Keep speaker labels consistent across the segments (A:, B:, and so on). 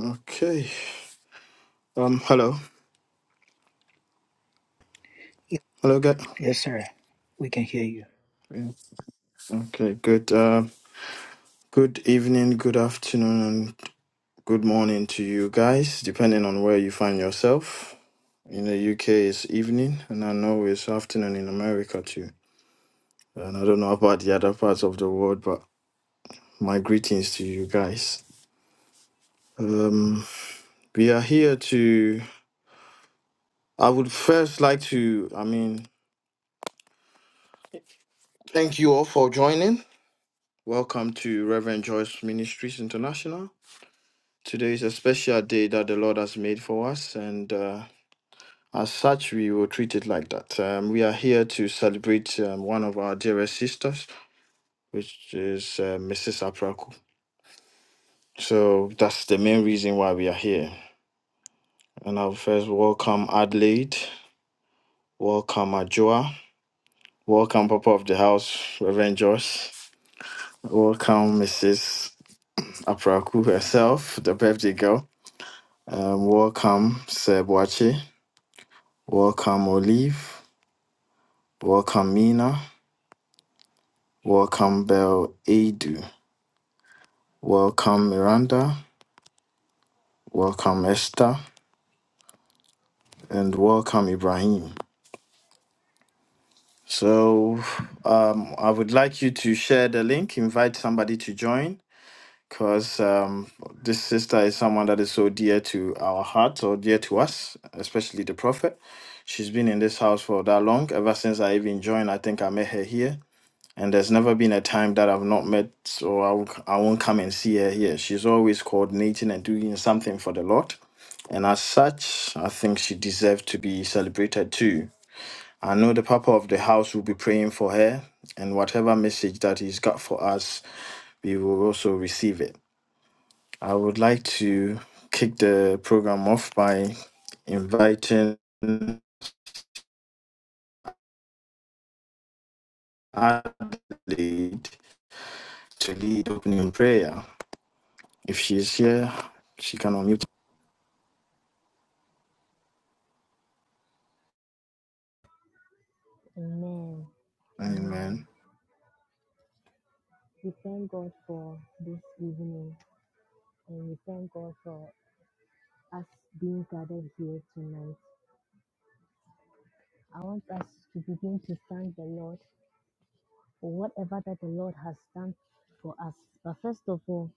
A: Okay. Um. Hello.
B: Y-
A: Hello, guys.
B: Yes, sir. We can hear you.
A: Okay. Good. Uh, good evening. Good afternoon. And good morning to you guys, depending on where you find yourself. In the UK, it's evening, and I know it's afternoon in America too. And I don't know about the other parts of the world, but my greetings to you guys. Um. We are here to. I would first like to. I mean, thank you all for joining. Welcome to Reverend Joyce Ministries International. Today is a special day that the Lord has made for us, and uh, as such, we will treat it like that. Um, we are here to celebrate um, one of our dearest sisters, which is uh, Mrs. Apraku. So that's the main reason why we are here. And I'll first welcome Adelaide, welcome Ajoa, welcome Papa of the House, Reverend Joyce, welcome Mrs. Apraku herself, the birthday girl, um, welcome Sir Boache, welcome Olive, Welcome, Mina. Welcome, Bel Adu. Welcome, Miranda. Welcome, Esther. And welcome, Ibrahim. So, um, I would like you to share the link, invite somebody to join, because um, this sister is someone that is so dear to our hearts or dear to us, especially the prophet. She's been in this house for that long, ever since I even joined. I think I met her here. And there's never been a time that I've not met, so I won't, I won't come and see her here. She's always coordinating and doing something for the Lord. And as such, I think she deserves to be celebrated too. I know the Papa of the house will be praying for her, and whatever message that he's got for us, we will also receive it. I would like to kick the program off by inviting Adelaide to lead opening prayer. If she's here, she can unmute.
C: Amen. Amen.
A: Amen.
C: We thank God for this evening and we thank God for us being gathered here tonight. I want us to begin to thank the Lord for whatever that the Lord has done for us. But first of all,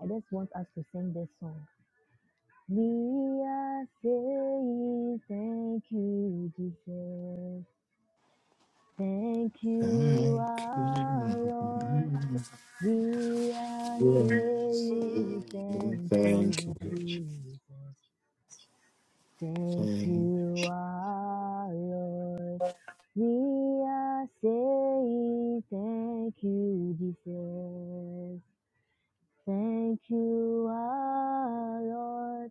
C: I just want us to sing this song. We are saying thank you, Jesus. Thank you,
A: Thank you.
C: our Lord. We are
A: Yes.
C: saying thank
A: Thank you.
C: you, Jesus. Thank
A: Thank you.
C: you, our Lord. We are saying thank you, Jesus. Thank you, our Lord.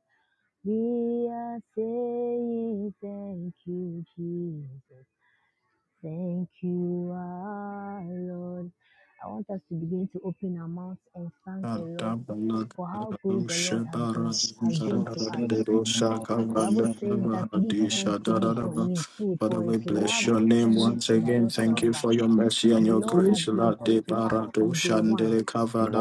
C: We are saying thank you, Jesus. Thank you, our Lord. I want us to begin to open our mouths and thank the Lord for how good the Lord has been has been to us. The Bible says that give thanks to him for he is good,
A: Father,
C: for
A: we
C: his
A: bless
C: loving
A: your name
C: kindness
A: once again.
C: endures
A: Thank you
C: forever.
A: for your mercy and
C: The
A: your
C: Lord has
A: grace.
C: been
A: Lord,
C: good
A: de
C: to us
A: barado
C: from day one.
A: shandele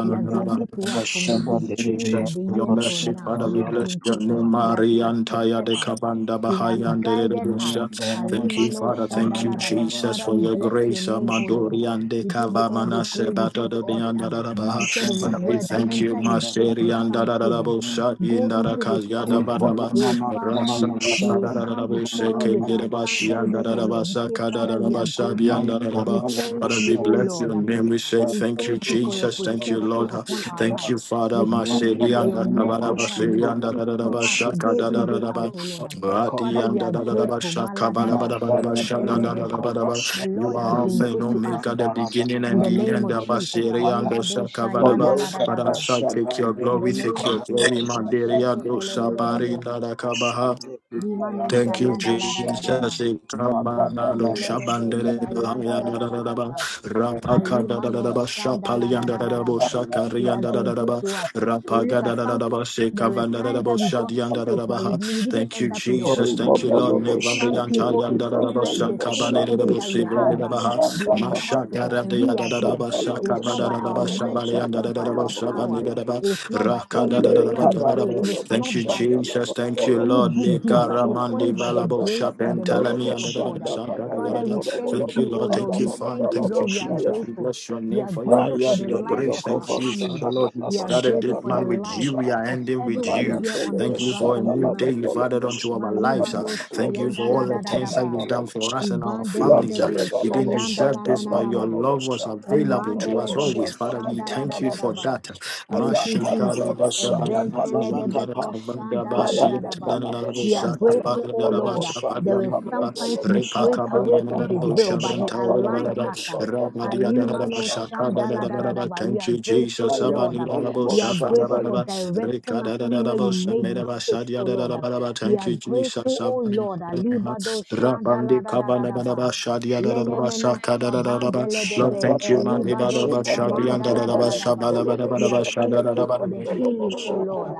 C: He has been good to us from the
A: Thank you,
C: beginning
A: Jesus,
C: of the
A: for your
C: year till
A: mercy.
C: now.
A: Father,
C: He
A: we
C: has
A: bless
C: been
A: your
C: good to
A: name.
C: us. He has
A: Mariantaya
C: protected
A: de
C: us.
A: Kabanda
C: He has
A: Bahayande de
C: guided us.
A: Rusha. Thank you,
C: Alimano
A: Father. Thank you,
C: Shandaladaba.
A: Jesus,
C: Father,
A: for
C: we
A: your
C: bless your
A: grace.
C: name, O Lord.
A: Amadorian de
C: We give you all
A: Kavamana
C: the glory. We
A: Sebata
C: give you
A: de
C: all the
A: Bianda
C: honor.
A: da Baha.
C: He said in his
A: Father,
B: Mashallah,
A: we
C: word that
A: thank you,
C: enter his gates with
A: Masterian da da da
C: thanksgiving.
A: Bosa,
C: Go
A: Indara
C: into his
A: Kaziada
C: courts with
A: Varaba,
C: praise. Father,
A: Rasa
C: we
A: Bakada da da
C: come
A: Bose,
C: before you with our
A: Kendebasian da
C: thanksgiving,
A: da
C: O Lord. We
A: Basa,
C: say,
A: Kada da
C: Father, we are
A: Basa,
C: grateful.
A: Bianda
C: We
A: da
C: thank
A: Father,
C: you,
A: we
C: O
A: bless
C: Lord.
A: your name. We say
C: We
A: thank you,
C: thank you for your
A: Jesus. Thank you,
C: protection
A: Lord.
C: upon our
A: Thank you,
C: lives.
A: Father.
C: We thank you
A: Mashedi
C: for
A: and
C: your
A: the
C: mercy
A: Kabaraba
C: that has been
A: Shiri and the
C: speaking for
A: Dadaba
C: us
A: Shaka
C: day in, day out, O Lord.
A: Radi
C: Father,
A: and
C: we
A: the
C: are
A: Dadaba
B: Maya
C: grateful.
A: Shaka
C: Maladaba,
A: Badabadaba
C: sheketelededebe. The
A: You
C: Lord has
A: are Alpha
C: been
A: and
C: good to us.
A: Omega, the beginning
C: In
A: and
C: the
A: the
C: name
A: end.
C: of Jesus,
A: Abashiri and the
C: Alibado
A: Shaka
B: Baloka
A: Father, I
C: Shayandaladadaba.
A: shall take
B: Shaban
A: your
C: In the
A: glory,
C: name
A: take
C: of
A: your
B: Delimikabado
A: glory.
C: Jesus,
B: Shaban
A: Mandiria dosa
C: Masheketelededebe.
B: Delimakabo
A: parina da
B: Shaban
C: Limano
A: Thank you,
B: Dayandalobo Shaban
A: Jesus.
C: Shayandaladadaba.
A: Ikabanado
B: Magadala
C: Ivandele de be
B: Bashuka
A: shabandere
C: shayanda
A: bahaya
B: Dara
C: la
A: da
C: da
A: da
C: da
A: da da
C: da
A: ba.
C: ba.
A: Rapaka da da da da
C: Alimano
A: ba.
C: shanda la
A: Shapalian
C: da
A: da
C: da
A: da
C: da
A: da
C: da
A: bo.
C: ba. He
A: Shakarian
C: has
A: da da
C: been
A: da da
C: good
A: ba.
C: to us. When we
A: Rapaga
C: look at
A: da da da
C: some,
A: da ba.
C: there were
A: Sekavan da da da
C: times
A: bo.
C: that we got
A: Shadian da da
C: sick,
A: da ba
C: but we,
A: ha.
C: we didn't
A: Thank you,
C: end up in the
A: Jesus.
B: Oh
A: Thank
C: hospitals.
A: you,
C: Um,
A: Lord.
B: Babalobo
C: some
A: Nevarian
B: Shaban
C: people
A: talian da da da ba.
C: experience the
B: Kibandalobo
C: same
A: Shakabane da da
C: headache
A: bo.
B: Shaban
C: that we
A: Sevene
C: had,
B: Kita
A: da
C: but
A: ba ha.
C: they
B: Zanda
C: are in the
A: Masha da
C: hospitals
B: Kabalo
A: da
C: and
A: da
C: we
A: da
C: are
A: da da
C: here.
A: ba.
C: It is
B: Shabalaba
A: Shakaba
C: not
A: da
C: by
A: da da
C: our
A: ba.
B: Sandalaba
C: might, it is
A: Shabalian da da
C: not
A: da
C: by
A: da ba.
C: our power,
A: Shabane da
B: Zada
A: da ba.
C: it is not by
A: Raka da
C: any
A: da da
B: Kale
C: prayer we
A: da
C: pray,
A: ba.
B: karando
C: it is
B: lobo
C: not
A: Thank you,
C: by
B: shanda laba
A: Jesus.
C: uh,
A: Thank you,
C: any
B: dorobo
A: Lord.
C: good
B: zenda
C: deed, but it
B: laba
C: is
B: laba
A: Lekaramandi
C: only by the
A: valabo
B: zenda
C: grace and the
B: kabando
A: shapentalami
B: robo
C: mercies
A: and da-
C: of
A: da- da- da-
C: God. Um,
B: shanda
A: sha- da- da- da- da-
C: Father,
A: da.
C: we
B: kabayando robo
C: thank
A: Thank
B: lobo
A: you,
C: you, oh
A: Lord.
B: shanda
C: Lord.
A: Thank you,
C: We
B: laba
A: Father.
C: thank you,
A: Thank
B: dolobo
A: you,
C: Lord. We are
B: shaya.
A: Jesus. We
C: grateful.
A: bless your
C: We
A: name
C: are
A: for your
C: grateful
B: Aya
C: for
A: mercy,
C: the
A: your
C: lives
A: grace.
C: of
B: deliboko
C: our
A: Thank you,
C: families.
A: Father,
B: boshanda
A: Lord. We
C: We
B: laba
C: are
A: started
C: grateful
B: shanda
A: it,
C: for the
A: man, with
B: laba
C: lives
A: you. We
B: shaya.
A: are
C: of
A: ending with
C: everyone
B: Ayah,
A: you.
C: here on this
A: Thank you for a
C: platform
A: new day
C: tonight.
A: you've added unto into our lives. uh.
C: Malibado
A: Thank you for
C: Shayanda la
A: all the
C: da da da
A: things that
C: ba.
A: you've done for us and our
C: Ivan dele
A: families. uh.
C: debe
A: We didn't
C: Shayanda
A: deserve
C: la na
A: this,
C: na
A: but
C: na
A: your
C: ma.
A: love was available
C: Iman
A: to
C: dele
A: us
C: debe
A: always. Father, we
C: Shanda la da
A: thank you
C: da da
A: for
C: ba.
A: that.
C: Thank you, Jesus. Eventeledebeko shandaladadadaba. We are grateful, oh Lord. that There were sometimes we swayed away from His will, but He aligned us up. Alimano shandaladadadaba. We
A: Thank
C: are
A: you, Jesus.
C: grateful, oh Lord. um, We are grateful
B: dolobosanda,
C: for
A: Thank you,
C: directing us even where we made mistakes, oh Lord. um, We are
A: Jesus.
C: grateful, oh Lord. Alibado
A: Rabandi kabala badaba
C: shandaladadadaba.
A: shadia dadadaba saka
C: Lenemenoshka
A: dadadaba.
B: Shalabado
A: Lord,
C: vandeledebe,
A: thank you, man. Ibadaba
C: elibadoshka
A: shadia dadadaba
C: mandaladadadaba.
A: shabala
C: We
A: badabadaba
C: are thankful
A: shadadadaba.
C: for the healing, O Lord.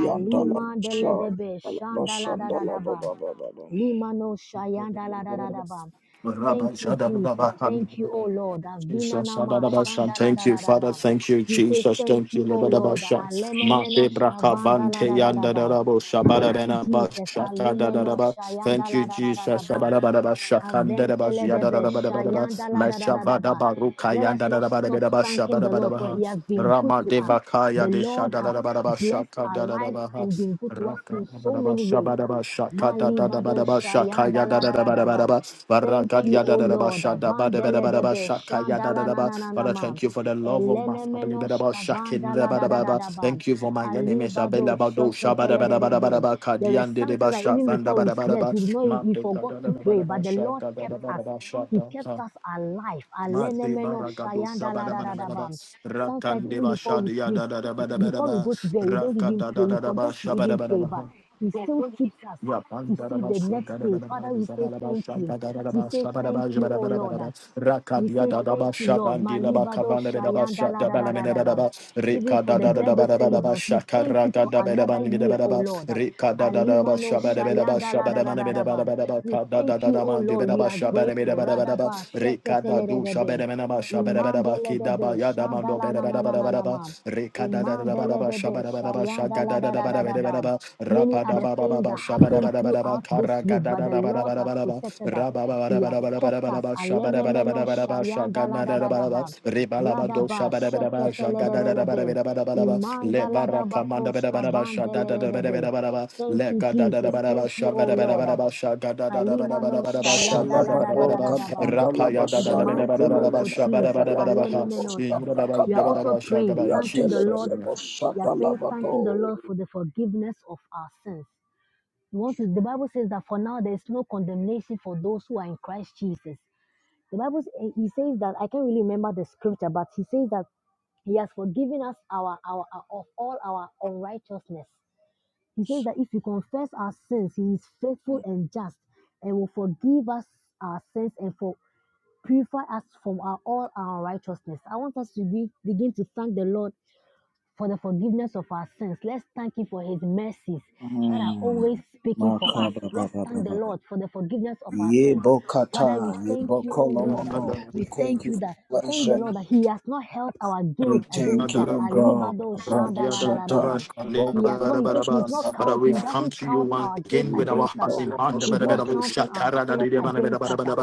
C: Alima Alimandeledebe, shandaladadadaba, limanoshayandaladadadaba.
A: Rabba
C: Thank you, Jesus. Thank you, O
A: shadadadaba.
C: Lord. Avina
A: Jesus,
C: nama
A: Adabashan. Thank you, Father.
C: shandaladadadaba.
A: Thank you,
C: We say
A: Jesus.
C: thank
A: Thank you,
C: you,
A: Lord
C: O Lord.
A: Adabashan. Mabe
C: Alenemenoshka
A: brakavante
C: vandaladadadaba.
A: yandadarabo
C: Thank you,
A: shabarabena
C: Jesus. Alimeno
A: bashakadadadaba.
C: shayanda
A: Thank
C: la
A: you,
C: da da da da
A: Jesus. Shabarabadaba shakandadaba
C: Aventele debe,
A: ziyadadadabadabadaba.
C: shayanda la da da da da ba.
A: Meshavadabaruka
C: Let us not stop
A: yandadadabadabadaba
C: thanking the Lord, for
A: shabarabadabaha.
C: He has been good to us.
A: Ramadevakaya
C: The Lord has
A: deshadadadabadaba
C: blessed our lives and
A: shakadadadabaha.
C: been good to us
A: Raka
C: in so
A: Badaba
C: many ways.
A: Shabadaba Shaka
C: Mali bado
A: Dadabadaba Shaka
C: shayanda la da da da ba.
A: Yadadabadabadaba Baraka
C: Thank you, O
A: Yadadaba
C: Lord.
A: Shada
C: Avandele
A: Badabadabadaba
C: debe,
A: Shaka
C: shanda la na
A: Yadadaba.
C: na na na
A: Father,
C: ma.
A: thank you for the love of my
C: Elene
A: family. Badaba
C: menoshka
A: Shakin
C: vanda la da da da
A: Badababa.
C: da ba.
A: Thank you for my
C: Ali
A: enemies.
C: bado
A: Abelabado
C: sheketele debe.
A: Shabadabadabadaba
C: There were
A: Kadian Deba
C: sometimes that even
A: Shafanda
C: before we slept,
A: Badabadaba
C: we did not we
A: Mante
C: forgot to pray, but
A: Kadabadaba
C: the Lord
A: Shaka
C: kept us.
A: Dadabadaba
C: He
A: Shaka.
C: kept
A: Ah.
C: us alive.
A: Mate
C: Alenemeno
A: baragado
C: shayanda la
A: shabada
C: da
A: bada
C: da da
A: bada ba
C: bam. Sometimes
A: rakande
C: even
A: ba
C: before we
A: shadi ya
C: sleep,
A: da da da bada bada
C: before we
A: ba
C: go to bed, we don't even
A: rakada da
C: pray.
A: da
C: We
A: da ba
C: forget to
A: shabada
C: even
A: bada
C: pray, but
A: ba
C: He still keeps us
A: let
C: to see the next day. Father, we say thank you. We say thank you, oh Lord. We say thank you, Lord. Malibado shayanda la da da da da bam. Even for the birthday celebrants, we thank you for another year, O Lord. Alimano shayanda la da da da da bam. We thank you, O Lord. We are grateful. Radaba sheketeledebe. Imandeledebe shanda la na na na na na ma. Imandeledebe shayanda la da da da da bam. Many are the things that happened throughout this week, but the Lord has protected us. He has kept us. Alenemeno shayanda la da da da ba. Radaba shekete le de de de be. Imanda la da ba koshka vande le de de be. Thank you, Jesus. Thank you, O Lord. Alimano shayanda la da da da da da ba.
B: Kabantala
C: In the
B: Basaya
C: mighty name of
B: Vilalene
C: Jesus,
B: Bayantolo
C: alenemenosa.
B: Bosanda
C: we are
B: Kaba
C: also praying,
A: In
C: thanking the
A: Jesus'
C: Lord
B: Yantelebele
A: name.
C: we are
B: Bosata
C: praying, thanking the
B: Labado
C: Lord for the forgiveness of our sins. You want to, the Bible says that for now there is no condemnation for those who are in Christ Jesus. The Bible, eh, he says that, I can't really remember the scripture, but he says that he has forgiven us our, our, our of all our unrighteousness. He says that if we confess our sins, He is faithful and just and will forgive us our sins and for purify us from our all our righteousness. I want us to be, begin to thank the Lord for the forgiveness of our sins. Let's thank Him for His mercies that are always speaking for us.
B: Makaba
C: Let's
B: Baba
C: thank the
B: Baba
C: Lord for the forgiveness of our
B: Ye
C: sins. Father, we
B: Bokata Ye
C: thank you, oh Lord, and
B: Bokolomono We
C: we
B: thank
C: thank
B: you
C: you that.
B: for
C: Thank the
B: blessing
C: Lord that He has not held our
B: We
C: guilt
B: thank
C: against us.
B: you, God.
C: Alibado
A: But
B: Abarashata,
C: shandaladadadaba.
B: Kabo,
C: He has not, He says He's not
B: Rabashanda,
C: counting, He
A: we've
B: Kaba,
A: come
C: doesn't
A: to you
C: count
A: once
C: our guilt
A: again with our
C: against us.
A: hearts
B: Rebido,
A: in hand.
C: He's not
B: Rabashade,
C: counting
A: But
C: our sins against us. ah.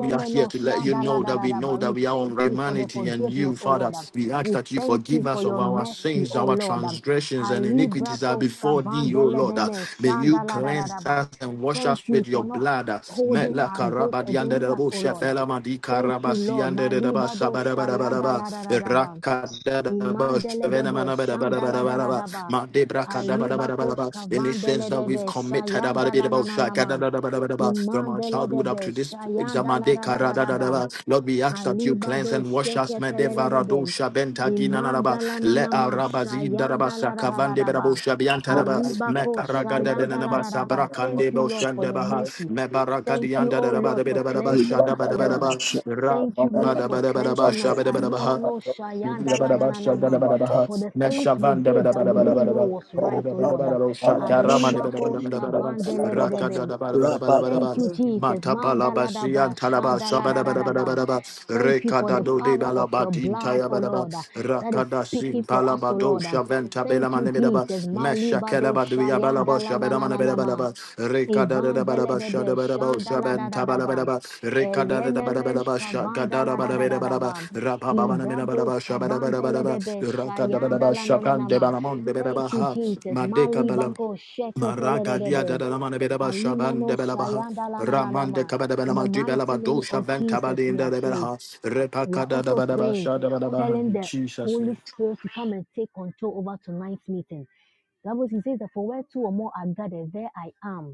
A: we are here to let you know that we know
C: shandaladadadaba.
A: that
C: We
A: we are
C: thank
A: on
C: you for the
A: humanity and you,
C: forgiveness, O
A: Father.
C: Lord. ah.
A: We ask
C: We
A: that you
C: thank you
A: forgive
C: for
A: us of
C: your
A: our
C: mercy,
A: sins,
C: O
A: our
C: Lord. ah.
A: transgressions, and
C: Ali
A: iniquities are
C: brako
A: before thee, O Lord.
C: shkavandeleneme
A: May you cleanse
C: shandaladadadaba.
A: us and wash
C: Thank
A: us
C: you
A: with your
C: for not
A: blood.
C: holding
A: Metla
C: our guilt
A: karabadi ande
C: against
A: de
C: us,
A: bo
C: O Lord. ah.
A: shefela mandi
C: Thank you,
A: karabasi
C: Lord.
A: ande de ba
C: Malibado
A: sabada bada bada ba
C: shayanda
A: rakada da ba
C: Imandele de
A: shevena
C: be
A: mana bada bada bada
C: shandala da
A: bada
C: da
A: ba
C: da ba.
A: mandi brakada bada
C: aliba Imandeledebe shandaladadadaba.
A: bada bada
C: Alibakosh
A: ba any sins that we've
C: kavandeledebe
A: committed about a bit about
C: shayandalananama.
A: shakada da da bada ba from our childhood up
C: Imandeledebe
A: to this examination Made
C: shayandaladadadaba.
A: Karadadadaba. Lord, we ask that you cleanse
C: Alibado
A: and wash us. Mede Varado
C: sheketelelebe.
A: Shabenta Ginanaba.
C: Imandala
A: Le
C: nanama
A: Arabazin
C: shayanda la
A: Darabasa
C: da da da
A: Kavande
C: da
A: Berabo
C: ba.
A: Shabiantaraba.
B: Hoda,
A: Me
C: Alibako
B: Rabashade,
A: Karagada
C: shayanda la
A: Denanaba
B: Demo,
C: da da ba. Thank
A: Sabrakande
C: you, Lord, for your
A: Boshandebaha.
B: Rabashade,
C: mercy.
A: Me
C: Thank you,
A: Barakadianda
C: oh Lord,
A: Darabada
C: for
A: Bedabadaba
C: cleansing us,
B: Ibada,
C: oh Lord.
A: Shadabadabadaba.
B: Rabashade,
A: Ra-
C: Thank you, Lord, for
B: Babado,
C: cleansing us.
B: Zabe,
A: Badabadabadaba, ha.
C: Alimano
B: Limapado,
C: shayanda la na na na
A: Rakada
C: ma.
B: Limata,
C: For the things we did that we
B: Abadiya,
C: didn't know was right, oh
B: Kola,
C: Lord.
B: Rabashade,
C: Alimako
B: Hoda, Baba,
C: shkavande Thank you,
B: Rabakata.
C: Jesus. Mandaladaba, shandaladadadaba. Thank you for the power of your blood, O Lord, uh, that is
A: sin
C: speaking for us, O
A: palabado
C: Lord. Um,
A: shaventa bela
C: Thank you,
A: manemedaba
C: Jesus.
A: mesha
C: Malibado
A: Kalabaduya Balaba Shabedamana
C: shayandalanananama.
A: Belabalaba, rekada Kelabaduyabalabash, Shabedamanabedabalaba, Rekadadadabalaba,
C: Ivandeledebe
A: Shadabaraba,
C: shandaladadadaba.
A: Shabentabalabalaba,
C: Elenemen
A: Rekadadadabalabalaba, Shagadadabalabalaba,
C: skavandaladadadaba. Ibrado
A: Rapababanabinabalaba, Shabadabalabalaba,
C: skavandeledebe
A: Rakadabadaba,
C: shayandalanananama. Thank you,
A: Shakandebalamondebedaba,
C: Jesus.
A: Madekabalam,
C: Malibako
A: Maragadia
C: sheketeledebe.
A: dadalamanabedaba,
C: Alimano
A: Shabandebelabaha,
C: Shayanda
A: Ramande
C: Lanananama. In the
A: kabadabelama,
C: mighty
A: dibelaba,
C: name
A: dosha,
C: of Jesus,
A: ventabadi,
C: we have prayed.
A: indebelaha,
C: We are also
A: Repakadadabadaba,
C: praying,
A: Shadabadabaha,
C: telling
A: In
C: the
A: Jesus'
C: Holy
A: name.
C: Spirit to come and take control over tonight's meeting. That was, he says that for where two or more are gathered, there I am.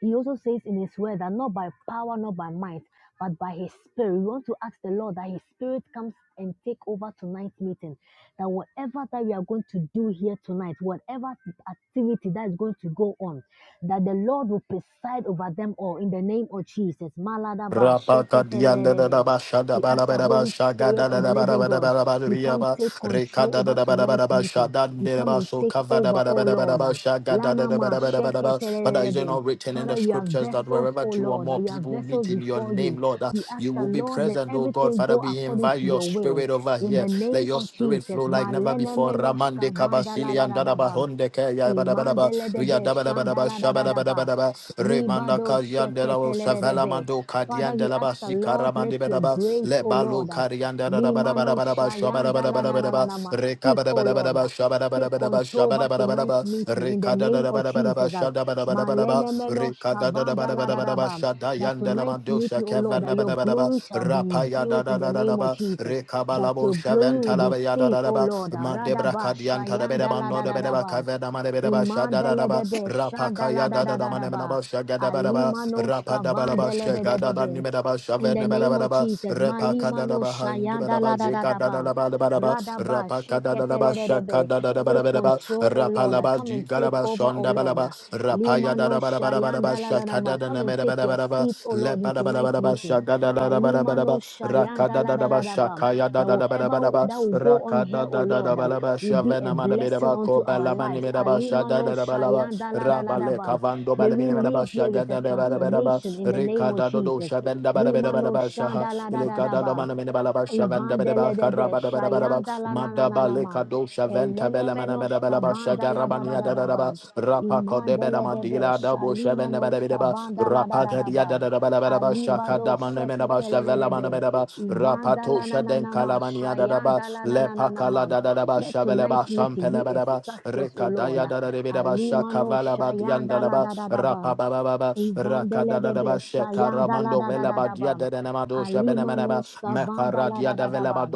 C: He also says in his word that not by power, not by might, but by his spirit. We want to ask the Lord that his spirit comes and take over tonight's meeting. That whatever that we are going to do here tonight, whatever activity that is going to go on, that the Lord will preside over them all in the name of Jesus. Maladaba
A: Rapaka dianda da da
C: sheketelelebe.
A: ba shada
C: We
A: ba la
C: ask the
A: ba da ba
C: Holy
A: shaga da
C: Spirit
A: da
C: of the
A: da ba da
C: living
A: ba da ba
C: God,
A: da ba
C: you
A: da
C: come
A: ba
C: take control
A: Rekada da
C: over
A: da ba da ba da
C: tonight's
A: ba sha
C: meeting.
A: da
C: You
A: de
C: come
A: ba
C: and
A: so
C: take
A: kava da
C: over,
A: ba da
C: oh
A: ba da ba da
C: Lord.
A: ba
C: Um,
A: sha ga da da
C: Lana
A: da ba
C: ma
A: da ba da ba da ba. Father, is it
C: sheketelelebe.
A: not written in the
C: Father, we are
A: scriptures that
C: vessels,
A: wherever
C: oh
A: two or
C: Lord, that
A: more
C: we are
A: people
C: vessels
A: meet in your
C: before you.
A: name, Lord, that
C: We ask
A: you
C: the
A: will be
C: Lord, let
A: present, oh God.
C: everything
A: Father,
C: go
A: we
C: according
A: invite
C: to
A: your
C: your will.
A: spirit over
C: In
A: here.
C: the
A: Let
C: name
A: your
C: of
A: spirit
C: Jesus,
A: flow like never
C: Malene
A: before.
C: menoshka
A: Ramande
C: vandala
A: kabasili
C: da
A: and
C: da
A: da da
C: da
A: ba
C: ba.
A: honde ke ya ba da ba da ba. Ria
C: Imandeledebe
A: da ba da ba da ba sha ba da ba da ba
C: shandaladadadaba.
A: da ba. Remanda
C: Libado
A: kadian de la o savela
C: sheketelerebe.
A: mando
C: Father,
A: kadian
C: we
A: Badaba
C: ask the Lord, let
A: Sikaramandi
C: your
A: Badaba
C: grace, O
A: Lebalo
C: Lord, um,
A: Karianda Badaba
C: Limano
A: Badaba Shabada
C: shayanda la
A: Badaba
C: na na na
A: Badaba
C: na ma. speak,
A: Rekabada
C: O Lord.
A: Badaba
C: uh,
A: Shabada
C: Take
A: Badaba
C: control
A: Shabada
C: over tonight's
A: Badaba
C: meeting in the
A: Rekada
C: name of
A: Badaba
C: Jesus. um,
A: Shada Badaba Badaba
C: Malene menosh
A: Rekada
C: kavanda
A: Badaba
C: la da da
A: Badaba
C: ba. um,
A: Shada
C: That
A: Yanda
C: tonight's
A: Lamandosha
C: meeting, O Lord, that
A: Kevana
C: your
A: Badaba
C: glory shall be
A: Rapaya
C: revealed in the name of
A: Dadaba
C: Jesus. That
A: Rekabalabo
C: your glory will
A: Shaventala
C: be seen, O
A: Yadaba
C: Lord. uh,
A: Mandebra
C: Radaba
A: Kadianta
C: shayanda
A: Bedaba
C: la
A: No
C: da da da ba.
A: Bedaba
C: um,
A: Kavana Madebedaba Shada
C: Imandele de
A: Badaba
C: be, shandala
A: Rapakaya
C: da
A: da da
C: da
A: da
C: da da ba,
A: manemanaba shagadabaraba,
C: alimanoshka
A: Rapadabalaba
C: vandele de de de
A: shagadaba
C: be.
A: nimedaba
C: In the name of
A: shavenabarabaraba,
C: Jesus, malimano
A: Repakadadaba
C: shayanda
A: handibadaba
C: la da da da ba,
A: jigadadabarabaraba,
C: radaba
A: Rapakadadaba
C: sheketele de de be. Take
A: shakadadabarabaraba,
C: control, O Lord.
A: Rapalaba
C: Come and take
A: jigadaba
C: over, O Lord.
A: shondabalaba,
C: Limano
A: Rapayadabarabaraba
C: shayanda la la la ma. Come and take your
A: shakadadanamerabarabaraba,
C: seat, O Lord, in tonight's
A: Lepadabarabaraba
C: meeting.
A: shagadadabarabaraba,
C: Alimano shayanda la da da
A: Rakadadaba
C: da ba. That whatever that will go on
A: shakayadadabarabaraba,
C: here,
A: da
C: oh
A: da da da
C: Lord, um,
A: balaba
C: will be a
A: shavena mada beda
C: blessing
A: ba
C: unto
A: ko
C: our
A: balaba ni
C: lives.
A: beda ba shaga
C: Alimano
A: da da balaba
C: shayanda la da la da
A: rabale
C: ba.
A: kavando
C: May we
A: balabini beda ba
C: live here
A: shaga
C: with a
A: da da beda beda ba
C: transformation in the name
A: rika
C: of
A: da do do
C: Jesus.
A: shavenda beda beda beda
C: Limano
A: ba shaha
C: shanda la da da
A: ilika
C: da
A: da do
C: ba.
A: mana mene balaba shavenda beda ba
C: Ivandele de be
A: karaba da beda beda ba
C: shayanda la na na
A: mada
C: na na
A: bale
C: ma
A: kado shaventa
C: elene
A: bela mana beda
C: menoshka
A: bela ba
C: vanda
A: shaga
C: la da
A: rabani
C: da da
A: da
C: da
A: da da
C: ba
A: ba rapa ko de beda
C: imandele de be
A: madila da bo
C: shalima
A: shavenda beda beda
C: noshka
A: ba
C: vanda la
A: rapa
C: da da da
A: gadia da
C: ba
A: da da bela bela ba shaka da
C: alibado
A: Manamenaba
C: sheketele de
A: Shavela
C: be
A: Manamanaba
C: ivanda
A: Rapato
C: la na na
A: Shaden
C: na ma
A: Kalamania Dadaba
C: shayanda la na na na na
A: Lepakala
C: ma
A: Dadaba
C: let
A: Shaveleba
C: tonight's meeting be a
A: Shampelebadaba
C: success, O Lord.
A: Rekadaya Dadabidaba
C: Alimano
A: Shakavalaba
C: shayanda la
A: Diandalaba
C: da da da ba.
A: Rapababa
C: Ivandele de
A: Rakadadaba
C: besha yanda la
A: Shekaramando
C: da da da
A: Velaba
C: da ba.
A: Diadanamado
C: Alima
A: Shabenamanaba
C: noshka vanda la
A: Mekaradia
C: da da da
A: Davelaba
C: ba.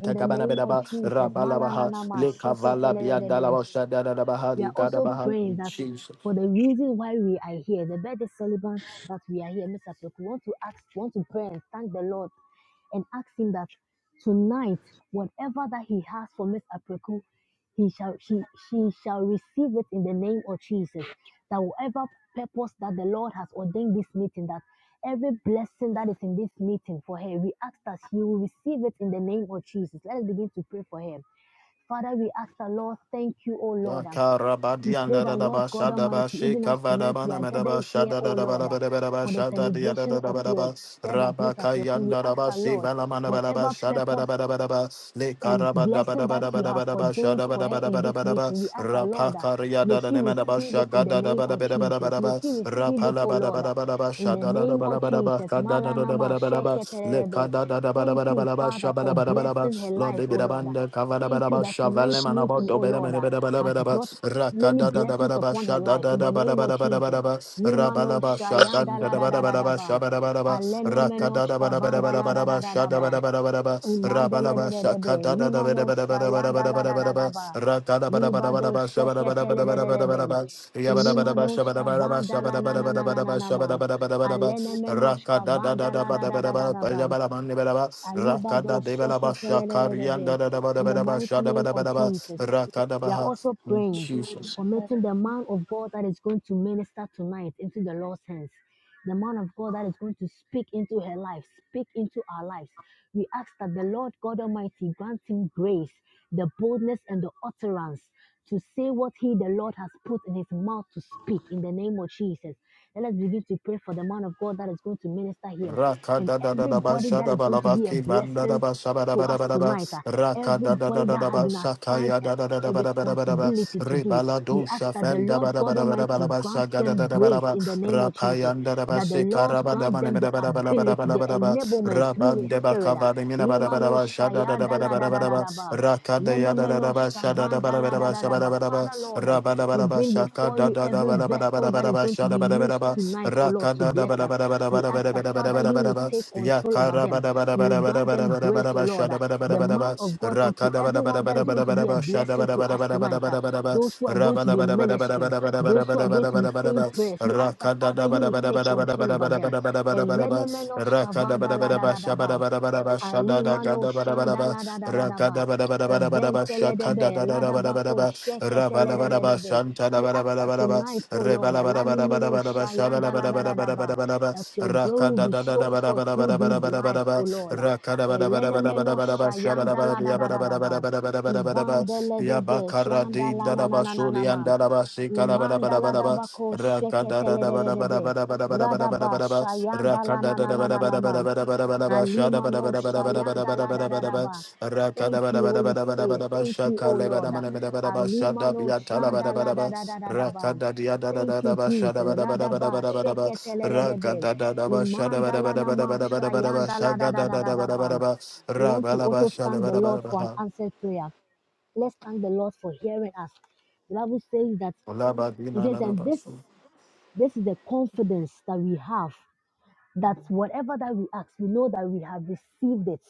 C: In the name of
A: Kabanabedaba
C: Jesus, malana
A: Rabalabaha
C: nama
A: Lekavala Biadalaba Shadadabaha
C: we are also
A: Gadabaha
C: praying that
A: Jesus.
C: for the reason why we are here, the birthday celebrants that we are here, Mr. Peku, we want to ask, we want to pray and thank the Lord and ask him that tonight, whatever that he has for Miss Apreku, he shall she she shall receive it in the name of Jesus. That whatever purpose that the Lord has ordained this meeting, that every blessing that is in this meeting for her, we ask that she will receive it in the name of Jesus. Let us begin to pray for her. Father, we ask the Lord, thank you, O Lord. We pray
A: Makarabadiana
C: that,
A: Daba
C: Lord God
A: Shadaba
C: Almighty, even as tonight we
A: Shikavadabana
C: are
A: Madaba
C: gathered here, O
A: Shadada
C: Lord, uh,
A: Badabadaba
C: for the
A: Shadadia
C: celebration of your
A: Dadabadaba
C: servants, Mr. Preku, we
A: Rabakayanda
C: ask
A: Daba
C: the Lord,
A: Sivalamana
C: whatever
A: Badaba
C: purpose
A: Shadabadabadaba
C: and blessing that you have
A: Likarabadabadabadabadaba
C: ordained for her in this
A: Shadabadabadabadaba
C: meeting. We ask the Lord, that
A: Rapakaria
C: may she
A: Dadanemadaba
C: receive it in the
A: Shagada
C: name of Jesus. May
A: Badabadabadaba
C: she receive it,
A: Rapala
C: O Lord, uh, in the
A: Badabadabadaba
C: name
A: Lord, they
C: of
A: be
C: Jesus. Malanama sheketerebe. Thank you, Father, for blessing her life, O
A: the
C: Lord. uh.
A: band, Kavada
C: Thank you
A: Baraba,
C: that
A: Shavalem
C: tonight's
A: and about
C: meeting, O
A: Dobeda
C: Lord, uh, has
A: Menebedabalabadaba,
C: brought many
A: Rakada
C: blessings
A: Dabaraba,
C: upon her life
A: Shadada
C: in the name of Jesus.
A: Badabadabadabadaba,
C: Nimano
A: Rabalaba,
C: shayanda
A: Shaganda
C: la da da da da
A: Badabadaba,
C: ba.
A: Shabadabadaba,
C: Alene
A: Rakada
C: menosh kavanda la da da
A: Badabadabadabadaba,
C: da da ba.
A: Shadabadabadabadaba, Rabalaba,
C: Imandelelelebe,
A: Shakada
C: limano shayanda la da da da
A: Badabadabadabadabadabadaba,
C: ba,
A: Rakada
C: libado
A: Badabadabadaba,
C: sheketelelelebe,
A: Shabadabadabadabadabadaba, Yabadabadaba,
C: limanoshka
A: Shaba,
C: vanda la na na na na na na
A: Shabadabadabadabadaba,
C: man, alene
A: ba, raka
C: menoshka
A: da da da
C: vanda
A: da
C: la
A: ba
C: da
A: da
C: da
A: ba da
C: da da
A: ba,
C: da
A: ba
C: ba,
A: da ba da ba ne ba da ba, raka da
C: alibado
A: de ba la ba, shakarian da
C: sheketelelelebe.
A: da da ba da
C: In
A: ba
C: the
A: da ba, sha
C: mighty
A: da ba
C: name
A: da ba
C: of
A: da ba,
C: Jesus,
A: raka da ba
C: we are
A: ha.
C: also praying, committing the man of God that is going to minister tonight into the Lord's hands the man of God that is going to speak into her life, speak into our lives. We ask that the Lord God Almighty grant him grace, the boldness, and the utterance to say what he, the Lord, has put in his mouth to speak in the name of Jesus. Let us begin to pray for the man of God that is going to minister here
A: Raka
C: and
A: da da da da ba
C: everybody
A: sha
C: that
A: da
C: is
A: ba la
C: going to
A: ba
C: be a
A: ki ban da da
C: blessing
A: ba sha ba da
C: to
A: ba da
C: us
A: ba da ba
C: tonight. ah,
A: Raka da da da
C: Everybody
A: da
C: that
A: da
C: has
A: ba
C: been
A: sha ka
C: assigned
A: ya
C: a,
A: da da da da
C: a
A: ba da ba da ba da ba
C: responsibility to
A: Re ba
C: do,
A: la
C: we
A: do
C: ask
A: sha
C: that the
A: fen da
C: Lord
A: ba da ba
C: God
A: da ba da ba
C: Almighty
A: da ba sha
C: grants
A: ga da
C: them
A: da da ba da
C: grace
A: ba
C: in the name
A: Ra
C: of
A: pa
C: Jesus,
A: yan da da ba
C: that the
A: se ka
C: Lord
A: ra ba da ma
C: grants
A: ne
C: them
A: me
C: the
A: da ba da ba da ba da ba
C: ability,
A: da
C: the
A: ba da ba
C: enablement
A: Ra ba
C: through His
A: de ba ka
C: Spirit. ah.
A: va de me na ba da ba da
C: Limano
A: ba sha da da
C: shaya
A: da
C: da
A: ba da
C: la
A: ba
C: da
A: da ba
C: da
A: da
C: da
A: ba
C: da ba.
A: Raka da ya da da da
C: Lenemeno
A: ba sha da da
C: shkavan
A: ba
C: da
A: da ba
C: la
A: da
C: da
A: ba
C: da
A: sha
C: da
A: ba da
C: ba.
A: ba da
C: Father Lord,
A: ba
C: um, we
A: Rabalabalaba
C: bring
A: shaka
C: before
A: da
C: you
A: da
C: you
A: da
C: every vessel that is
A: balabalabalaba
C: going to
A: shada
C: be used
A: balabalaba.
C: tonight, oh Lord,
A: Raka
C: to
A: da da
C: bless us. We ask that, Father, you will
A: balabalabalabalabalabalabalaba.
C: take control over
A: Yakara
C: them. You will grant them grace, oh
A: balabalabalabalabalabalaba
C: Lord,
A: shada
C: that the
A: balabalabalaba.
C: man of God, and
A: Raka
C: to
A: da
C: everyone that is going to be a
A: balabalabalabalaba shada
C: blessing to us tonight. uh,
A: balabalabalabalabalabalaba.
C: Those who are going to be ministering, those who are going to be saying
A: Rabalabalabalabalabalabalabalabalabalaba.
C: prayers, we ask that,
A: Raka da
C: Father,
A: da
C: you will take control over them.
A: balabalabalabalabalabalabalabalaba. Raka da
C: Elenemenoshkavanda
A: balabalaba
C: ladadadaba.
A: shaba shada da ga
C: Alimano
A: da ba da ba da
C: shanda
A: ba
C: la da da da
A: ra
C: da
A: ga
C: ba.
A: da ba da ba da ba da ba da ba sha
C: Eventele de
A: ka da
C: be
A: da da
C: la
A: da
C: da
A: ba da
C: ba
A: ba da
C: ko
A: ba ra ba da
C: sheketele
A: ba
C: de
A: da
C: de
A: ba
C: de
A: shanta da
C: we
A: ba da
C: ask
A: ba da
C: that
A: ba da ba
C: tonight, O
A: re ba
C: Lord,
A: da ba da ba da ba da
C: Alanimino
A: ba da ba sha ba da
C: Shayanda
A: ba
C: la
A: da
C: da
A: ba da
C: da
A: ba
C: da
A: da ba
C: ba,
A: da ba da ba
C: that your
A: ra
C: glory
A: ka
C: will
A: da
C: be
A: da da da
C: shown
A: ba da
C: forth
A: ba da ba
C: through
A: da ba da
C: these
A: ba da ba da
C: lives,
A: ba
C: O Lord.
A: ra ka da ba da ba da ba da ba da
C: Elenemeno
A: ba da ba sha ba da
C: Shayanda
A: ba
C: la
A: da
C: da
A: ya ba
C: da
A: da
C: da
A: ba da ba
C: ba.
A: da ba da ba da ba da ba da ba
C: Ivandele
A: ya ba
C: debe
A: ka ra
C: Shayanda
A: di
C: la
A: da
C: na
A: da
C: na
A: ba
C: na na
A: sho
C: na
A: li an
C: ma.
A: da da ba shi ka da ba da ba da ba
C: Imandala
A: da
C: dabako
A: ba
C: sheketele de de de be. Radaba shayandala na na na na na Alimano shayanda la da da da ba. Thank you, Holy Spirit. Thank you, O Lord. Alimano shanda la da da da da da ba. Thank you, Jesus. Radaba sheketelelebe. Imanda la nama shayanda la da da da da da ba. We want to also thank the Lord for an
A: Rakada
C: answered prayer. Let's thank the Lord for hearing us. The Bible says that it says, and this this is the confidence that we have that whatever that we ask, we know that we have received it.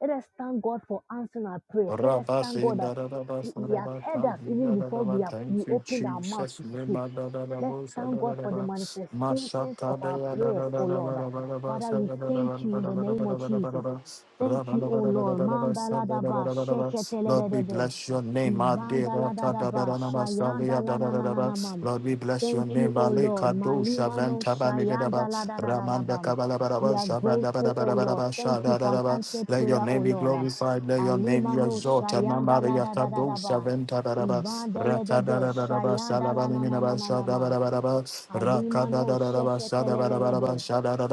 C: Let us thank God for answering our prayers. Let us thank
A: Rabasi,
C: God that
A: da, da, da, ba,
C: He,
A: sa, da,
C: he has
A: ba,
C: heard
A: ta,
C: us
A: di, da,
C: even
A: da, da,
C: before
A: ba.
C: we have we
A: Thank you,
C: opened our mouth
A: Jesus.
C: to speak.
A: Lema, da, da, da,
C: Let's
A: bo, sa,
C: thank
A: da, da,
C: God
A: da,
C: for the
A: ba.
C: manifestations
A: Masata,
C: of
A: da,
C: our
A: ya, da,
C: prayers,
A: da, da,
C: O
A: da, ba,
C: Lord.
A: da, ba, da, ba,
C: Father,
A: sa,
C: we
A: da, da, da,
C: thank you
A: ba,
C: in
A: da,
C: the
A: ba, da, ba,
C: name
A: da,
C: of
A: ba, da, ba, da,
C: Jesus.
A: ba. Ra,
C: Thank
A: ba,
C: you,
A: da, ba,
C: O
A: da, ba, da,
C: Lord.
A: ba, da, ba, sa, da, da, ba,
C: Mandaladaba
A: da, ba, da, ba. Lord, we
C: sheketeledebe.
A: bless your name. Adira, ta, da, da,
C: Ivandaladadaba
A: da, na, ma, sa, li, ya, da, da, da, da, ba.
C: shayandalanananamam.
A: Lord, we bless your
C: Thank you,
A: name.
C: O
A: Bale,
C: Lord.
A: ka, do, sha,
C: Malima
A: ven,
C: no
A: ta, ba, mi, da, da,
C: shayanda
A: ba.
C: la da da da da
A: Ramanda,
C: bam.
A: ka, ba, da, ba, da,
C: We
A: ba,
C: are
A: sha, ba, da, ba, da,
C: grateful,
A: ba,
C: O
A: da, ba, da,
C: Lord.
A: ba, sha,
C: Thank you
A: da, da,
C: for an
A: da, ba.
C: answered
A: Let your
C: prayer, O
A: name be
C: Lord. Um,
A: glorified. Let your name
C: Alima
A: be
C: no
A: exalted.
C: shayanda la
A: Namaria
C: da da da
A: Kado
C: da ba.
A: Saventa Daraba
C: Ivan de le de be
A: Rakadarabaraba
C: shayanda la na na
A: Salabaminaba
C: na na na ma.
A: Shadabarabaraba
C: Alimano
A: Rakadarabaraba Sadabarabaraba
C: sheketelelebe.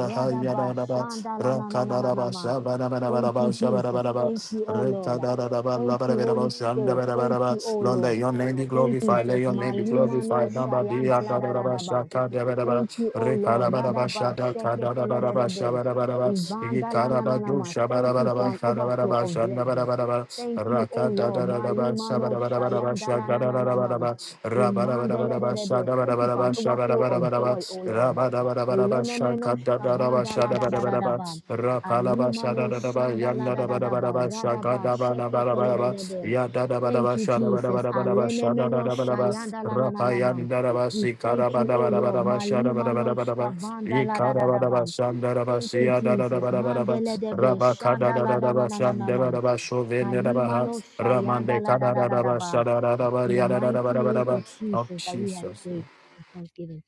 C: Radaba
A: Rakadaraba
C: shandalananananama. Thank
A: Sabanabarabaraba
C: you, Jesus.
A: Shabarabaraba
C: Thank you, O Lord.
A: Rekadarabaraba
C: Thank you,
A: Labarabaraba
C: Holy Spirit. Thank you,
A: Shandabarabaraba
C: O
A: Lord,
C: Lord.
A: let your name be
C: Thank you,
A: glorified. Let
C: Jesus.
A: your name be
C: Malimano
A: glorified. Namaria Daraba
C: shayandaladadadaba.
A: Shakadabaraba
C: Thank you, O Lord.
A: Rekalabaraba
C: Radaba sheketelelebe.
A: Shadakadarabaraba Barabaraba, Yikarabado
C: Ivandalanananama. Thank you for
A: Shabarabaraba,
C: an overflow
A: Harabaraba,
C: of blessings.
A: Shandabarabaraba,
C: Thank you, O
A: Raka
C: Lord.
A: Dadarabaraba,
C: Malimano
A: Shabarabaraba,
C: shayandalanananama.
A: Shandarabaraba, Rabarabaraba,
C: Imandelelebe. Thank you for
A: Shandabarabaraba,
C: an overflow of
A: Shabarabaraba,
C: joy, O Lord.
A: Rabarabaraba,
C: Elenemenosh
A: Shakadadaraba,
C: vanda la da da da da
A: Shadabarabaraba,
C: ba.
A: Rapalaba,
C: Alimano
A: Shadadabaraba,
C: shanda la da da da ba.
A: Yandabarabaraba,
C: Radaba
A: Shakadabarabaraba,
C: sheketelelebe.
A: Yadadabaraba,
C: Thank you, Jesus.
A: Shadabarabaraba,
C: Alene Alenemenosh
A: Shadadabaraba,
C: shayanda la na na na ma.
A: Rapayandarabaraba,
C: We thank you, O Lord.
A: Sikarabarabaraba,
C: Malima Malimanosh
A: Shadabarabaraba, Oh,
C: kavanda la da da da ba.
A: Jesus.
C: Thank you, Jesus. Mandele debe shanda la da na na na na ma. Kalimano Shayanda la da da da da ba. In the mighty name of Jesus that we have prayed in thanksgiving.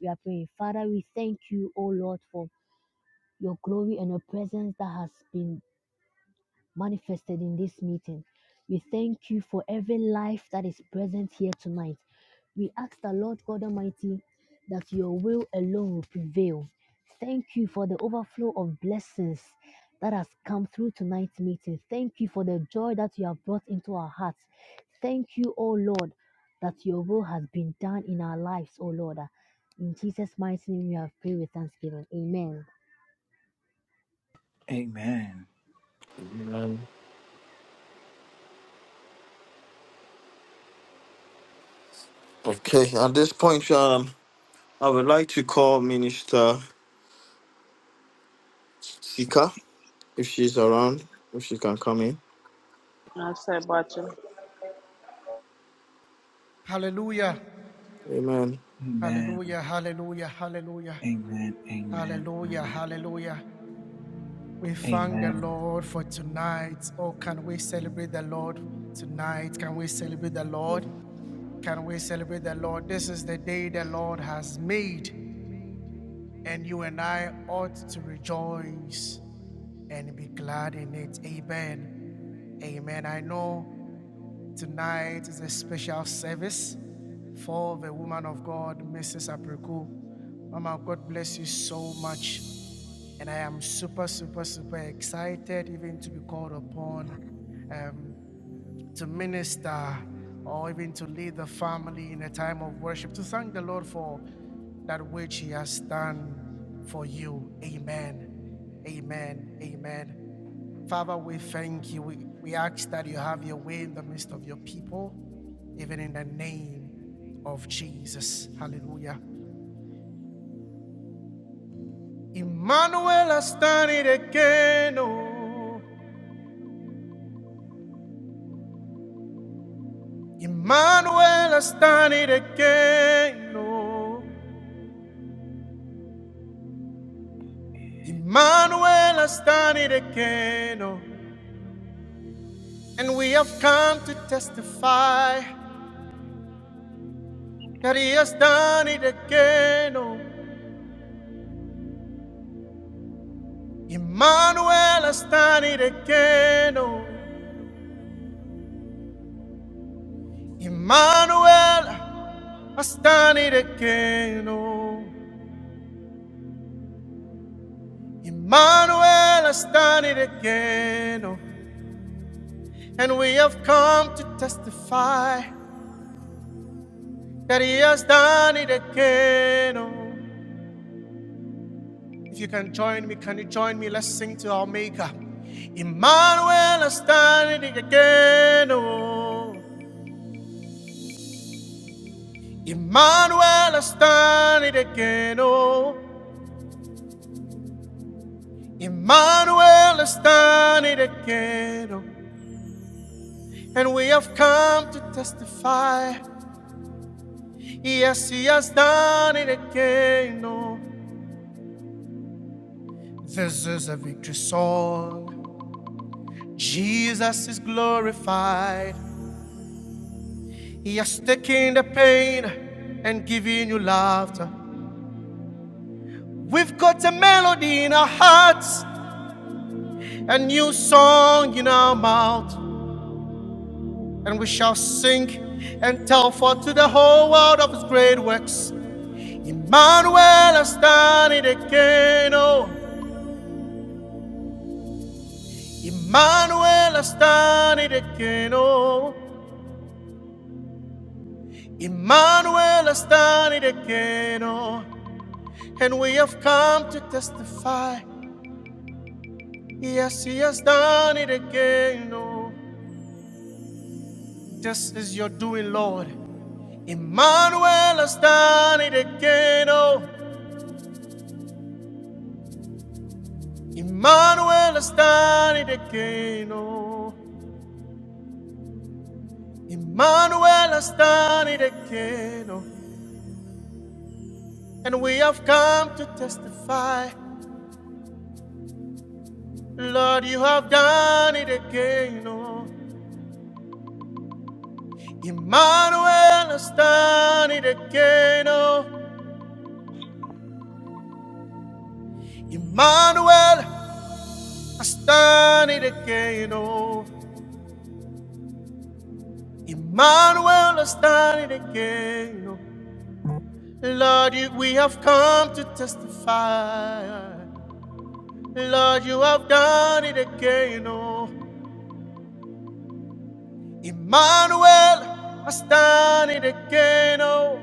C: We are praying. Father, we thank you, O Lord, for your glory and your presence that has been manifested in this meeting. We thank you for every life that is present here tonight. We ask the Lord God Almighty that your will alone will prevail. Thank you for the overflow of blessings that has come through tonight's meeting. Thank you for the joy that you have brought into our hearts. Thank you, O Lord, that your will has been done in our lives, O Lord. In Jesus' mighty name, we have prayed with thanksgiving. Amen.
B: Amen.
A: Okay, at this point, um, I would like to call Minister Sika if she's around, if she can come in.
D: I said, Bacha.
E: Hallelujah.
A: Amen.
B: Amen.
E: Hallelujah. Hallelujah. Hallelujah.
B: Amen. Amen.
E: Hallelujah. Hallelujah. We thank the
B: Amen.
E: Lord for tonight. Oh, can we celebrate the Lord tonight? Can we celebrate the Lord? Can we celebrate the Lord? This is the day the Lord has made. and you and I ought to rejoice and be glad in it. Amen. Amen. I know tonight is a special service for the woman of God, Mrs. Apriku. Mama, God bless you so much. And I am super, super, super excited even to be called upon. Um, to minister or even to lead the family in a time of worship, to thank the Lord for that which He has done for you. Amen. Amen. Amen. Father, we thank you. We, we ask that you have your way in the midst of your people, even in the name of Jesus. Hallelujah. Emmanuel has done it again. Oh. Emmanuel has done it again. Oh. Emmanuel has done it again, oh, and we have come to testify that he has done it again. Oh, Emmanuel has done it again. Oh, Emmanuel has done it again. Oh, Emmanuel has done it again. Oh, and we have come to testify that he has done it again. Oh, If you can join me, can you join me? Let's sing to our Maker. Emmanuel is standing again, oh. Emmanuel is standing again, oh. Emmanuel is standing again, oh. And we have come to testify. Yes, he has done it again, oh. This is a victory song. Jesus is glorified. He Yes, taking the pain and giving you laughter. We've got a melody in our hearts, a new song in our mouth, and we shall sing and tell forth to the whole world of His great works. Emmanuel has done it again, oh. Emmanuel has done it again, oh. Emmanuel has done it again, oh. And we have come to testify. Yes, He has done it again, oh, just as you're doing, Lord. Emmanuel has done it again, oh, Emmanuel has done it again, oh, Emmanuel has done it again, oh, and we have come to testify, Lord, you have done it again, oh, Emmanuel has done it again, oh, Emmanuel has done it again, oh. Emmanuel has done it again. oh.
B: Amen.
E: Lord, we have come to testify. Lord, you have done it again. Oh, Emmanuel has done it again. Oh,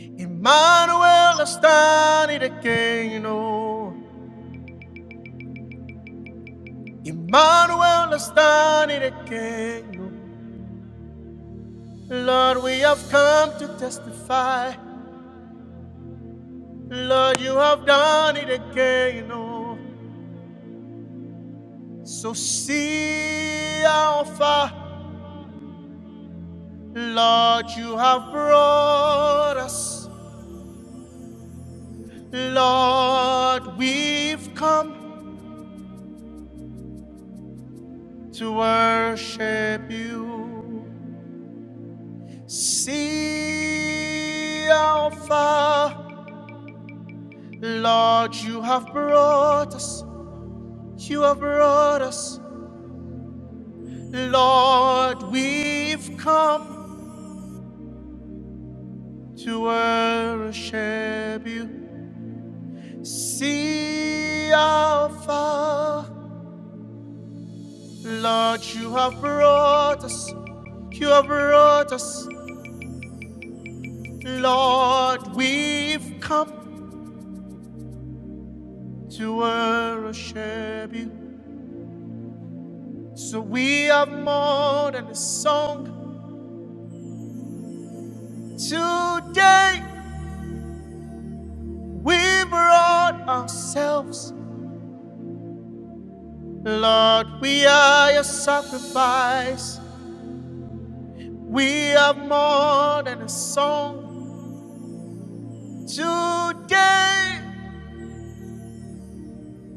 E: Emmanuel has done it again. Oh, Emmanuel has done it again. oh. Lord, we have come to testify. Lord, you have done it again. Oh, So see how far, Lord, you have brought us. Lord, we've come to worship you. See how far, Lord, you have brought us. You have brought us. Lord, we've come to worship you. See how far. Lord, you have brought us. You have brought us. Lord, we've come to worship you. So we have more than a song. Today, we brought ourselves. Lord, we are your sacrifice. We have more than a song. Today,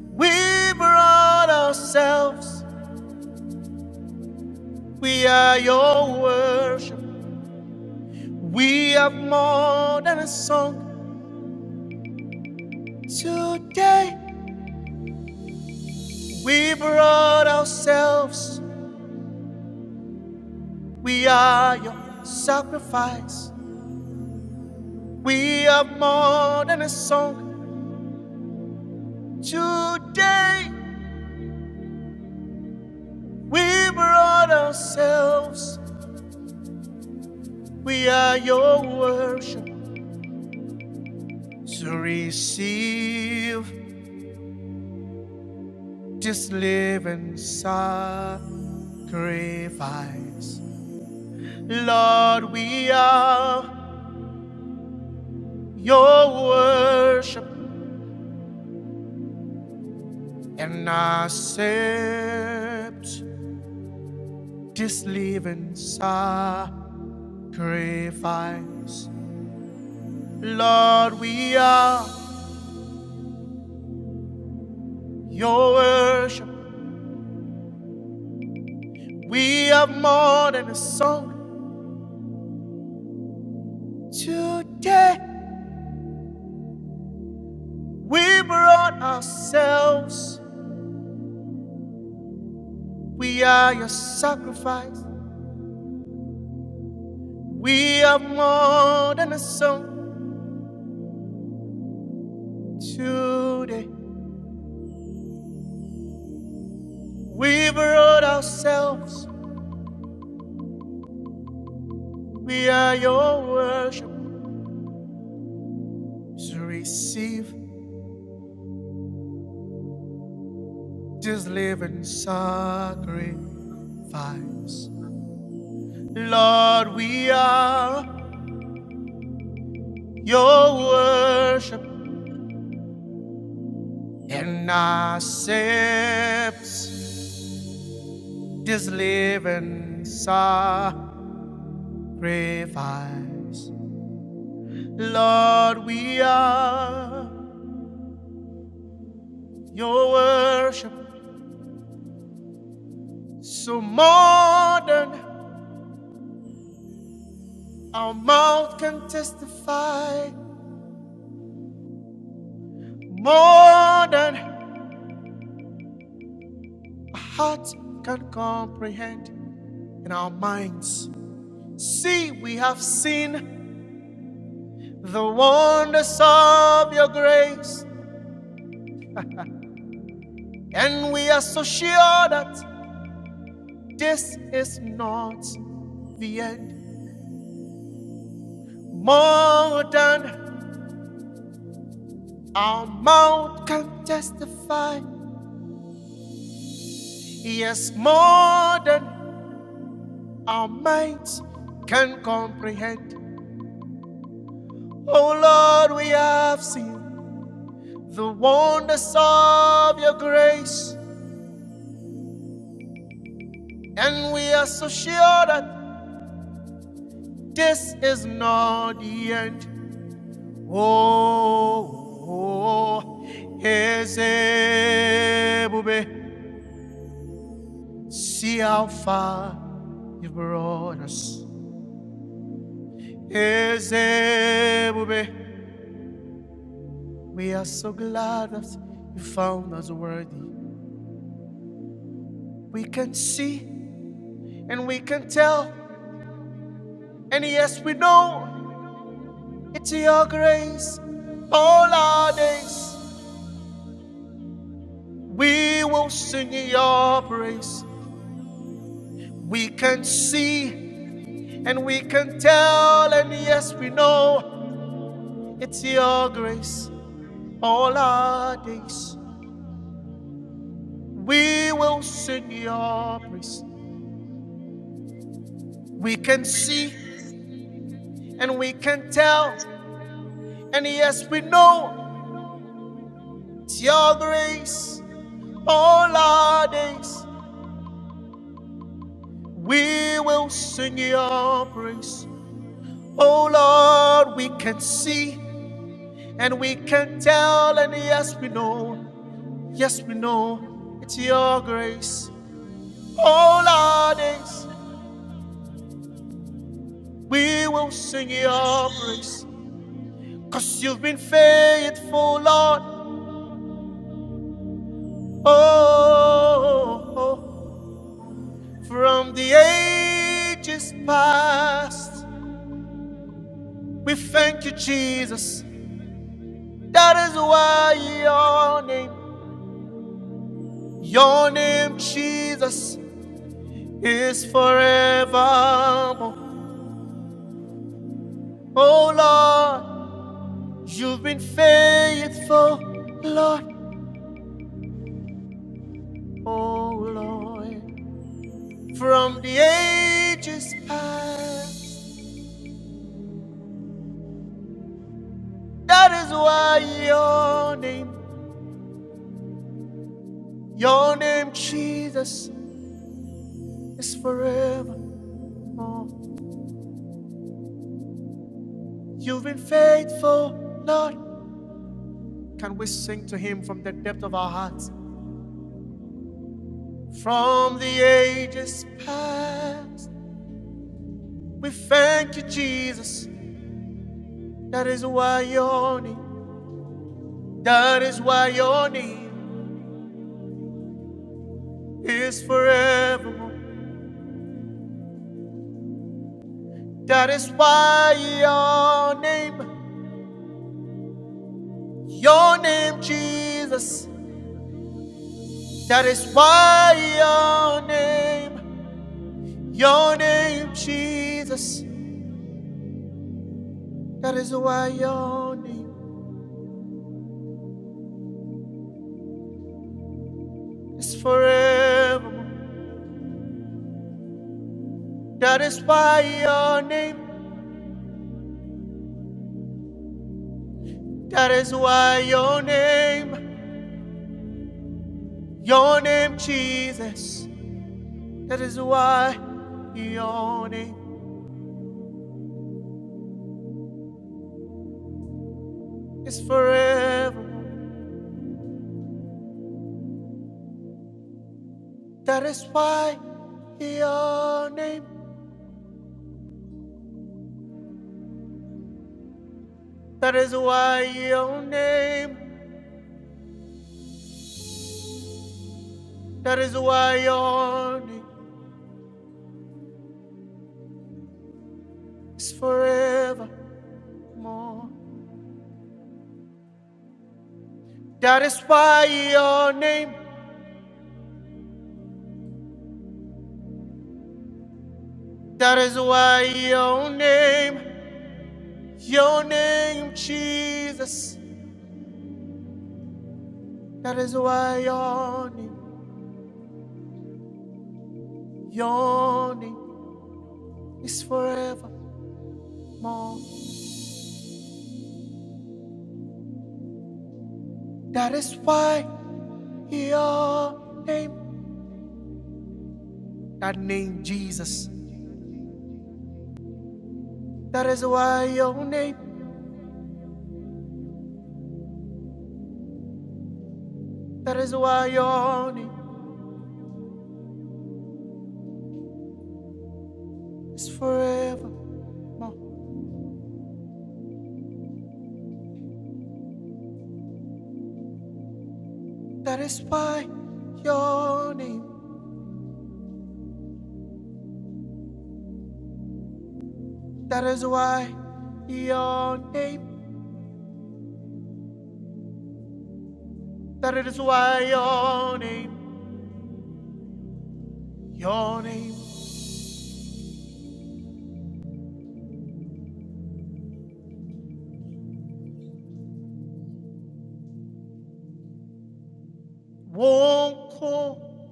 E: we brought ourselves. We are your worship. We are more than a song. Today we brought ourselves. We are your sacrifice. We are more than a song. Today we brought ourselves. We are your worship to receive this living sacrifice. Lord, we are your worship and accept this living sacrifice. Lord, we are your worship. We have more than a song. Today, we brought ourselves. We are your sacrifice. We have more than a song. Today, We've brought ourselves, we are your worship. So receive this living sacrifice. Lord, we are your worship and accept this living sacrifice. Lord, we are your worship so more than Our mouth can testify more than a heart can comprehend, and our minds see we have seen the wonders of your grace, and we are so sure that this is not the end. More than our mouth can testify, yes, more than our minds can comprehend. Oh Lord, we have seen the wonders of your grace, and we are so sure that this is not the end. Oh, Ezebube, see how far you brought us. Ezebube, we are so glad that you found us worthy. We can see and we can tell, and yes, we know It's your grace, all our days. We will sing your praise. We can see and we can tell, and yes, we know it's your grace, all our days. We will sing your praise. We can see and we can tell, and yes, we know it's your grace, all our days. We will sing your praise. Oh Lord, we can see and we can tell, and yes, we know, yes, we know, it's your grace. All our days we will sing your praise, you you've been faithful, Lord. Oh, oh, oh, from the ages past, we thank you, Jesus. That is why your name, your name, Jesus. is forever. Oh Lord, you've been faithful, Lord. Oh Lord, from the ages past. That is why your name, your name, Jesus, is forevermore. you've been faithful, Lord. Can we sing to him from the depth of our hearts? From the ages past, we thank you, Jesus. That is why your need, that is why your need is forevermore. That is why your name, your name, Jesus. That is why your name, your name, Jesus. That is why your name is forevermore. That is why your name, that is why your name, your name, Jesus. That is why your name. is forever. That is why your name, that is why your name, that is why your name is forevermore. That is why your name, that is why your name, your name, Jesus, that is why your name, your name is forevermore. That is why your name, that name, Jesus. That is why your name, that is why your name is forever. That is why your name, that is why your name, that is why your name, your name won't call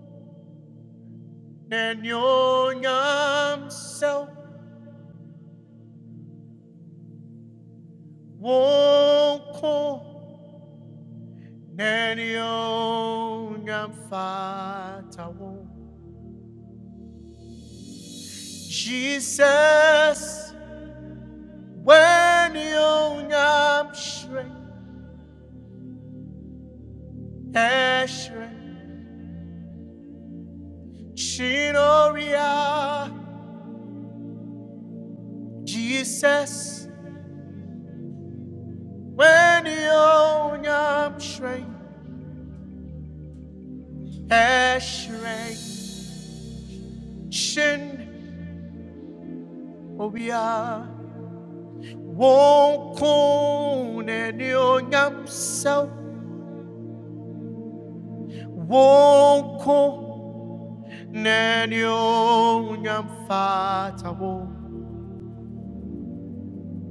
E: and your young self won't call and your fata won't. Jesus. when yonyam shrek eshrek shinoria jesus when yonyam shrek eshrek shin obia won't kun and yonyam self won't kun and yonyam fatawo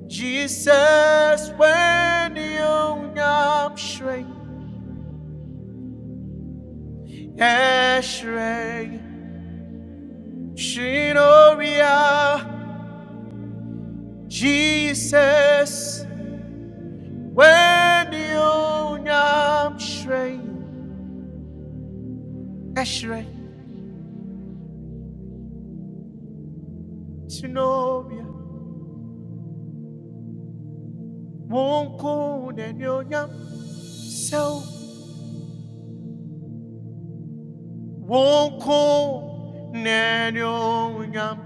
E: Jesus, when you am shrey, eshrey, shinoria. Jesus, when you am shrey, eshrey, shinoria. Wonko ne yam so. Wonko ne yam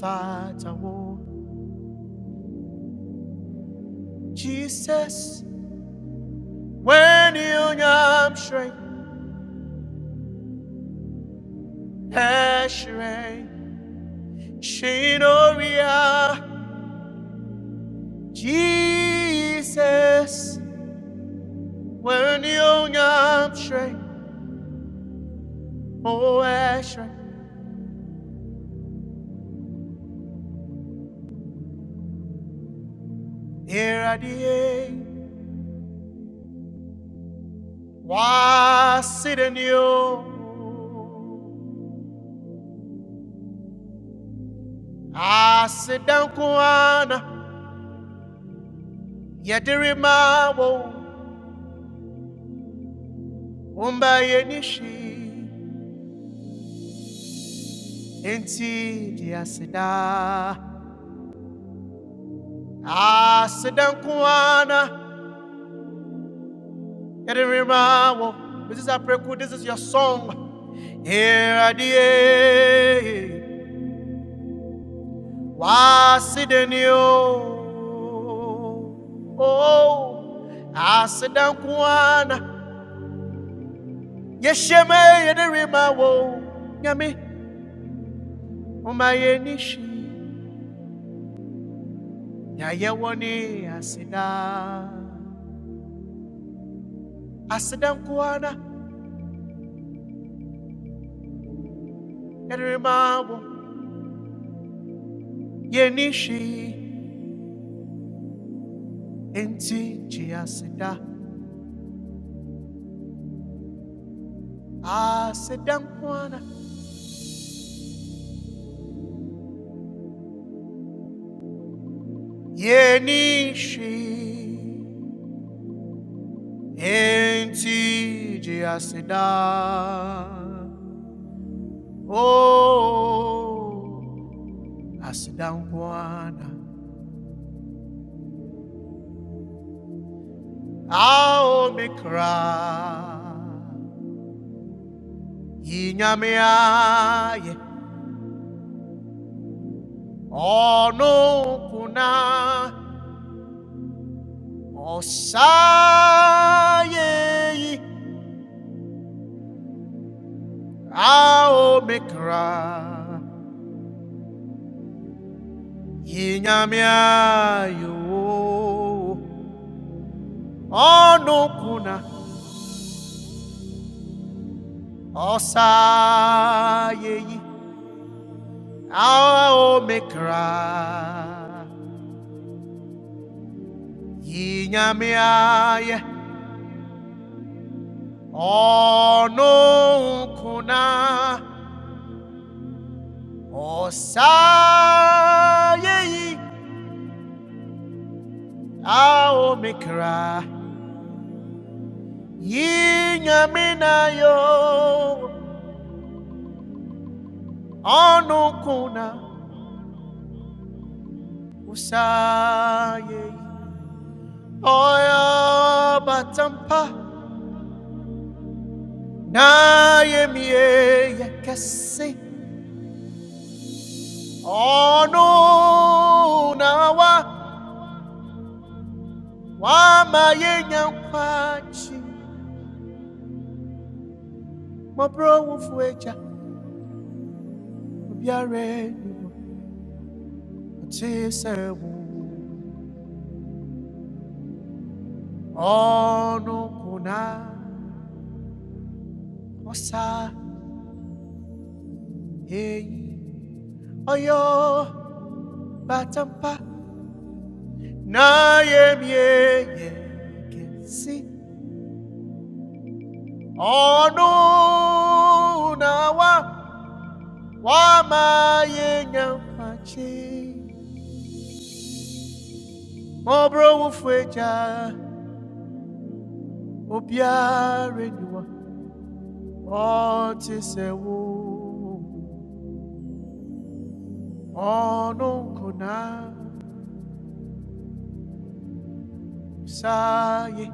E: fata wo. Jesus, when you am shrey. Asherim, Shinoria, Jesus, when young Amshrei, oh Asherim, irradiate, Wasidanium, Asidankuana, Yadirimabo, Umbayenishi, Inti, Asida, Asidankuana, Kedirimawo. This is Apreku, this is your song. Here at the end, Wasidinio. Oh, Asidan Kwana. Yesheme Yedirimawo. i Umayenishi. Yayewani Asida. Asidan Kwana. Yedirimawo. Yenishi. and Tinchi, i Chiasida. Asidan Kwana. Yenishi enti asida oh asida mwana aomikra yinyamiaye ono kuna osaye aomikra Inyamia yo onokuna osa yeyi ao mekra Inyamia ye onokuna osa yeyi ao mekra Inyamina yo onokuna osa yeyi Oya batampa na yemi eke si ano na wa wa maiyin ywachi mabro wufweja mubiaremo mche sewo ano kuna osaye oya batampa na yemi eke si. ọnụnawa wamaye nyampachi mọbụrụ wụfụja obiarenyuwa ọtisewo ọnụ nkụna saye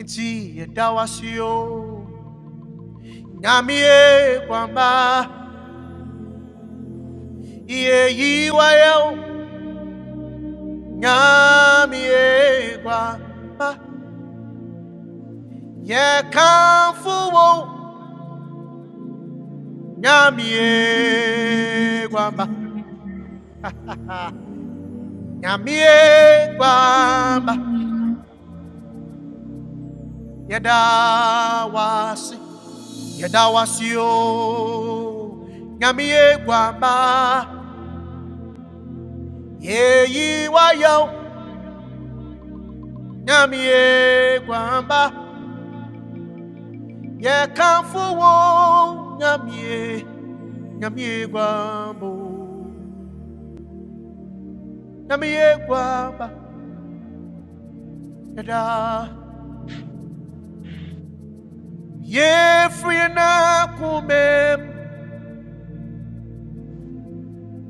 E: nti yedawasio nyamie gwamba ihe yiwayo nyamie gwamba yekamfuwo nyamie kwamba nyamie kwamba yadawasi yadawasio nyamie kwamba yeyiwayo nyamie kwamba yekamfuwo nyamie nyamie kwambo Namie kwamba yada ye free na kumem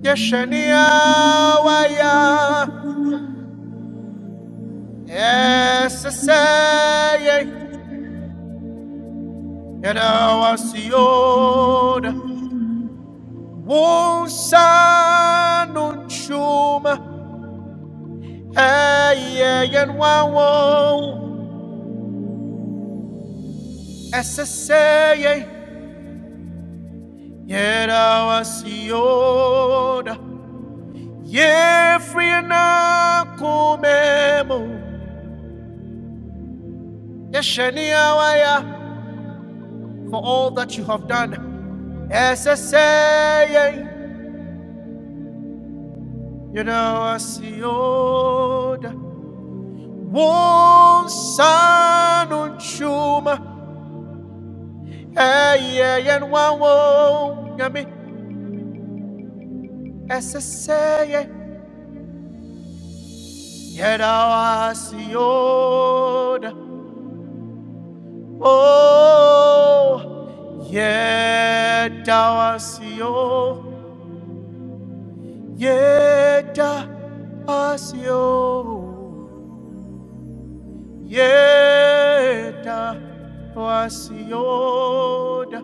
E: يشنيا ويا SSA Yanawasioda Wunsanun Chuma Ayan Wawo SSA Yanawasioda Yefriana Kumemo Yeshania Waya for all that you have done SSA You know, I see old one son on chuma. Hey, yeah, yeah, and one won't get me. As I say, you know, I see old. Oh, yeah, I see old. Yeah, I see old. Yeta wasioda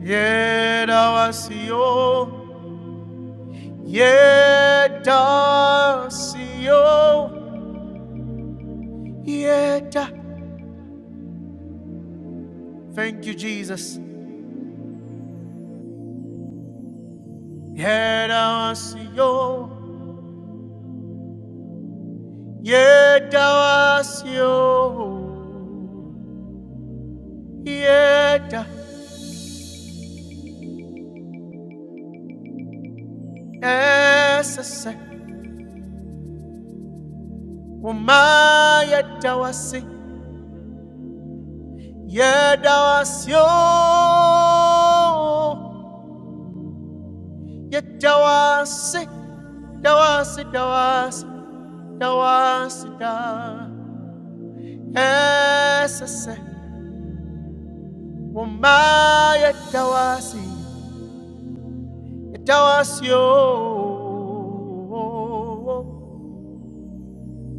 E: Yedawasio, Yedasio, Yeda. Thank you, Jesus. Yedawasio, Yedawasio, Yeda. Esese, Uma Yedawasi, Yedawasio, Yedawasi, Dawasi, Dawasi, Dawasi, Dawasi. esese woma yɛdawase yɛdawase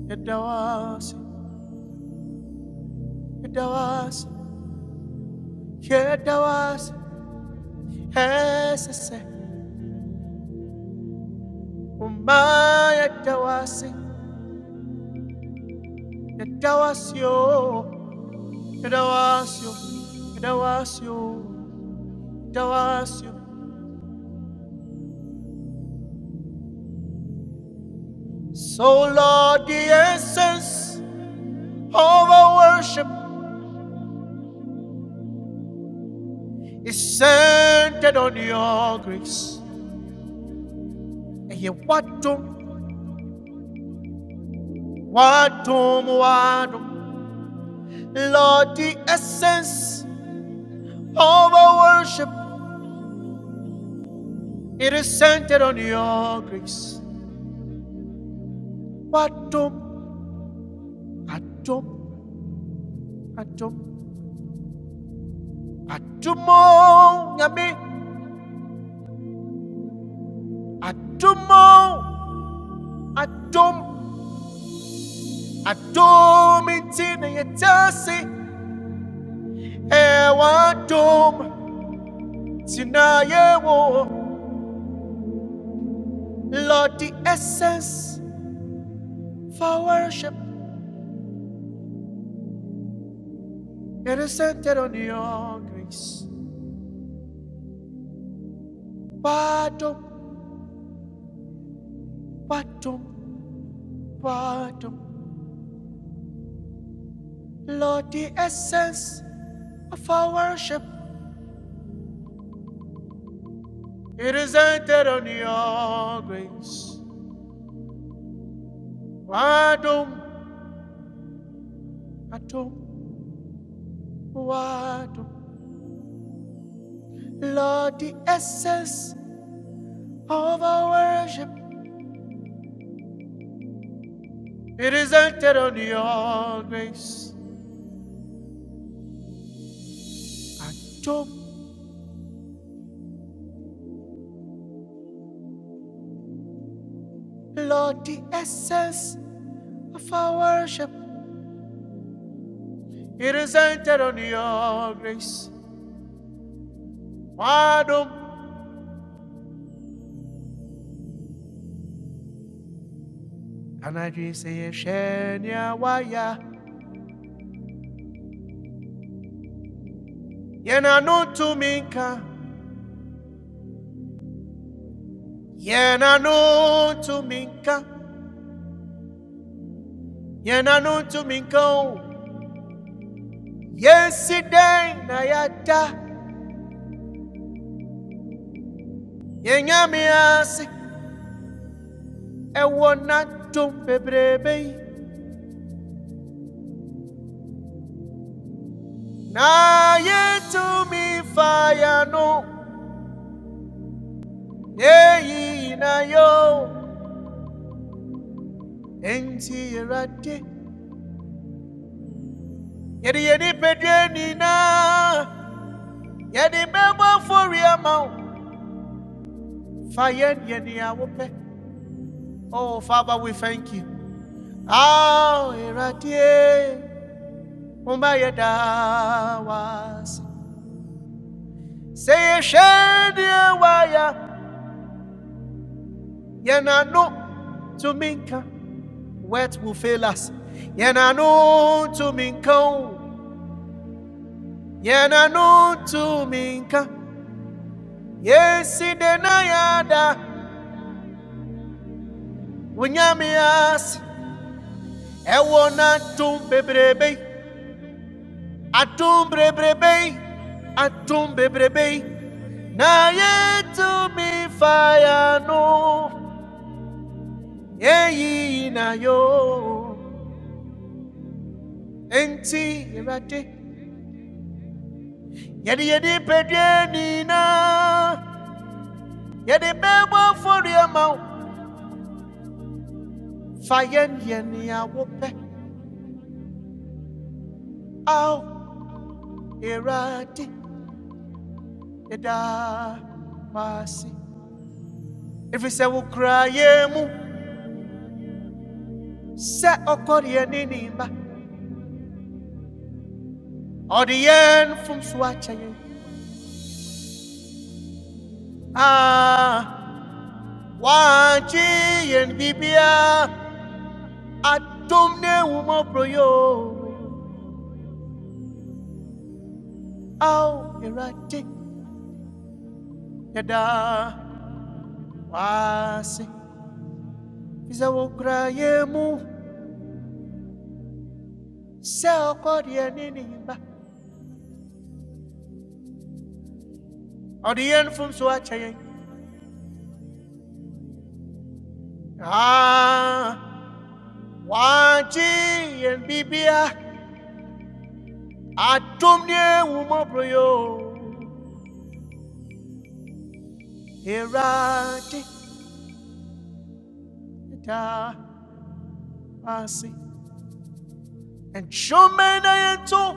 E: yɛdawase yɛdawase yɛdawase esese woma yɛdawase yɛdawase yɛdawase yɛdawase yɛdawase So Lord, the essence of our worship is centered on your grace. I hear watum, watum, watum. Lord, the essence of our worship, it is centered on your grace. Watum, atum, atum, atumo, yami, atumo, atum, atum, intina yetasi, e watum, tina yewo, Lord, the essence for worship. It is centered on your grace. Pardon, pardon, pardon. Lord, the essence of our worship. It is centered on your grace. Pardon, pardon, pardon. Lord, the essence of our worship. It is centered on your grace. Pardon, Lord, the essence of our worship. It is centered on your grace. Wadum anajise shenya waya yena nutumika yena nutumika yena nutumika o. yesterday na yada yenyame ase ewona tumpebrebe, na yɛtumi fa ya no eyi na yo enti awurade yɛde yɛde pedue na, yɛde bɛbɔ afɔre ama wo Oh, Father, we thank you. Ao eratie umayeda was. Say waya yenano to minka. Wet will fail us. Yenano to minka. Yenano to minka. Yesi denayada unyamias. Ewona tum bebrebe. Atum bebrebe. Atum bebrebe. na yetu mifayano eyiyinayo enti ewurade yɛde yɛde pɛdua nyinaa yɛde bɛbɔ afɔdua ma wo fa yɛn yɛ nea wopɛ ao ewurade yɛda wase ɛfiri sɛ wokura yɛn mu sɛ ɔkɔdeɛ ne ne mma ɔde yɛn fom so akyɛ yɛn a waakye yɛn bibia Atumne umo au irati yada wasi visa wo kraye mu se okodie nini ba odien fum so ah waji yen bibia adomne umo proyo irate yada wasi and shomen na yento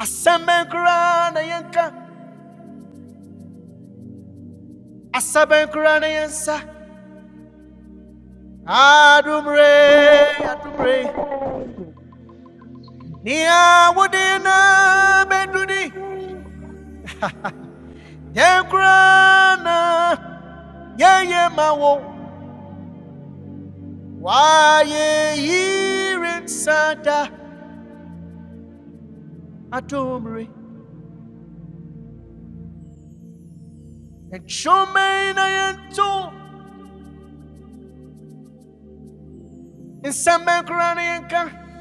E: asemben kra na yenka asaben kra na yensa Adumre, Adumre, Nia Wadina Bedudi, Yankrana, Yaya Mawo, Waye Yirin Santa, Adumre, and Shomain and Two, and Samankranianka,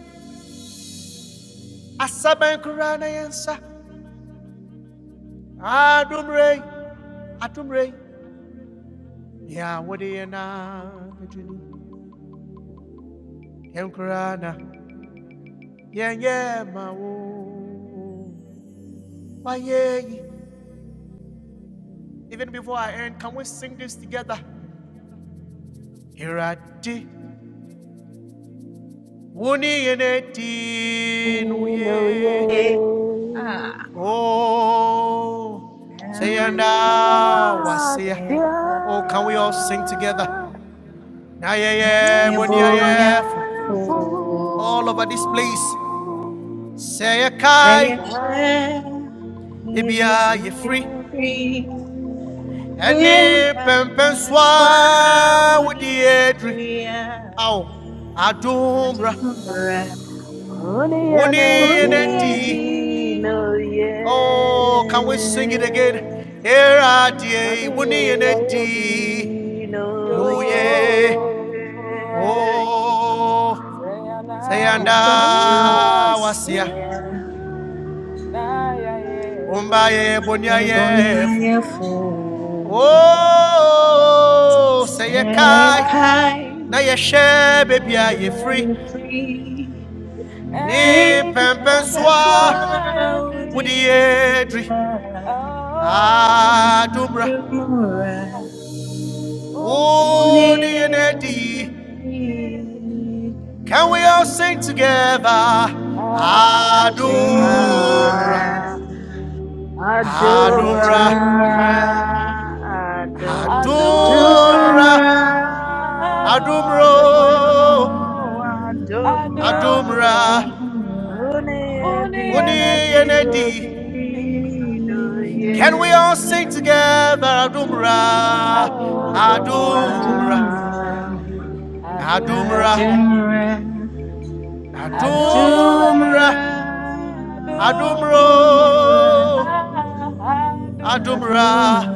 E: Asabankraniansa, Adumre, Adumre, Nia Wadina Bedudi, Yankrana, Yaya Mawo. My yay. Even before I end, can we sing this together? Irati. Wuni yeneti nuye.
F: Ah,
E: Oh. Sayanda wasia.
F: Ramanasya,
E: Oh, can we all sing together? Na ye boni ye
F: Ramyabhunyafo,
E: All over this place. Sayakai
F: Jayashe,
E: a ye free?
F: Hevyayatri,
E: Any pempen
F: Tempapaswa
E: swa with the edry.
F: Udhijriya,
E: Ow. Adumbra.
F: Ajamura,
G: Oh,
D: Honey and a
E: Wuni eneti,
D: Dino, yeah.
E: Oh, can we sing
F: Uniyati,
E: it again? Here are
D: Honey
E: Wuni
D: and a
E: eneti, nuye,
D: Dino, yeah. Jesus.
E: Oh, Sayanda
D: Dolores,
E: wasia.
D: yeah.
F: wasia,
E: Umba ye bonya
F: Ebonia Fu
E: Oh, say kai.
F: Sekai,
E: Na ye she baby are ye free.
F: Ebonia free
E: Ni
F: and Papa's
E: pempenswa.
F: wild
E: Woody
F: dear
E: edri. Adumra.
F: Adumura
G: Adonai,
F: Udi
E: Oh, Nadi, can we all sing together? Adumra,
D: Ah.
F: Adumura
E: Adumra,
F: Adumura
D: Adumra, Adumra,
E: Adumra,
F: Adumra,
E: Adumro,
F: Adonai,
D: Adumra,
G: Adonai, Adonai,
D: Adumra,
G: Adonai,
E: Adumra,
F: Adonai,
G: Uni
E: Uni
D: Unedi,
G: Adonai,
F: Adonai,
E: Nadi.
D: Odi, Nuye,
E: Can we all sing together?
D: Adumra,
E: Adumra,
F: Adonai,
G: Adonai,
E: Adumra,
F: Adonai,
E: Adumra,
G: Adonai, Adumure,
E: Adumra,
G: adumure,
E: Adumro,
G: adumure,
E: Adumra.
F: Adonai,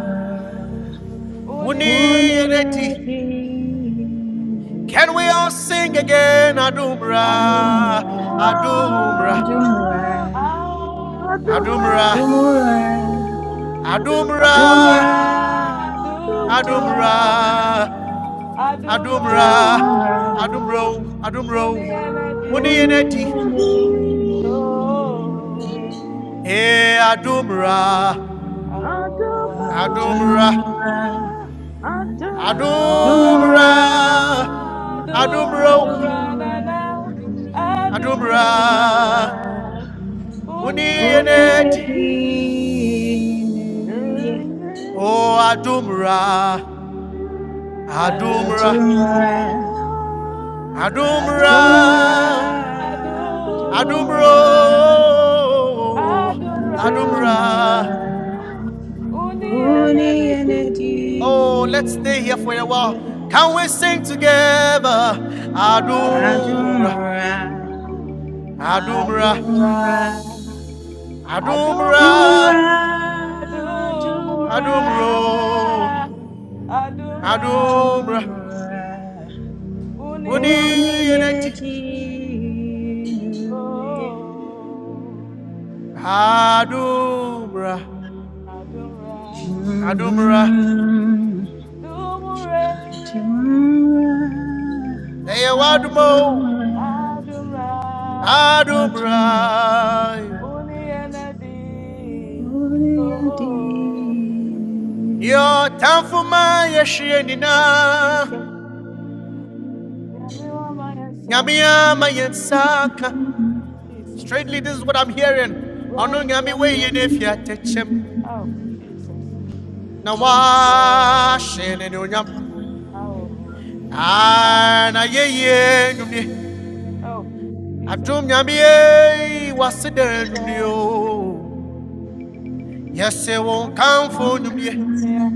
E: Wuni
G: uniati,
F: Uniati,
E: Yeneti. Can we all sing again? Adumra,
F: Adonai,
G: adumure,
E: Adumra,
D: Adumra.
F: Adonai,
D: Adonai, Adonai, Adonai, Adonai,
E: Adumra,
G: adumure,
F: Adonai.
E: Adumra,
G: adumure,
F: Adumra,
E: Adumra,
F: Adumra,
G: adumure,
E: Adumra,
F: Adumra,
G: adumure,
E: Adumro, Adumro.
G: uniati,
E: Wuni Yeneti.
F: Uniyene,
G: oh.
E: Eh, Adumra,
D: Adonai,
G: Oh, Adumra,
E: Adumra,
F: Adumra,
D: Adonai,
E: Adumra,
G: Adumra,
F: Adumra,
E: Adumro,
G: Adumra, na
F: Adumra,
G: na,
E: Adumra.
D: Adonai,
G: Adumra,
F: Adumra,
D: Adonai. Humanity.
E: Wuni Yeneti.
G: Unianabi,
D: I am
F: Uniyene,
E: Oh, Adumra. Adumra,
F: Adumra,
G: Adumra,
D: alive. I
G: Adumra,
F: Adumra,
E: Adumra,
D: don't know.
G: adumura,
F: Adumra.
D: I
E: Adumro,
D: don't
G: Adumra.
E: Adumra.
F: Adonai,
D: know.
F: Uni
G: Uniyanadi.
D: Humanity.
E: Oh, let's
F: Enedi,
E: stay here for a while. Can we sing together?
D: I
E: Adumra,
G: Adumra,
F: Adumra,
D: am.
E: Adumra,
G: Adumra,
F: Adumra,
G: Adumure,
F: Adumra,
E: Adumra,
G: Adumura,
F: Adumra,
E: Adumro,
G: Adumra,
E: Adumra.
F: Adumra,
E: Uni
F: Uni
G: Uniyanadi.
E: eneti,
F: Enedi,
G: Oh,
E: Adumra,
G: Adumra,
E: Adumra.
G: Dumure,
F: Adumra,
E: Eya
G: Adumra,
E: wadumo,
F: Adumra.
G: Adumra.
F: Amen.
E: Adumra.
G: Only Uniyanadi, oh,
E: Yo, Yotafuma
G: oh, Jesus,
E: yeshienina.
G: yeah, me Nyamiwa maya satna,
E: Nyamiyama yensaka.
G: Jesus,
E: Straightly, this is what I'm hearing.
G: where
E: Ono
G: you
E: nyami
G: have
E: we
G: flooded
E: yenefia
G: him,
E: techem.
G: oh, Jesus,
E: Na
G: now I care,
E: washin enunyam.
G: oh,
E: Ana ye
G: I-
E: ye nyumi.
G: oh, Jesus.
E: Adum nyami ye
G: It's
E: wasiden nyumi.
G: all
E: Yes, it
G: You
E: won't
G: can
E: come
G: talk
E: for
G: for
E: nyumye.
G: your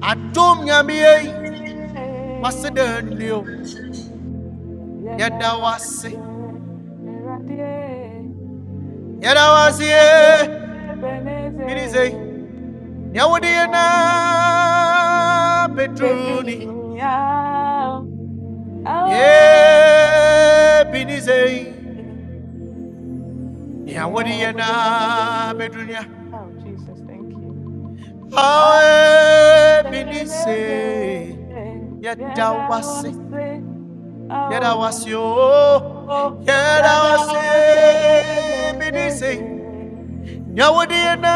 E: Adum nyami ye wasiden nyumyo.
G: man.
E: Yada wasi.
G: Yedawase, Eradie,
E: Yada wasi
G: Yedawase,
E: ye.
G: Beneze,
E: Nyawadiena
G: Yedawase,
E: beduni,
G: Bedrinia, Awe,
E: e binisei.
G: Beneze, Yeah, what
E: Nyawadiena
G: do I know about
E: beduniya,
G: you? Oh, Jesus, thank you. Awe,
E: awe
G: Beneze,
E: binisei. Yadawasi,
G: Yedawase,
E: yadawasiyo,
G: Oh,
E: yadawasi
G: Yedawase,
E: binisei.
G: Beneze, Oh,
E: Nyawadiena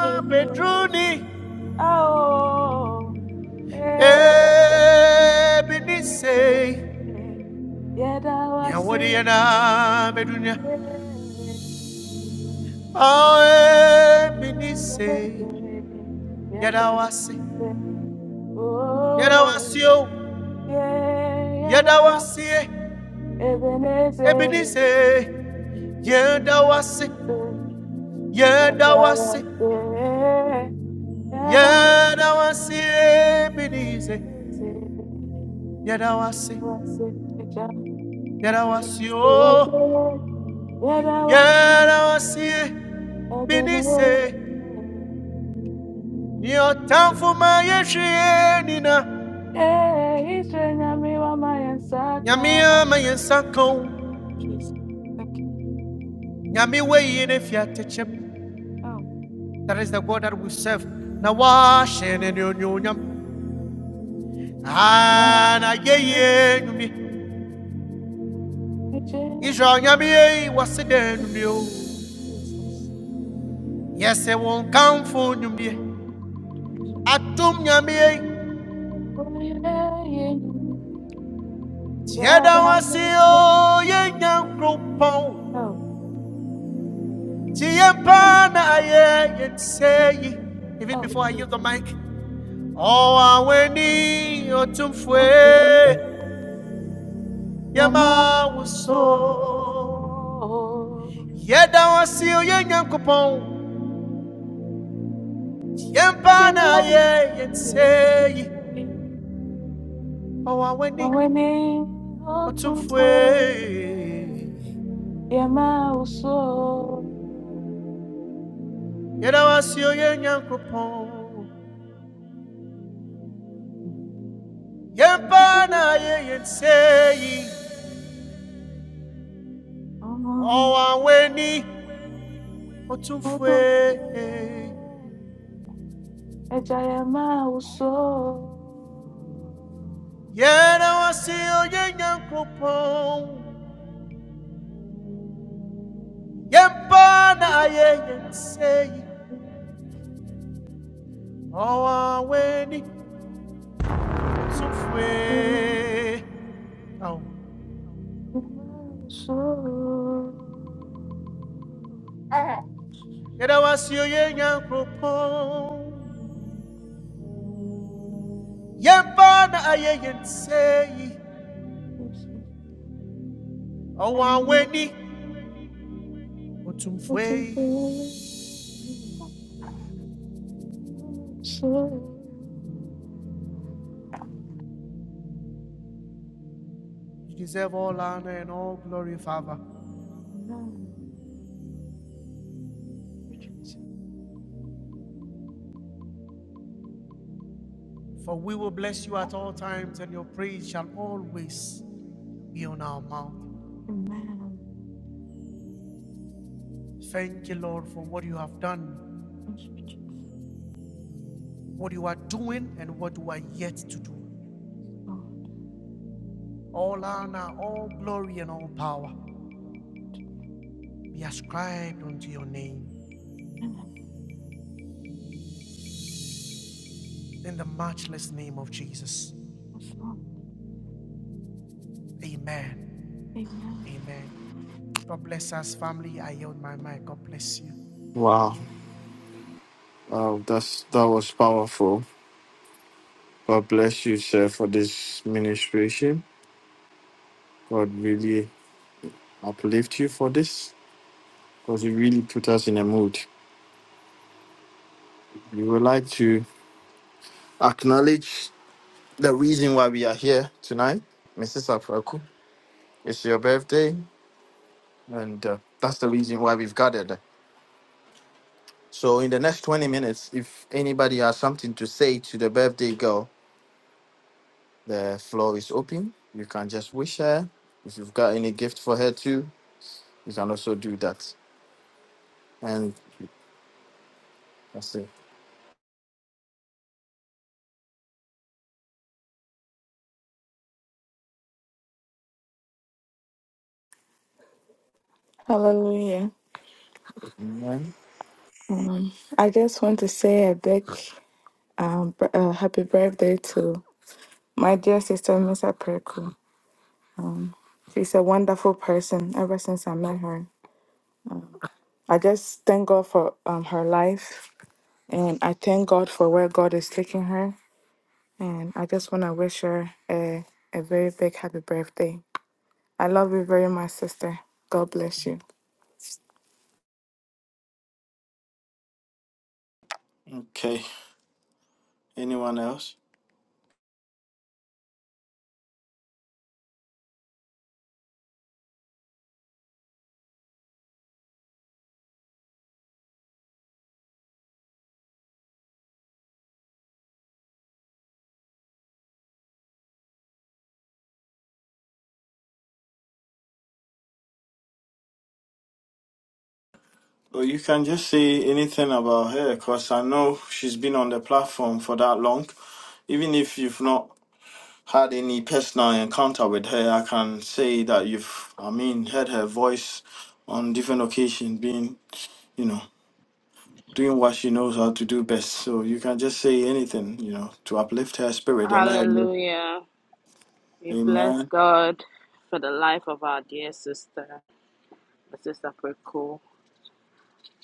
G: yeah,
E: beduni,
G: that
E: e binisei.
G: was it.
E: Nyawadiena beduniya. Awe binise
G: Yeah, that was
E: yadawasi
G: it. Oh,
E: yadawasio
G: yeah, yeah, that was
E: yadawasie
G: it. Ebenezer.
E: ebinise
G: Yeah, that was
E: yadawasi
G: it. Yeah, that was
E: yadawasi
G: it. Yeah, that was it.
E: yadawasie
G: Jesus.
E: binise yadawasi yadawasio yadawasie binise niotamfuma yeshie nina nyamia mayensanko
G: Thank you.
E: nyamiwe yine fiatechem
G: Oh.
E: That is the God that we serve. Now wash and ne onyonyam. Ah, na ye ye nyumbi. Israel nyami ye wasi de nyumbi
G: Jesus.
E: Yes, it won't come for you
G: Jesus.
E: Atum nyami ye. was da wasi o ye nyam kropon.
G: Oh.
E: Tie pa na ye ye say ye. Even
G: Oh,
E: before I use the mic. Oh, I aweni otum fwe.
G: you're my
E: Yama wuso.
G: soul.
E: Yeda wasi o ye nyam kropon.
G: You're
E: yempana
G: my
E: ye yenseyi
G: everything.
E: owaweni
G: Oh, we need all to
E: otumfwe
G: pray. You're my soul.
E: yedawasio ye nyankopɔn yempana ye yenseyi
G: Oh,
E: owaweni
G: all
E: otumfwe
G: to pray. And I am my soul.
E: yedawasio ye nyankopɔn yempana ye yenseyi weni otumfwe oh. Yɛda wo ase o yɛn na ayɛ yɛn sɛ yi. Ɔwo You deserve all honor and all glory, Father. For we will bless you at all times, and your praise shall always be on our mouth. Thank you, Lord, for what you have done, what you are doing, and what you are yet to do. All honor, all glory, and all power be ascribed unto your name. In the matchless name of Jesus. Amen. Amen. God bless us, family. I yield my mic. God bless you.
A: Wow, wow, that's that was powerful. God bless you, sir, for this ministration. God really uplift you for this. because it really put us in a mood. We would like to acknowledge the reason why we are here tonight. Mrs. Afraku, it's your birthday, and uh, that's the reason why we've gathered. So, in the next 20 minutes, if anybody has something to say to the birthday girl, the floor is open. You can just wish her. If you've got any gift for her too, you can also do that. And that's it.
G: Hallelujah.
A: Amen.
G: Um, I just want to say a big um, b- uh, happy birthday to my dear sister, Miss April. She's a wonderful person ever since I met her. I just thank God for um, her life and I thank God for where God is taking her. And I just want to wish her a, a very big happy birthday. I love you very much, sister. God bless you.
A: Okay. Anyone else? Well, you can just say anything about her because I know she's been on the platform for that long. Even if you've not had any personal encounter with her, I can say that you've, I mean, heard her voice on different occasions being, you know, doing what she knows how to do best. So you can just say anything, you know, to uplift her spirit and let her know.
D: Hallelujah. We bless
A: Amen.
D: God for the life of our dear sister, the sister Preku.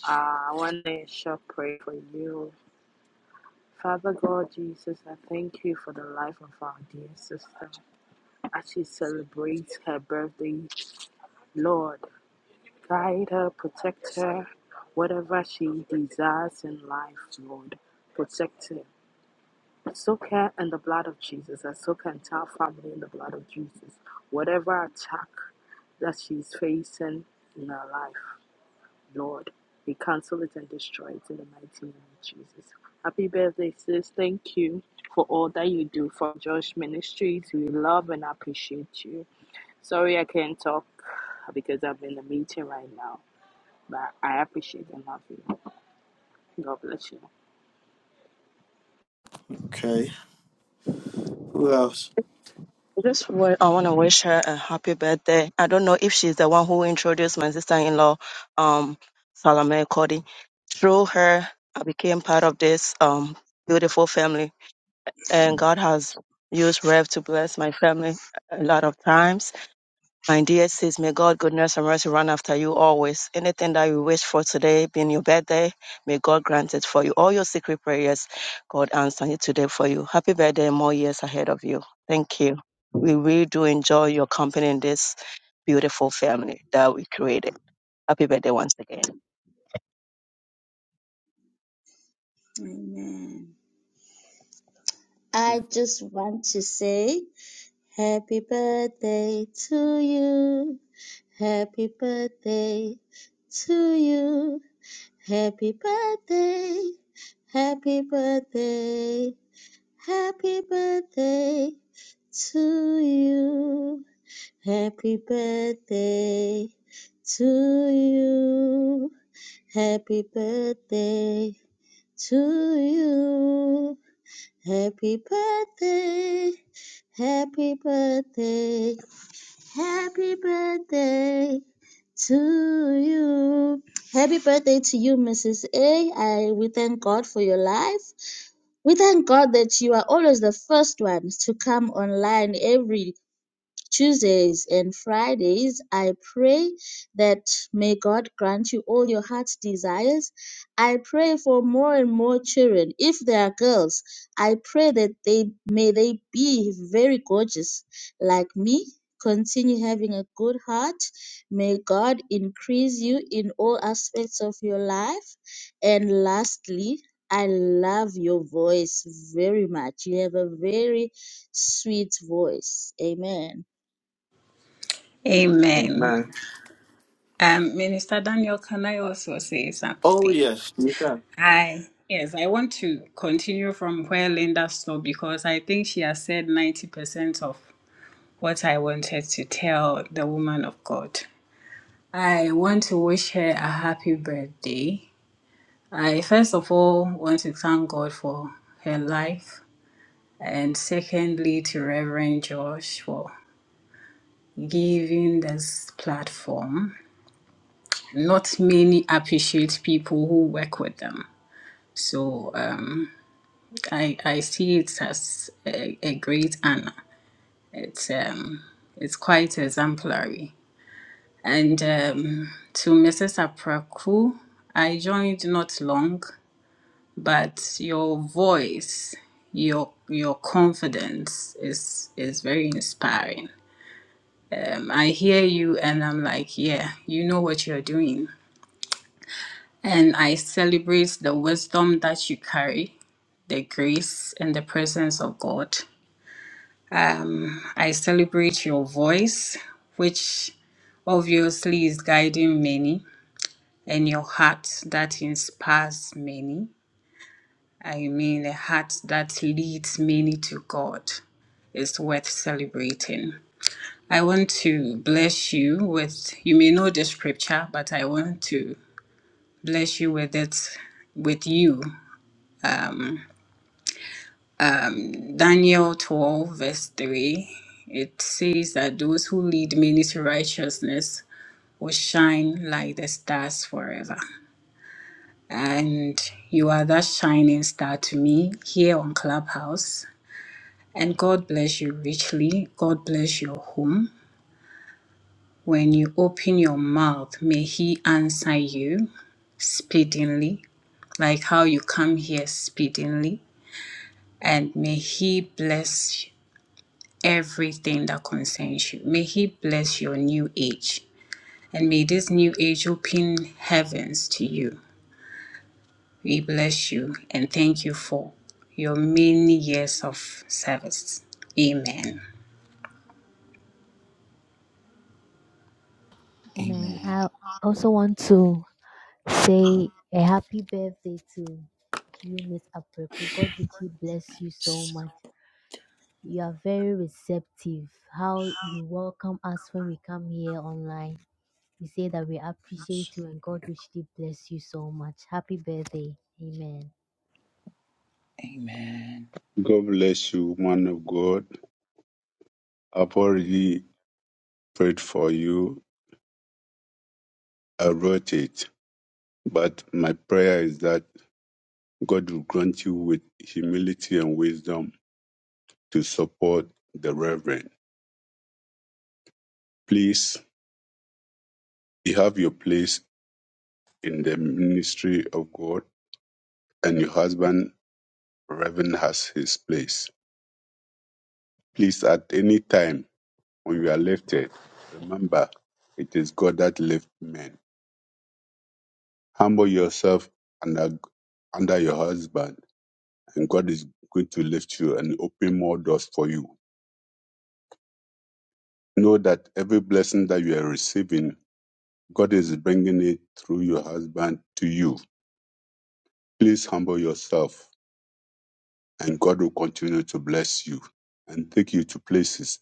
D: Uh, I want to short pray for you. Father God, Jesus, I thank you for the life of our dear sister. As she celebrates her birthday, Lord, guide her, protect her, whatever she desires in life, Lord, protect her. Soak her in the blood of Jesus. I soak her entire family in the blood of Jesus. Whatever attack that she's facing in her life. Lord, we cancel it and destroy it in the mighty name of Jesus. Happy birthday, sis. Thank you for all that you do for Josh Ministries. We love and appreciate you. Sorry I can't talk because I'm in a meeting right now, but I appreciate and love you. God bless you.
A: Okay. Who else?
H: I just wa- I want to wish her a happy birthday. I don't know if she's the one who introduced my sister-in-law, um, Salome Cody. Through her, I became part of this um beautiful family, and God has used Rev to bless my family a lot of times. My dear says, may God goodness and mercy run after you always. Anything that you wish for today, being your birthday, may God grant it for you. All your secret prayers, God answer it today for you. Happy birthday and more years ahead of you. Thank you. We really do enjoy your company in this beautiful family that we created. Happy birthday once again.
I: Amen. I just want to say happy birthday to you. Happy birthday to you. Happy birthday. Happy birthday. Happy birthday to you. Happy birthday to you. Happy birthday to you. Happy birthday, happy birthday, happy birthday to you. Happy birthday to you, Mrs. A. I, we thank God for your life. We thank God that you are always the first ones to come online every Tuesdays and Fridays, I pray that may God grant you all your heart's desires. I pray for more and more children. If they are girls, I pray that they may they be very gorgeous like me. Continue having a good heart. May God increase you in all aspects of your life. And lastly, I love your voice very much. You have a very sweet voice. Amen.
F: Um, Minister Daniel, can I also say
A: Oh,
F: something?
A: yes.
F: I yes, I want to continue from where Linda stopped because I think she has said ninety percent of what I wanted to tell the woman of God. I want to wish her a happy birthday. I first of all want to thank God for her life and secondly to Reverend Josh for giving this platform. Not many appreciate people who work with them, so um, I I see it as a, a great honor. It's um it's quite exemplary. And um, to Mrs. Apraku, I joined not long, but your voice, your your confidence is is very inspiring I hear you and I'm like, yeah, you know what you're doing. And I celebrate the wisdom that you carry, the grace and the presence of God. I celebrate your voice, which obviously is guiding many, and your heart that inspires many. I mean, a heart that leads many to God is worth celebrating. I want to bless you with, you may know the scripture, but I want to bless you with it with you. Daniel 12, verse 3, it says that those who lead many to righteousness will shine like the stars forever. And you are that shining star to me here on Clubhouse. And God bless you richly. God bless your home. When you open your mouth, may He answer you speedily, like how you come here speedily. And may He bless everything that concerns you. May He bless your new age. And may this new age open heavens to you. We bless you and thank you for your many years of service. Amen.
C: Amen.
B: Amen.
C: I also want to Say a happy birthday to you, Miss Apreku. God richly bless you so much. You are very receptive. How you welcome us when we come here online. We say that we appreciate you and God richly bless you so much. Happy birthday. Amen.
B: Amen.
J: God bless you, man of God. I've already prayed for you. I wrote it. But my prayer is that God will grant you with humility and wisdom to support the Reverend. Please, you have your place in the ministry of God, and your husband, Reverend, has his place. Please, at any time when you are lifted, remember it is God that lifts men. Humble yourself under, under your husband and God is going to lift you and open more doors for you. Know that every blessing that you are receiving, God is bringing it through your husband to you. Please humble yourself, and God will continue to bless you and take you to places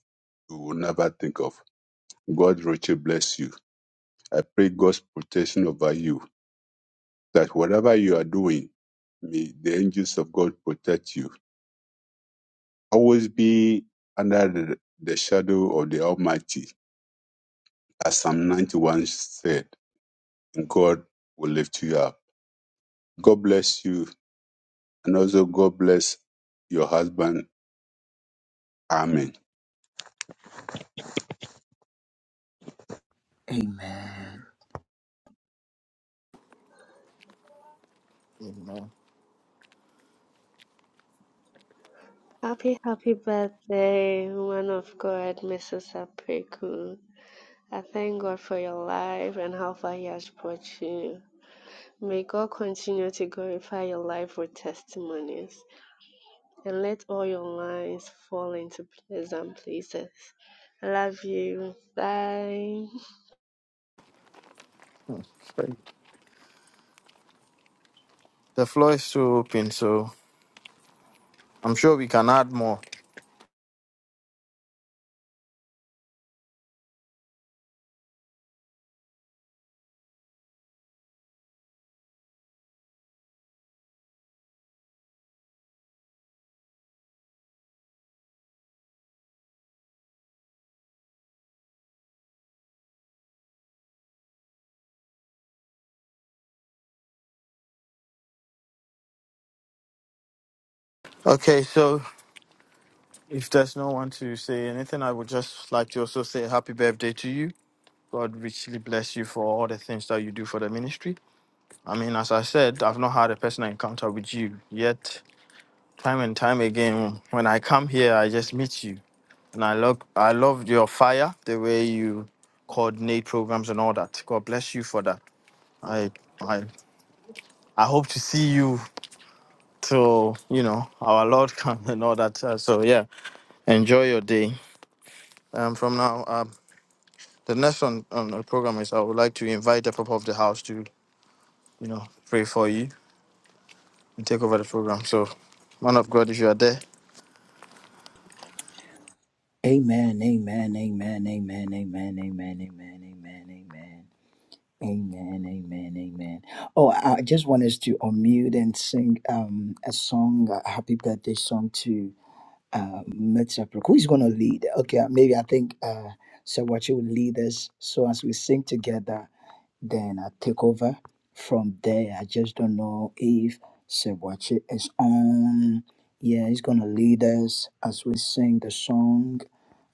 J: you will never think of. God richly bless you. I pray God's protection over you, that whatever you are doing, may the angels of God protect you. Always be under the, the shadow of the Almighty As Psalm 91 said, God will lift you up. God bless you, and also God bless your husband. Amen.
B: Amen.
K: Happy, happy birthday, woman of God, Mrs. Apreku. I thank God for your life and how far He has brought you. May God continue to glorify your life with testimonies and let all your lines fall into pleasant places. I love you. Bye.
A: The floor is still open, so I'm sure we can add more. Okay, so. If there's no one to say anything, I would just like to also say happy birthday to you. God richly bless you for all the things that you do for the ministry. I mean, as I said, I've not had a personal encounter with you yet. Time and time again, when I come here, I just meet you, and I love, I love your fire, the way you coordinate programs and all that. God bless you for that. I, I, I hope to see you till you know our Lord comes and all that. Uh, so yeah, enjoy your day. Um, from now, um, The next one on the program is I would like to invite the people of the house to, you know, pray for you and take over the program. So, man of God, if you are there,
B: Amen. Amen. Amen. Amen. Amen. Amen. Amen. Amen. Amen. Amen. Amen. Amen. Oh, I I just want us to unmute and sing um a song, a happy birthday song to uh, Mitzvah. Who's going to lead? Okay, maybe I think uh, so. will lead us. So as we sing together, then I take over from there. I just don't know if Sewachi is on. Yeah, he's gonna lead us as we sing the song.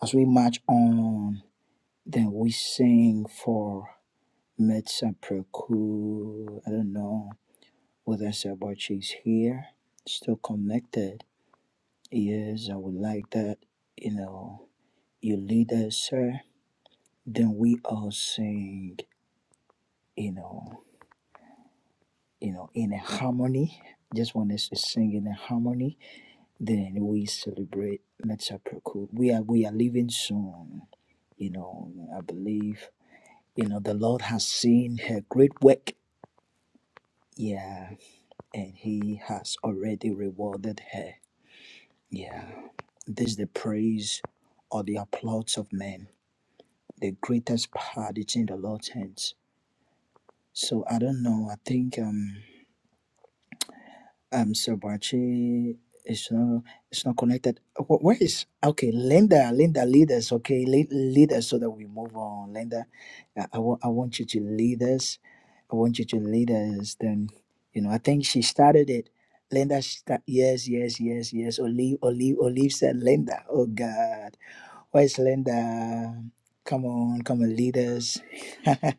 B: As we march on, then we sing for Metsa Preku. I don't know whether Sewachi is here, still connected. Yes, I would like that. You know, you lead us, sir. Then we all sing, you know, you know, in a harmony. Just want us to sing in a harmony. Then we celebrate Metsaproku. We are we are leaving soon. You know, I believe, you know, the Lord has seen her great work. Yeah. And he has already rewarded her. Yeah. This is the praise or the applause of men the greatest part is in the Lord's hands. So I don't know. I think um um Sabachi is not it's not connected. Wh- Where is okay Linda? Linda, lead us. Okay, lead, lead us so that we move on. Linda, I, I, wa- I want you to lead us. I want you to lead us. Then you know I think she started it. Linda, sta- yes, yes, yes, yes. Olive, Olive, Olive said Linda. Oh God, where's Linda? Come on, come and lead us.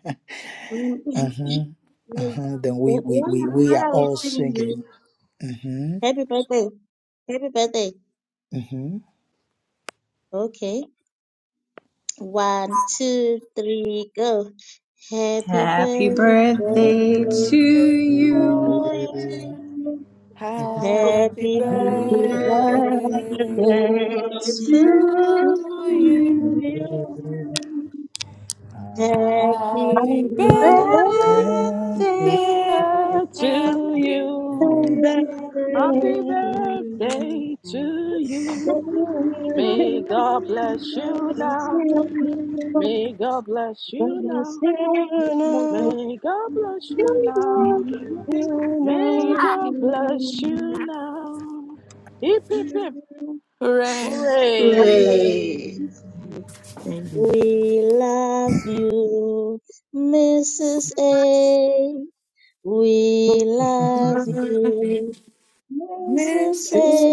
I: Mm, mm.
B: Uh-huh.
I: Wh-
B: Uh-huh. Then we we
I: What
B: we
I: are,
B: we
I: what
B: are
I: are we
B: all
I: singing? Ruth?
B: singing. Mm-hmm.
I: Happy birthday. Happy birthday.
B: Mm-hmm.
I: Okay. One, two, three, go. Happy
F: Happy
I: birthday
G: To
B: Happy
F: birthday
I: to
F: to
G: you.
F: you.
B: birthday.
I: you.
K: Oh.
G: Happy
I: Happy
B: Happy
F: Happy
H: birthday to
I: birthday
B: birthday.
G: birthday
I: to
F: birthday
I: you.
G: to
F: to you.
G: you.
I: Happy birthday.
G: Happy
H: happy
F: Happy
H: birthday.
F: birthday.
G: birthday.
D: Birthday To
G: Happy
C: Happy
F: Happy
D: you,
C: birthday.
I: Happy
D: happy
F: birthday.
I: birthday.
D: birthday to
I: We love you, Mrs. A.
D: you.
C: Happy
D: May God bless you
C: birthday
H: Thank
C: to
D: now.
H: you.
D: May
C: you.
D: God bless you now. May God bless you
I: We
D: now.
I: love you, Mrs. A.
D: May God bless you now. Hip, hip, hip,
G: Hooray.
D: hooray.
F: Praise
G: And
I: We
G: We
I: love
G: love you,
I: you,
G: Mrs.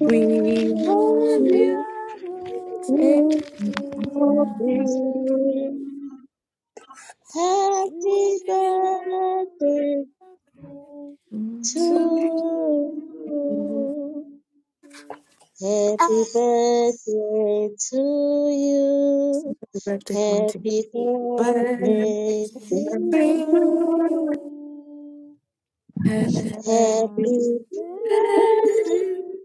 G: We love
C: We
G: you,
C: love you.
G: Missus
C: We
G: A.
C: love
I: Mrs.
C: you.
I: A.
C: We
I: Happy birthday
C: love you
G: to
C: too.
I: to you.
G: the
I: Happy birthday to you.
G: birthday party.
I: Happy
G: Birthday
I: birthday to
G: to
I: you.
G: you. Happy birthday.
I: Happy
C: Happy
I: birthday.
C: birthday.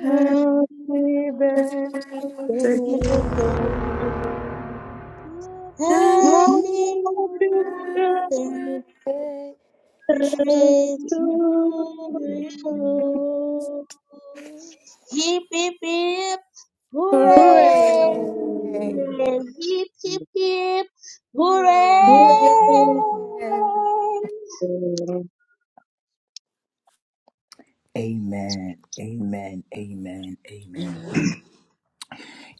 G: Happy
C: Happy birthday.
I: birthday.
C: Happy
G: birthday.
I: Happy
C: birthday
I: birthday. Hip hip
C: to you.
I: hip, hooray!
C: Hooray.
G: Hooray!
I: Hip hip hip, hooray!
C: Hooray. Thank
G: Amen.
B: Amen. Amen. Amen. Amen.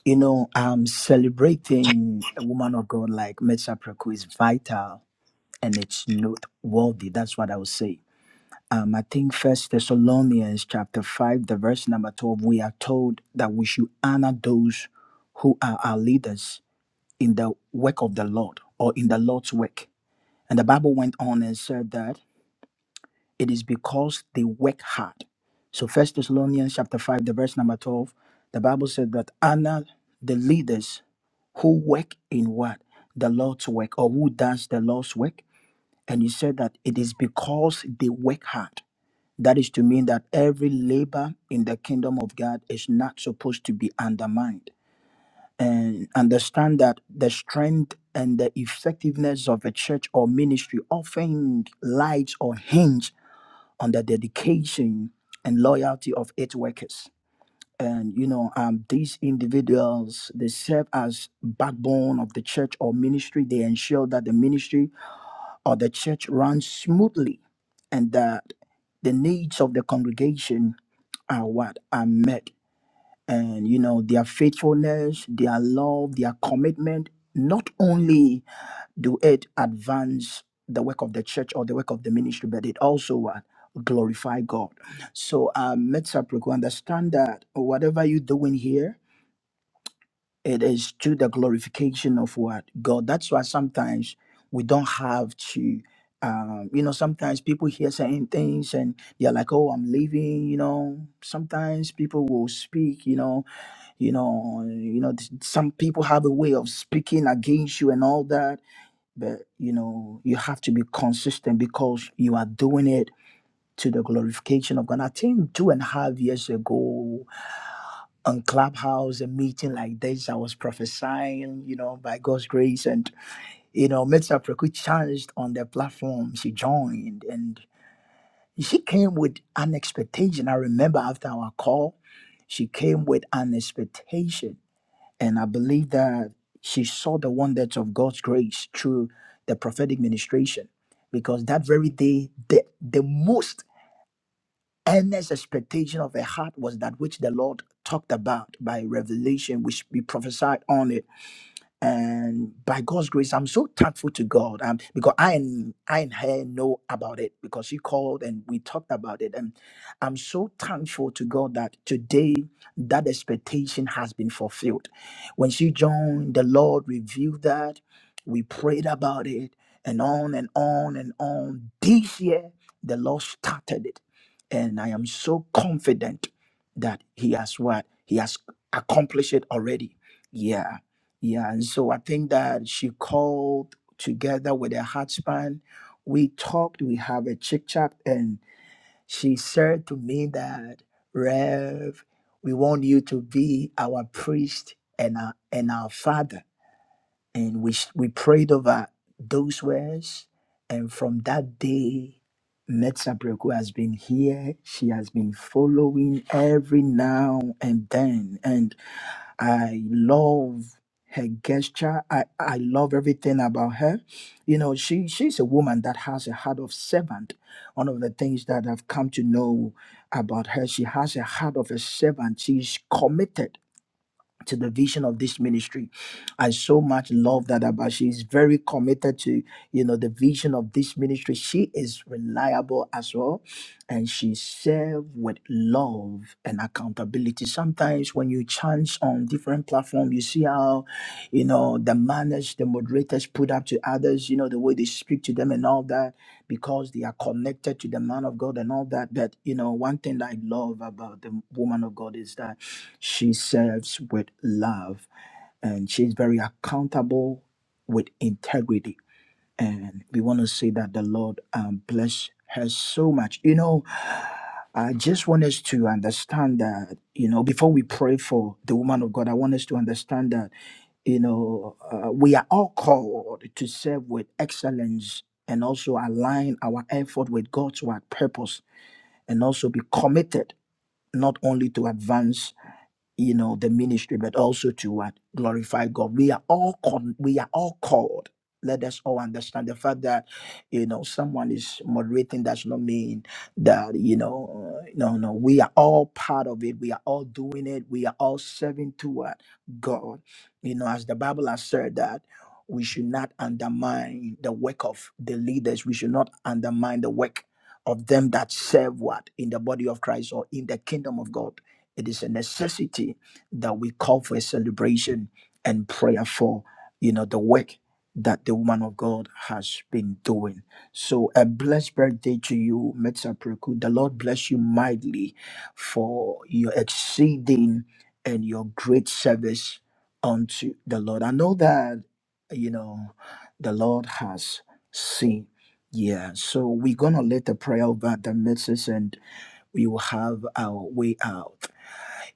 B: You know, um, celebrating a woman of God like Metsha is vital and it's noteworthy. That's what I would say Um, I think First Thessalonians chapter five, the verse number twelve, we are told that we should honor those who are our leaders in the work of the Lord or in the Lord's work. And the Bible went on and said that it is because they work hard. So First Thessalonians chapter five, the verse number twelve, the Bible said that honor the leaders who work in what the Lord's work or who does the Lord's work. And he said that it is because they work hard. That is to mean that every labor in the kingdom of God is not supposed to be undermined. And understand that the strength and the effectiveness of a church or ministry often lies or hinge on the dedication and loyalty of its workers. And you know, um, these individuals they serve as backbone of the church or ministry. They ensure that the ministry or the church runs smoothly, and that the needs of the congregation are what are met and you know their faithfulness their love their commitment not only do it advance the work of the church or the work of the ministry but it also what glorify god so um let's understand that whatever you're doing here it is to the glorification of what God. That's why sometimes we don't have to. Um, you know, sometimes people hear certain things and they're like, "Oh, I'm leaving." You know, sometimes people will speak. You know, you know, you know. th- Some people have a way of speaking against you and all that, but you know, you have to be consistent because you are doing it to the glorification of God. I think two and a half years ago on Clubhouse, a meeting like this. I was prophesying, you know, by God's grace. And, you know, Mr. Preku challenged on the platform. She joined and she came with an expectation. I remember after our call, she came with an expectation. And I believe that she saw the wonders of God's grace through the prophetic ministration. Because that very day, the, the most earnest expectation of her heart was that which the Lord talked about by revelation, which we prophesied on it and by God's grace, I'm so thankful to God um, because I and I and her know about it because she called and we talked about it, and I'm so thankful to God that today that expectation has been fulfilled. When she joined, the Lord revealed that we prayed about it, and on and on and on. This year, the Lord started it, and I am so confident that He has what He has accomplished it already. Yeah. Yeah, and so I think that she called together with her husband. We talked, we have a chit chat, and she said to me that, Rev, we want you to be our priest and our, and our father. And we, s- we prayed over those words. And from that day, Metsabreko has been here. She has been following every now and then. I love her gesture. I, I love everything about her. You know, she she's a woman that has a heart of servant. One of the things that I've come to know about her, she has a heart of a servant. She's committed to the vision of this ministry. I so much love that about she is very committed to you know the vision of this ministry. She is reliable as well, and she serves with love and accountability. Sometimes when you chance on different platforms, you see how you know the manners the moderators put up to others, you know the way they speak to them and all that because they are connected to the man of God and all that. But you know, one thing that I love about the woman of God is that she serves with love and she's very accountable with integrity and we want to say that the Lord um, bless her so much. You know, I just want us to understand that, you know, before we pray for the woman of God, I want us to understand that, you know, uh, we are all called to serve with excellence and also align our effort with God's word purpose and also be committed not only to advance you know the ministry but also to what glorify god we are all called we are all called let us all understand the fact that you know someone is moderating does not mean that you know uh, no no we are all part of it we are all doing it we are all serving toward god you know as the bible has said that we should not undermine the work of the leaders we should not undermine the work of them that serve what in the body of christ or in the kingdom of god it is a necessity that we call for a celebration and prayer for, you know, the work that the woman of God has been doing. So a blessed birthday to you, Metsapreku. The Lord bless you mightily for your exceeding and your great service unto the Lord. I know that, you know, the Lord has seen. Yeah, so we're gonna let the prayer over the message and we will have our way out.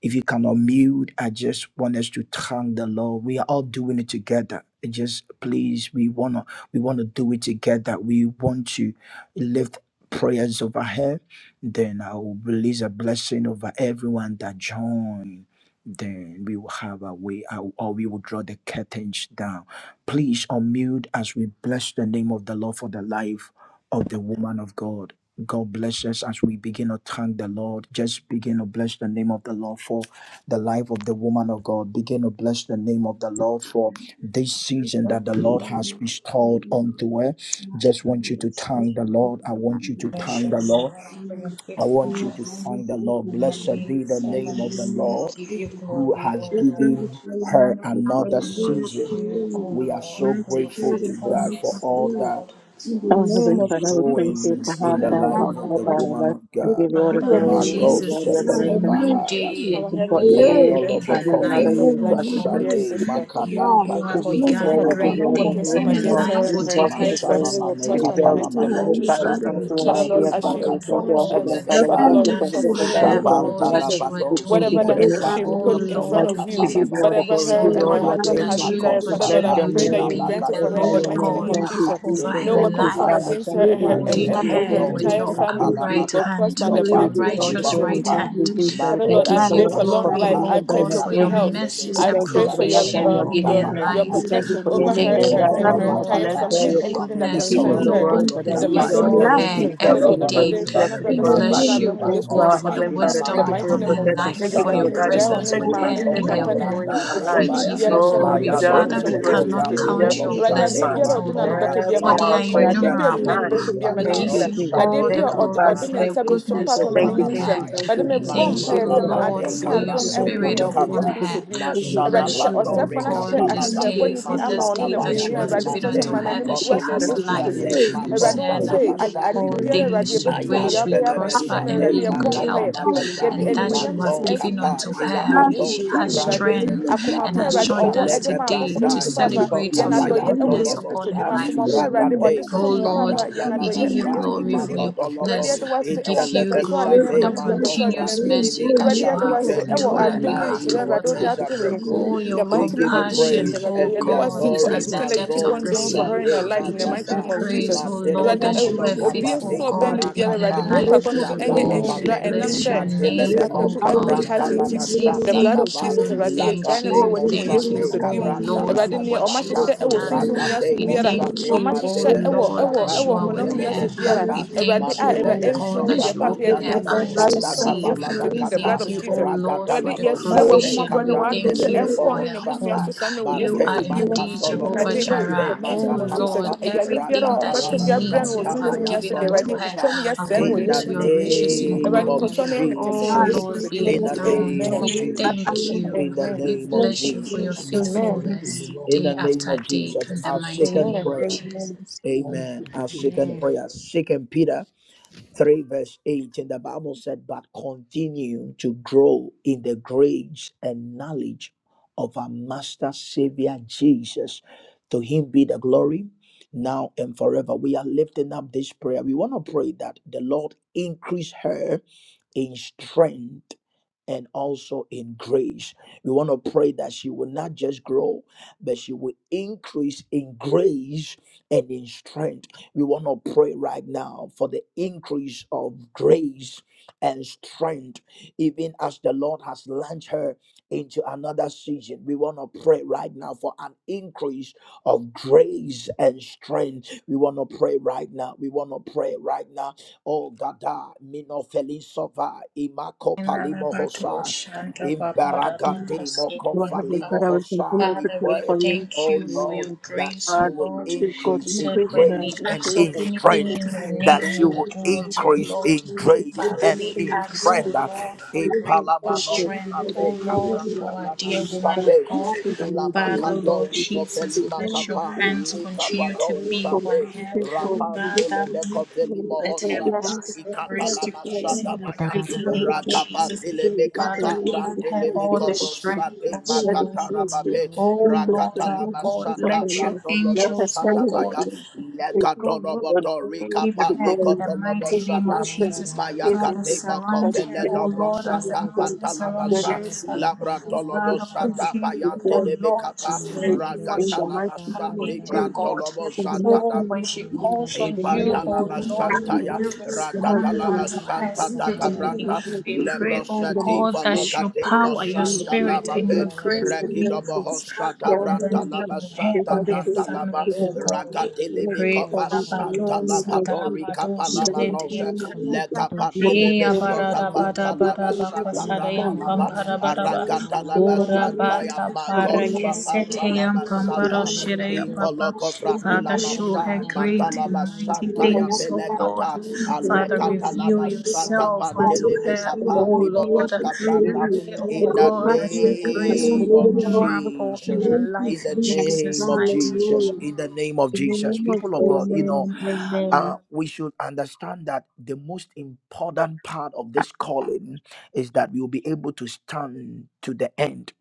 B: If you cannot mute, I just want us to thank the Lord. We are all doing it together. It Just please, we wanna we wanna do it together. We want to lift prayers over her. Then I will release a blessing over everyone that join. Then we will have a way out, or we will draw the curtains down. Please unmute as we bless the name of the Lord for the life of the woman of God. God bless us as we begin to thank the Lord. Just begin to bless the name of the Lord for the life of the woman of God. Begin to bless the name of the Lord for this season that the Lord has bestowed onto her. Just want you to thank the Lord. I want you to
F: Bless
B: thank
F: you,
B: the Lord.
F: Lord, for your
B: I want you to
F: faithfulness
B: thank the Lord.
F: and your
B: Blessed
F: maid
B: be the name of the
F: servants. We
B: Lord
F: give you
B: who
F: glory, O
B: has
I: We come
F: Lord.
B: given
I: before your
B: her
I: mighty
B: another
I: Father.
F: We
I: We are
F: bless
B: season.
F: you, O
I: praying,
B: We are
F: Lord,
B: so
F: for
I: mighty
F: your
B: grateful
I: Father,
B: to
I: for
B: God for
I: Mrs.
F: faithfulness, O
B: all
I: Lee.
B: that
F: God,
I: In
F: unto
I: the
F: us
H: Heavenly
I: name of
B: is
H: Father, we thank
I: Jesus,
H: you
F: and
I: we
B: doing
H: for
F: to
H: how
B: in the
I: pray,
F: her,
H: far you
F: O
B: life
H: have
I: mighty
B: of
H: brought
B: the
F: Lord.
H: all of
I: God.
B: woman
H: us.
B: of
H: We
I: We
B: God.
H: give you all the
F: Father,
I: prepare
H: glory,
F: Lord
I: the
H: we
B: Mago
H: give you
I: mighty
F: Jesus,
H: all the
F: this is a
I: Father,
H: adoration.
I: may
F: new
B: Sepelevahayas.
I: she
F: day, a
H: Most
G: Our
F: new
G: Heavenly Father, we
H: importantly,
I: live
F: year in
G: thank you
I: to see
F: her
G: for
H: adding
G: the
H: another
C: you,
G: gift
B: Mindolobokove,
G: of
I: more
F: life,
H: year to
I: and
F: O
C: Father.
G: life
H: our
G: for
I: more
G: my
F: God.
C: Thank
G: dear
H: sisters.
I: years,
B: Mashade,
C: you.
G: sister.
I: mighty
F: You
B: Makada,
G: In
I: God.
G: the
F: who
H: Give
G: name
F: have
C: Thank
G: of
H: you
I: May
H: the
C: you
G: Jesus,
B: Bakasoda
C: for
F: begun
G: Father,
H: glory,
G: that
C: your
I: Jacob
H: give
G: no
H: you
F: great
I: and her
H: everything
B: Bahandili
C: life,
G: weapon
H: for
F: things
C: my
H: which
G: from
F: in
C: Lord.
H: you
F: her
I: family,
G: against
H: know
G: her
F: life
H: you
I: mighty
F: will
G: and her
F: take
H: deserve to
F: her
G: entire
H: be
I: Jesus,
F: to a
H: praised.
G: family will
B: Mashalamane
H: You
I: may
F: expected
G: prosper in the
H: deserve
F: end.
H: to
G: mighty
I: cover
H: be
G: name
I: her
G: of
I: in
B: Kapalamano,
I: the
H: glorified. We
G: Jesus.
I: blood
F: Father,
I: of
H: thank
F: we
B: Sabe,
H: you,
C: Mano
G: Father
I: Jesus
F: give
H: our
G: Lord,
F: you
H: dear
I: and
B: Kadri,
C: shanda
G: as
C: la
H: Father.
G: you
I: cover
H: We
F: glory
C: da
B: Makato,
H: thank
F: for
H: you, our
G: promised
F: all
H: Heavenly
G: us,
C: Thank
F: that
H: Father.
I: her
C: you,
H: We
F: you
G: Father
F: have
H: thank
B: Zilemeva,
H: you
G: Lord,
I: family
C: Jesus.
H: for
F: done
I: too
F: for
I: in
H: everything
I: the
G: fulfill
H: that
G: in the
F: her,
C: Thank
H: you're
I: blood of
G: name
C: you,
H: doing
G: of
F: all
H: to
B: Shabanda
C: Lord.
H: us.
I: Jesus.
G: Jesus.
F: that you are
H: We
C: Halimano
H: thank
B: labadoski
H: you
G: Whatever
F: doing.
H: for
C: shaya
G: that
H: any
C: da
I: Mavita
C: la
G: she
H: aspect
B: lemevaya,
F: Oh
I: Bayan
H: of
G: put in
H: our
G: front
B: shoma
F: Lord,
I: City
H: life.
G: of
F: we
H: We
G: you,
F: give you
H: give
I: Community,
H: you all the
B: kapalamaya,
G: whatever
C: Last
H: glory.
F: praise,
H: We
G: her
H: give
F: oh
C: time
H: you
G: and
I: Vita
H: all
G: her
C: we
H: the
F: Lord,
G: husband
C: bless
I: Bayan
B: revade
G: had
F: that
C: you,
H: adoration.
F: you
G: desired,
H: We
C: Lord.
G: Father
I: City
G: Lord,
H: bless
G: I
B: makosaba
H: your
F: continue
G: pray
F: to
G: that
I: Community,
G: you
H: name. We
F: be
G: grant it
F: the
G: for
C: Rest
G: her
B: imalagade
I: in
H: glorify
G: in the
F: Lord
H: your
C: upon
I: love
G: mighty
H: name.
G: name
B: shobe
F: God
G: of
I: and
H: Thank
I: purity,
H: you,
G: Jesus.
I: in
B: makade
F: over
I: the
H: Jesus.
G: No
F: her
H: Thank you,
G: weapon
I: name
G: from
B: limokovaya,
F: life
H: Father.
G: against her
H: Thank
G: and her
H: you,
G: and,
F: holding
H: thank
G: and,
B: manso
I: of
H: you,
G: and
F: her
G: her
H: thank
B: dogo
I: Jesus,
F: with
H: you,
G: entire
F: your
H: thank
I: we
G: family
H: you,
B: rikapala
I: pray
F: upright
H: Jesus.
G: will
B: makati
I: the
F: hand,
G: prosper in the
H: Thank
F: with your
H: you. We
I: name of
G: mighty
H: give
B: shovante
H: you
G: name
H: all
G: of
I: Jesus.
H: the
F: righteous
G: Jesus.
H: glory.
F: right
B: limakova,
H: Thank
F: hand.
H: you, Jesus. We
G: Father
F: We
H: thank
G: Lord, I
H: you
F: give
H: for
F: you
G: pray
H: your
G: for
B: Mantelemenos
G: long
H: for, for
F: glory,
G: life.
H: the
B: kapa,
G: I
F: O
H: love that
G: pray
F: God,
H: you
I: We
G: for
F: for
G: good
F: your
H: have given
I: pray
G: health.
H: us.
B: lipakatele
H: We
F: mercies
G: I
F: and
B: neboho
I: in
H: thank
I: the
H: you
G: pray
H: for
G: for
H: the
B: shate,
G: your
H: love that you
F: provision
H: are
G: um,
F: in
I: name
B: magoda
G: your
H: giving
F: her
H: her.
G: your
B: bakapa Mantelemenoskapa, lipakatelemebohoshate, magodabakapa,
H: We
F: life.
H: thank you
G: protection
H: for
F: We
G: over her and
F: thank
H: anything
G: her
I: of
F: you,
H: that
F: O
G: and
H: God
G: her
H: has
G: entire
F: Lord,
H: blessed
G: family
B: malokopelemakataya,
H: her
F: that
G: and
F: your
H: with.
G: anything that
H: We
F: goodness,
H: give
F: O
H: you all
G: concerns
H: the
G: her.
H: glory
F: Lord,
H: for
B: samilekopenimaloka
H: that.
G: In
F: is
G: the
H: We give you
G: mighty
B: paya,
H: all the
G: name
F: before
G: of
H: adoration.
F: her
G: Jesus,
H: It's
G: Father
H: up to
F: every
G: Lord,
H: the praise.
F: day.
G: everybody,
H: It's
G: brother,
H: to
B: ikolobonoskape,
H: the
F: We
G: brother, son, and
H: glorified.
F: bless
G: son,
B: magate,
G: brother,
F: you,
G: we
F: O
H: Thank
G: used
H: you,
F: God,
H: our
G: to
F: for the
H: Heavenly
G: dream.
B: bakopalatina
H: Father.
G: In the
F: wisdom
H: Thank you
B: mahaya.
H: for
G: mighty
H: your
F: upon
G: name
F: her
G: of
H: protection.
G: Jesus,
F: life,
H: Thank you
F: for
H: for
B: Mashala
G: everybody,
F: your
H: your
G: me
H: guidance.
G: jail,
B: meleko
G: on
F: presence
H: Thank
G: any
H: you
F: with
H: for
B: velima
G: man,
F: her
G: any
H: everything
F: in
H: that
F: her
B: toska
H: you
G: papa, ne.
H: are
F: home.
H: doing in
B: brandara
H: our
I: Almighty Jesus.
F: We
H: lives.
I: you
G: Obi
I: are
B: bazaya.
F: give
G: biara
F: you
I: worthy
G: hyɛ
H: Oh, you
G: no
F: glory.
I: with
B: Maya
G: ɛhyɛ
I: all
H: deserve
G: wɔn
I: the
F: Father,
H: to
B: dele
G: nhyɛ
H: be
F: we
G: wɔ
I: things
B: meko
G: Yesu
I: that
H: praised.
I: we
F: cannot
H: You
G: Kristo
I: are
G: din mu.
B: valimo
F: count
H: deserve to
F: your
I: wanting
H: be
I: to
G: Awurade
B: hosa
G: adeɛ
B: de
H: glorified.
G: biara
F: blessings,
I: become.
G: a
F: O
G: ɔde
H: You
B: mako
G: n'ano
F: Lord,
G: bɛka
H: deserve
G: biara ma
F: for
B: vadeli
H: all
F: they
I: It's
H: our
F: are
I: the
G: n'enhyira. Adeɛ
H: praises
B: makosa.
I: only
G: biara a ɔde
I: thing that
F: innumerable.
G: n'ani
H: tonight.
G: bɛhwɛ
I: we are
G: biara
B: Lipa
G: ma
F: We
I: doing.
H: Thank
I: It's
F: give
H: you,
G: n'enhyira.
I: just
F: you
I: what
B: karosa
H: Jesus.
G: Adeɛ
F: all
I: we
F: the
B: de
H: Thank
I: are
G: biara a
H: you,
I: doing.
G: ɔde
F: glory
I: It's
H: Father.
G: ɔde
F: for
G: ne
B: kaparaga
F: your
H: Thank
G: nsa
B: de
H: you,
G: bɛsum
H: Jesus.
F: goodness
B: mako
G: paapa
I: the
G: ma
H: Thank
I: only
H: you,
F: upon
I: way
H: thank
I: to
G: n'enhyira.
H: you,
F: her.
B: valabahaya.
H: thank
G: Awurade
H: you,
F: We
H: Jesus.
G: mebɔ
I: do
H: We
F: thank you,
G: mpaeɛ
H: give all
G: sɛ
B: Mashala
I: it.
H: the
G: ma
H: glory.
F: Lord,
B: bade
H: Thank
G: adom ne
F: for
H: you,
I: It's
H: thank
F: your
I: the
G: adom
H: you,
I: only
B: kabrante
H: thank you,
G: nkɔ ne
F: spirit
I: way to
H: thank
G: so
H: you,
G: wɔ
I: do
F: upon
G: Yesu
B: limikava.
H: Jesus.
I: it. It's the only
G: Kristo
I: way to do it.
F: her.
I: It's
G: din mu.
H: Thank
I: the
F: We
H: you,
G: Awurade
B: Mashala
H: Jesus.
I: only
F: bless
G: sɛ
F: you,
H: Thank
F: O
G: ɔsɛefo
B: badore
I: way.
G: no
I: It's
F: God,
G: ahyehyɛ
H: you,
I: the only
F: this
H: thank
I: way
B: kapalaga
I: to
H: you,
F: day
B: de
G: akyekyɛbɔne bi
H: thank
F: for
I: do it.
G: ama
H: you,
I: It's
F: this
I: the
G: ɔne
B: masada
F: day
H: Jesus.
I: only
F: that
B: baya.
F: you
G: n'abusua a,
F: have
H: Thank
I: way.
G: Awurade
I: It's
H: you,
F: given
I: the
G: mesrɛ
I: only way
G: sɛ
H: thank
F: unto
I: to
B: Made
G: ma
H: you.
F: her
I: do
G: n'anim
F: that
I: it.
G: gu
F: she
H: Because
G: ase so
F: has
I: It's the only
G: Yesu
H: everything that
B: magodolobosa
G: Kristo
F: life.
G: din
H: we
G: mu.
B: de
H: speak
I: way.
H: in
F: You
H: here,
G: Awurade
I: It's the only way.
G: wo
F: said that
G: sɛ
H: everything
G: ad-
H: that
B: magodalabasa.
G: ade
F: all
H: we speak
G: biara
H: in
G: Awurade
H: here,
F: things you
G: yɛbɛbu sɛ
I: Jesus,
H: please,
F: wish
G: dua
F: we
G: bɛyɛ
B: Ayantele
H: Lord,
G: ama
I: I'm
F: prosper
G: yɛsesa ma
F: and be
B: mesate
G: Awurade
H: please,
F: in
I: praising
F: good
I: you
G: yɛbɔ
H: Lord,
I: and
B: makata
G: mpaeɛ.
F: health,
H: please,
I: glorifying
H: Lord, we
B: lavasa
G: Yɛde
F: and
H: thank you,
F: that
I: you.
G: animonyam
F: you
G: hyɛ
F: have
B: mando
I: Lord.
H: please, please, please,
F: given
G: ɛma
B: kapa
G: ne
F: unto
H: please,
B: kila
F: her,
G: satrapɔ
H: please,
G: wɔ
H: we
G: Yesu
I: Mercy,
F: which
B: ados
H: thank
G: Kristo
H: you,
G: din
F: has
G: mu
I: Jesus,
H: Lord,
G: Awurade.
B: kabrante
H: and
I: may
B: le
I: you
F: strength
I: use
G: Akoma
B: mesa
F: and
H: we
G: pa
H: are
I: your
F: has
G: Awurade
H: grateful
I: mighty
F: joined
H: for
F: us
G: ɔwɔ de
I: God.
B: salege
G: maa
F: today
G: afoforɔ
I: May
F: to
B: brandai
G: nti
I: you
H: the good
G: papa
H: work
F: celebrate
B: masota
G: yɛn
H: that you
F: of
H: have
I: continue
F: your
H: done.
G: adɔeɛ
I: doing
B: bayanto
G: wɔ
I: this
F: goodness
G: Yesu
F: upon
G: Kristo din
F: her
B: lobosa
G: mu.
F: life.
G: Akoma
I: number
G: pa Awurade
I: one this
G: ɔde
B: ragade
F: Oh
G: som wo
I: is
B: moska
I: May you
F: Lord,
G: papa
B: branda
G: yɛn
F: we give
G: adɔeɛ
I: continue,
F: you
G: wɔ
B: lavasa
G: Yesu
I: mighty
F: glory
G: Kristo
I: God,
F: for
G: din mu.
F: your
G: Awurade
B: imagodolobo
F: goodness.
G: yɛde
F: We
G: wase ɛwɔ
F: give you
H: Please,
G: mpɛmpɛnsoɔ ade
F: glory
G: ne
I: with
F: for
G: nkwa
F: the
I: our
B: intelevesate
G: ne
I: voice
B: mago
G: mpɛmpɛsoɔ
I: to
G: ade
H: please,
G: no
F: continuous
I: grow
G: aduru.
I: and
B: brandini
F: mercy
I: all
G: Awurade
F: that
I: more
F: you
B: mikata
G: yɛde
B: we
F: have
I: people
G: wase
I: to
B: thank you
F: unto
G: ɛwɔ
B: for the
F: her,
G: adom
I: you,
F: you
G: ne
I: mighty
F: have
G: nhyira
H: please,
G: a
B: life of
H: please,
G: Awurade
F: towards
I: God.
G: wode
H: please, please,
F: her.
B: Major
H: please, please, please,
G: adom no.
I: Thank
B: Breku
F: Oh,
H: please,
G: In
H: please, please, please, please, please, please,
F: your
G: The
B: We we
G: mighty name
B: give
G: of
B: you
G: Jesus,
F: compassion,
B: praise
G: Awurade,
F: oh
B: and the
G: yɛde
F: God,
G: wase
F: is
B: adore.
G: for
F: as the
G: everything
B: mago
G: that you
H: please, please, please,
F: depth
G: keep
F: of
G: on
F: the
H: please, please,
G: doing for
F: sea.
G: her in her
B: shade,
F: We
G: life. In the
F: give
G: mighty
F: you
G: name
B: magada
G: of
B: madeleme
F: praise, oh
B: my
G: Jesus,
C: do
F: Lord,
G: Awurade,
B: deleme
F: that
C: shaya
G: ɛ-
F: you
C: da
F: are
G: obi
F: faithful
G: nso a
B: sokabade,
G: ɔbɛn no
F: God in
G: biara,
F: her
G: Awurade, ma
B: marakata,
G: wo
B: my
F: life.
G: papa no so
C: Mandele de
B: sanda
G: ɛnyɛ
F: Oh, we
G: nhyira
B: lababe.
C: shaya
G: ɛnam
C: da
F: bless your
G: sɛ
B: Matele
G: this
F: name, oh
B: menos
G: apɛku a good
F: God.
G: heart
C: Thank
B: cabranta la
C: you,
F: We
G: nti.
C: Lord,
F: say
C: for
G: The
C: her
B: basanda
G: blood of
C: life.
F: thank
B: cava
G: Jesus,
C: Thank
F: you,
C: you
G: Awurade,
C: for
G: yɛgyae
F: thank
G: ne bɛ
B: lagade
F: you,
C: blessing
G: wɔ ne
C: her,
G: mu wɔ
C: O
G: Yesu
F: thank you,
C: Lord.
B: mosade
G: Kristo
F: oh
G: din mu.
B: cabranta
F: Lord,
B: la
G: Awurade,
F: for
G: nea
C: Alima
G: ɔma
F: what you
C: kosh
B: basanda
G: hyehyɛ
F: have
G: ɛwɔ
C: kavanda
F: done.
G: sunsum
C: la
G: wiase
B: ragade
F: We
G: biara,
F: thank
G: na
B: mosande
G: ɔma
F: you, O
G: hyehyɛ
B: madele
G: ɛwɔ
F: Lord,
G: ɛwɔ
B: besada
F: that
G: ɛwɔ
C: Imandele
F: you are
C: de
G: honam
F: with
C: be
B: vandele
G: wiase
F: her.
G: biara
H: Lord,
L: Thank you.
F: We
B: besada
C: Shayanda la la
G: awurade
C: la
F: thank
G: a
F: you,
C: la ba.
F: O
G: awurade mfi
F: God,
G: wo
F: that
B: Lebesota
G: deɛ
F: you
G: papa
F: open
B: banda
G: yɛde no
F: her
C: Thank you,
G: ase
B: laba
C: O
F: eyes to
B: sanda
C: Lord,
G: yɛsɛ mu
F: see.
G: yesu
B: kabala
G: kristo
C: Alimano
F: We
G: dim the blood
B: bakata
F: thank
G: of
C: Shayanda
F: you, O
C: la
G: jesus
C: la la ba,
F: Lord,
B: ragata
F: for
G: awurade
F: the
B: labo
G: yɛsrɛ
C: for
B: zate
C: adding
F: provision.
G: w'ahomaborɔ ne
F: We
C: another
B: kabrante
G: w'adom
F: thank
G: sɛ
F: you
B: lebe
C: age to
F: for
G: ɛnkɔ
B: boho
G: no
C: her
G: ne
F: her
I: you.
G: busua
C: age,
B: sata
G: so
F: home.
C: O
G: saa no wɔ
C: Lord.
G: yesu
F: You are
B: bate
I: Thank
G: kristo dim
F: indeed
B: makato
C: Imandele
B: lobo
F: Jehovah
G: awurade
C: de be
G: ɛwɔ in the
B: sate
F: Jireh. O
G: mighty name of
C: Shayanda
B: magata
C: la la
G: jesus
B: laba
C: la
F: Lord,
C: la ba,
G: ayareɛ biara
F: everything
G: a
B: ragata
F: that she
G: ɔmbɛka bi
B: laba
G: abrɛ
F: needs,
G: no wɔ
F: you
B: santa
G: sunsun
F: have
G: nia so
F: given
B: bayanto
G: deɛ
C: Alimano
F: unto
B: lobo
G: awurade
F: her
G: fitwam
B: sa
C: sheketele de
G: yɛsrɛ
C: de
G: no
C: de
B: in
G: wɔ
F: according
G: yesu
B: the
F: to
C: be
F: your
G: kristo dim
F: riches in
B: name
G: awurade kɔ
B: of
C: Limanda
F: glory.
G: so
C: la
G: na yɛ
C: la
G: ne
C: la la
G: kɛse
F: O
C: la
G: wɔ
C: ba,
B: Jesus
G: yesu
F: Lord,
G: kristo dim
F: be
B: in
C: Shanda
B: the
G: nti
C: la la la
F: enthroned.
B: name of
C: la
G: amen
F: We
C: ba,
B: Jesus
F: thank you.
B: in the
C: Bako
G: amen
F: We
B: name of
F: bless
C: Shayanda
F: you
C: la
F: for
C: la
F: your
B: Jesus
C: la la ba, in
G: amen
C: the
F: faithfulness
C: name of
B: in
F: day
B: the name
F: after
C: Jesus.
B: of
F: day
B: Jesus
F: in the
B: our
F: mighty
B: second
F: name
G: amen
F: of
B: prayer
F: Jesus. Amen.
B: amen our second
C: Amen.
B: prayer second Peter 3 verse 8 and the bible said but continue to grow in the grace and knowledge of our master savior jesus to him be the glory now and forever we are lifting up this prayer we want to pray that the lord increase her in strength and also in grace. We want to pray that she will not just grow, but she will increase in grace and in strength. We want to pray right now for the increase of grace and strength, even as the Lord has launched her into another season. We want to pray right now for an increase of grace and strength. We want to pray right now. We want to pray right now. Oh, Gada, Mino Felisova, Imako Palimo hosa.
H: I
B: Imbaragate
H: will
B: mokovalimo hosa.
H: continue
B: We
H: to
F: Father,
H: pray
F: we
B: pray,
H: for you.
F: thank
B: oh
F: you
H: Lord,
F: for
B: Lord,
F: your
B: that
F: grace,
B: she
F: O
H: uh,
B: will
F: Lord.
H: please God,
F: You
B: increase in
F: said
H: increase
F: when
H: the
F: we
B: grace and
F: ask
H: increase
F: of
B: in
H: the
I: you.
F: anything in
H: increase
B: strength,
F: your
H: the
F: name,
B: that she
F: you will
B: will
I: Thank
F: do it, O
B: increase
F: Lord.
B: in grace
F: Father,
B: and
F: we
B: in
F: ask, O
B: strength.
F: Lord, for
H: the righteousness
F: grace,
H: of
F: for
H: things that you. Mm, it's the highest praise
B: Ipalamano
H: that you
F: strength,
H: have the Holy
F: O
B: save,
H: spirit
F: Lord,
H: of you
F: for
B: kabranta
F: our dear
H: and the
F: woman of God.
H: mighty
F: Father,
H: and the
F: Lord
B: Ilamakato
H: Holy spirit.
F: Jesus,
H: The
F: let
H: wonderful
F: your
B: Zopelimakapa
H: things,
F: hands continue to
B: Likabato
H: please
F: be
H: God,
F: on
B: Zabe
F: her.
H: please God, please
B: Rapante
F: Father,
H: God,
B: Lemeko
H: you have
B: Velimo
F: Let
H: spirit,
F: her
H: you
F: grow
H: have
B: Hosada
H: spirit, you
F: from grace
H: have
F: to
B: Ikatalama
H: spirit, you
F: grace
H: have
F: in the
C: Da da
B: Sadabaya
H: spirit,
C: da
H: you
C: da
F: mighty
H: have
C: ba.
F: name of
H: spirit.
F: Jesus.
B: Ragabati
H: You are the
C: Haribabo
F: Father,
H: strength,
B: Lemekata
H: you are
F: give
H: the
B: Brante
C: shakata
F: her
C: la
H: strength,
C: la
F: all
H: you
F: the
C: la
H: are the
C: la
B: Lemikovo
C: la
H: strength,
C: ba.
F: strength
B: Sade
F: that
H: you
F: she
H: are the
I: you.
H: strength,
F: needs.
H: you
B: Magatarababe
C: Harimono
F: Oh
H: are the
C: shayanda
F: Lord
H: strength,
C: la
I: Thank
F: our
H: you
I: you.
C: la
H: are
C: la
H: the
C: la
F: God,
H: strength
C: la
H: of
B: Ragatalama
F: let
C: la.
H: our
F: your
H: life. Let
B: Brandolobo
H: her
F: angels, oh
H: family
B: Shadabaya,
F: God,
H: declare. His good Lord,
B: Legatolobo
H: give him
B: Dorica
F: give
H: the
F: her in
H: glory,
F: the
B: Palicotolobo
C: Harimono
F: mighty
H: give him
F: name
H: the
F: of
B: sada
C: shayanda
H: strength,
F: Jesus.
C: la la la
B: Maya
H: give
C: la
H: him
F: Father,
C: ba.
H: the
B: Gadema
F: surround her,
H: satisfaction,
F: oh
B: Coveleno
H: give
F: Lord,
H: him
F: as
H: the
C: Ivandele
F: the
B: Brosata
C: debe
H: strength,
F: mountains surround
H: that is
B: Batalabaza,
C: shalimano
H: the
F: Jerusalem.
C: kavanda la la
B: Labradolobo
C: la
F: Father,
C: la ba.
H: strength,
B: Shada
H: the
F: continue,
B: Bayan
H: joy,
F: oh
B: de
F: Lord, to
H: the
B: Becapa,
H: joy,
F: fight
C: Imandele
F: for
H: in the
C: debe
H: mighty
F: have
B: Ragatalabasa
C: shanda
H: name of
F: been
C: la
B: de
C: la la
F: her
H: Jesus,
C: la la
F: God.
C: la
B: Brandolobo
C: ba.
H: in the mighty
F: Oh,
B: Santada.
F: when
H: name of
F: she
H: Jesus,
F: calls
C: Alibado
F: on
H: in the
F: you,
H: mighty
F: O
C: shekete
B: Ibandalaba
C: le
H: name
C: de
F: Lord,
C: de
H: of
C: de
F: may
C: de
H: Jesus
B: Shantaya,
C: de.
F: you
H: the mighty
F: respond
H: name
B: Radadalaba
F: unto
H: of
F: her
H: Jesus,
B: Shanta
C: Ivanda la
H: the
C: la la
H: mighty
C: la
F: speedily.
B: Dakabranda,
H: name of
C: ba.
F: We
H: Jesus,
F: pray, O
B: Lebrosa
H: the mighty
F: God,
B: Diva
F: that your
B: Loga de
F: power, your
H: name of
B: Mosanda
C: Harimono
F: spirit,
H: Jesus,
F: and
H: the
B: Lababe,
F: your
H: mighty name
C: shayanda
H: of
C: la la
F: grace
H: Jesus,
C: la
F: will
C: la
H: the
C: la
H: mighty name of
C: ba.
B: Regidobo
H: Jesus,
F: increase
B: Hosa da
H: Yes,
B: branda
H: and
F: abundantly
H: help,
B: Laba
F: on her,
H: they
B: Santa
H: are
F: on
H: the
F: her
B: Branda
H: good,
B: Laba,
H: they
F: family, O
H: are the
F: God.
I: Thank you,
C: Imandele
F: We
B: Ragadili
C: debe
H: good,
F: pray, O
B: Mikova
H: in
C: shayanda la la la
F: Rabado,
C: la
H: the mighty name
C: ba.
H: of
F: Sada,
B: Tori
H: Jesus,
F: Bado,
H: in the
F: Shedente,
H: mighty
B: Kapalamanose,
H: name of
F: Yakata,
H: Jesus,
C: Alibado
H: in the mighty
C: shekete
B: Lekapantilebe
F: Iya
H: name of
C: de de
B: Sota
F: barada
C: de
H: Jesus,
C: de
F: bada
C: de.
H: they
B: Vandalaba
F: bada
H: say, they are
B: Santa
H: the
F: bakosada yam
H: son,
C: Limanda la
B: Brandalaba,
C: da da
F: pampara
C: da
F: bada
C: ba
F: ba
H: they
B: Aragadalaba
C: shayanda
H: are
C: la
H: the
F: kura
C: da da
H: good,
C: da
B: Santaya
F: bata
C: ba.
H: but the
B: Mago
F: para
H: name of
C: Rada
F: kesete
H: Jesus,
C: bako
F: yam
B: Sapantalaba
H: the
C: shekete
F: pamparo
B: Sata,
H: name
C: de
H: of
C: de
F: shire
C: de
F: ya
C: de.
F: papa.
B: Ivoloko
H: Thank you.
F: Father,
B: Frandila
C: Limanda
F: show
C: la da
F: her
B: Masai,
C: da da
F: great
C: ba
B: Mandalaba
F: and mighty
C: shayanda la
B: Santaya
C: da
F: things,
C: da
F: O
C: da da
F: Lord.
C: ba.
B: Belegata,
F: Father, reveal
B: Alegatalaba
C: Alimono
B: Santa
F: yourself
C: shayanda la
F: unto
C: la
B: Pantilebe
C: la
F: her,
C: la ba.
F: O
B: Kapa,
F: Lord.
B: Limonos
F: We
B: Cabranda,
C: Limanda
F: pray,
C: le de
F: O
B: in
C: be
B: the
F: God, that your
C: shayanda la da
F: grace will
C: da
B: name
F: be
C: da
B: of
C: ba.
F: memorable in
B: Jesus
F: her
C: Lika
B: in
F: life
B: the
F: in
C: brando
I: Jesus.
F: Jesus'
B: name of
C: shayanda
F: mighty
C: la da
I: Hallelujah.
B: Jesus.
C: da
F: name.
C: da
B: In
C: da.
B: the name of Jesus. People of God, you
I: Amen
B: know,
C: Mighty
I: and
C: name of
B: uh,
I: amen.
C: Jesus.
B: we should understand that the most important part of this calling is that we will be able to stand to the end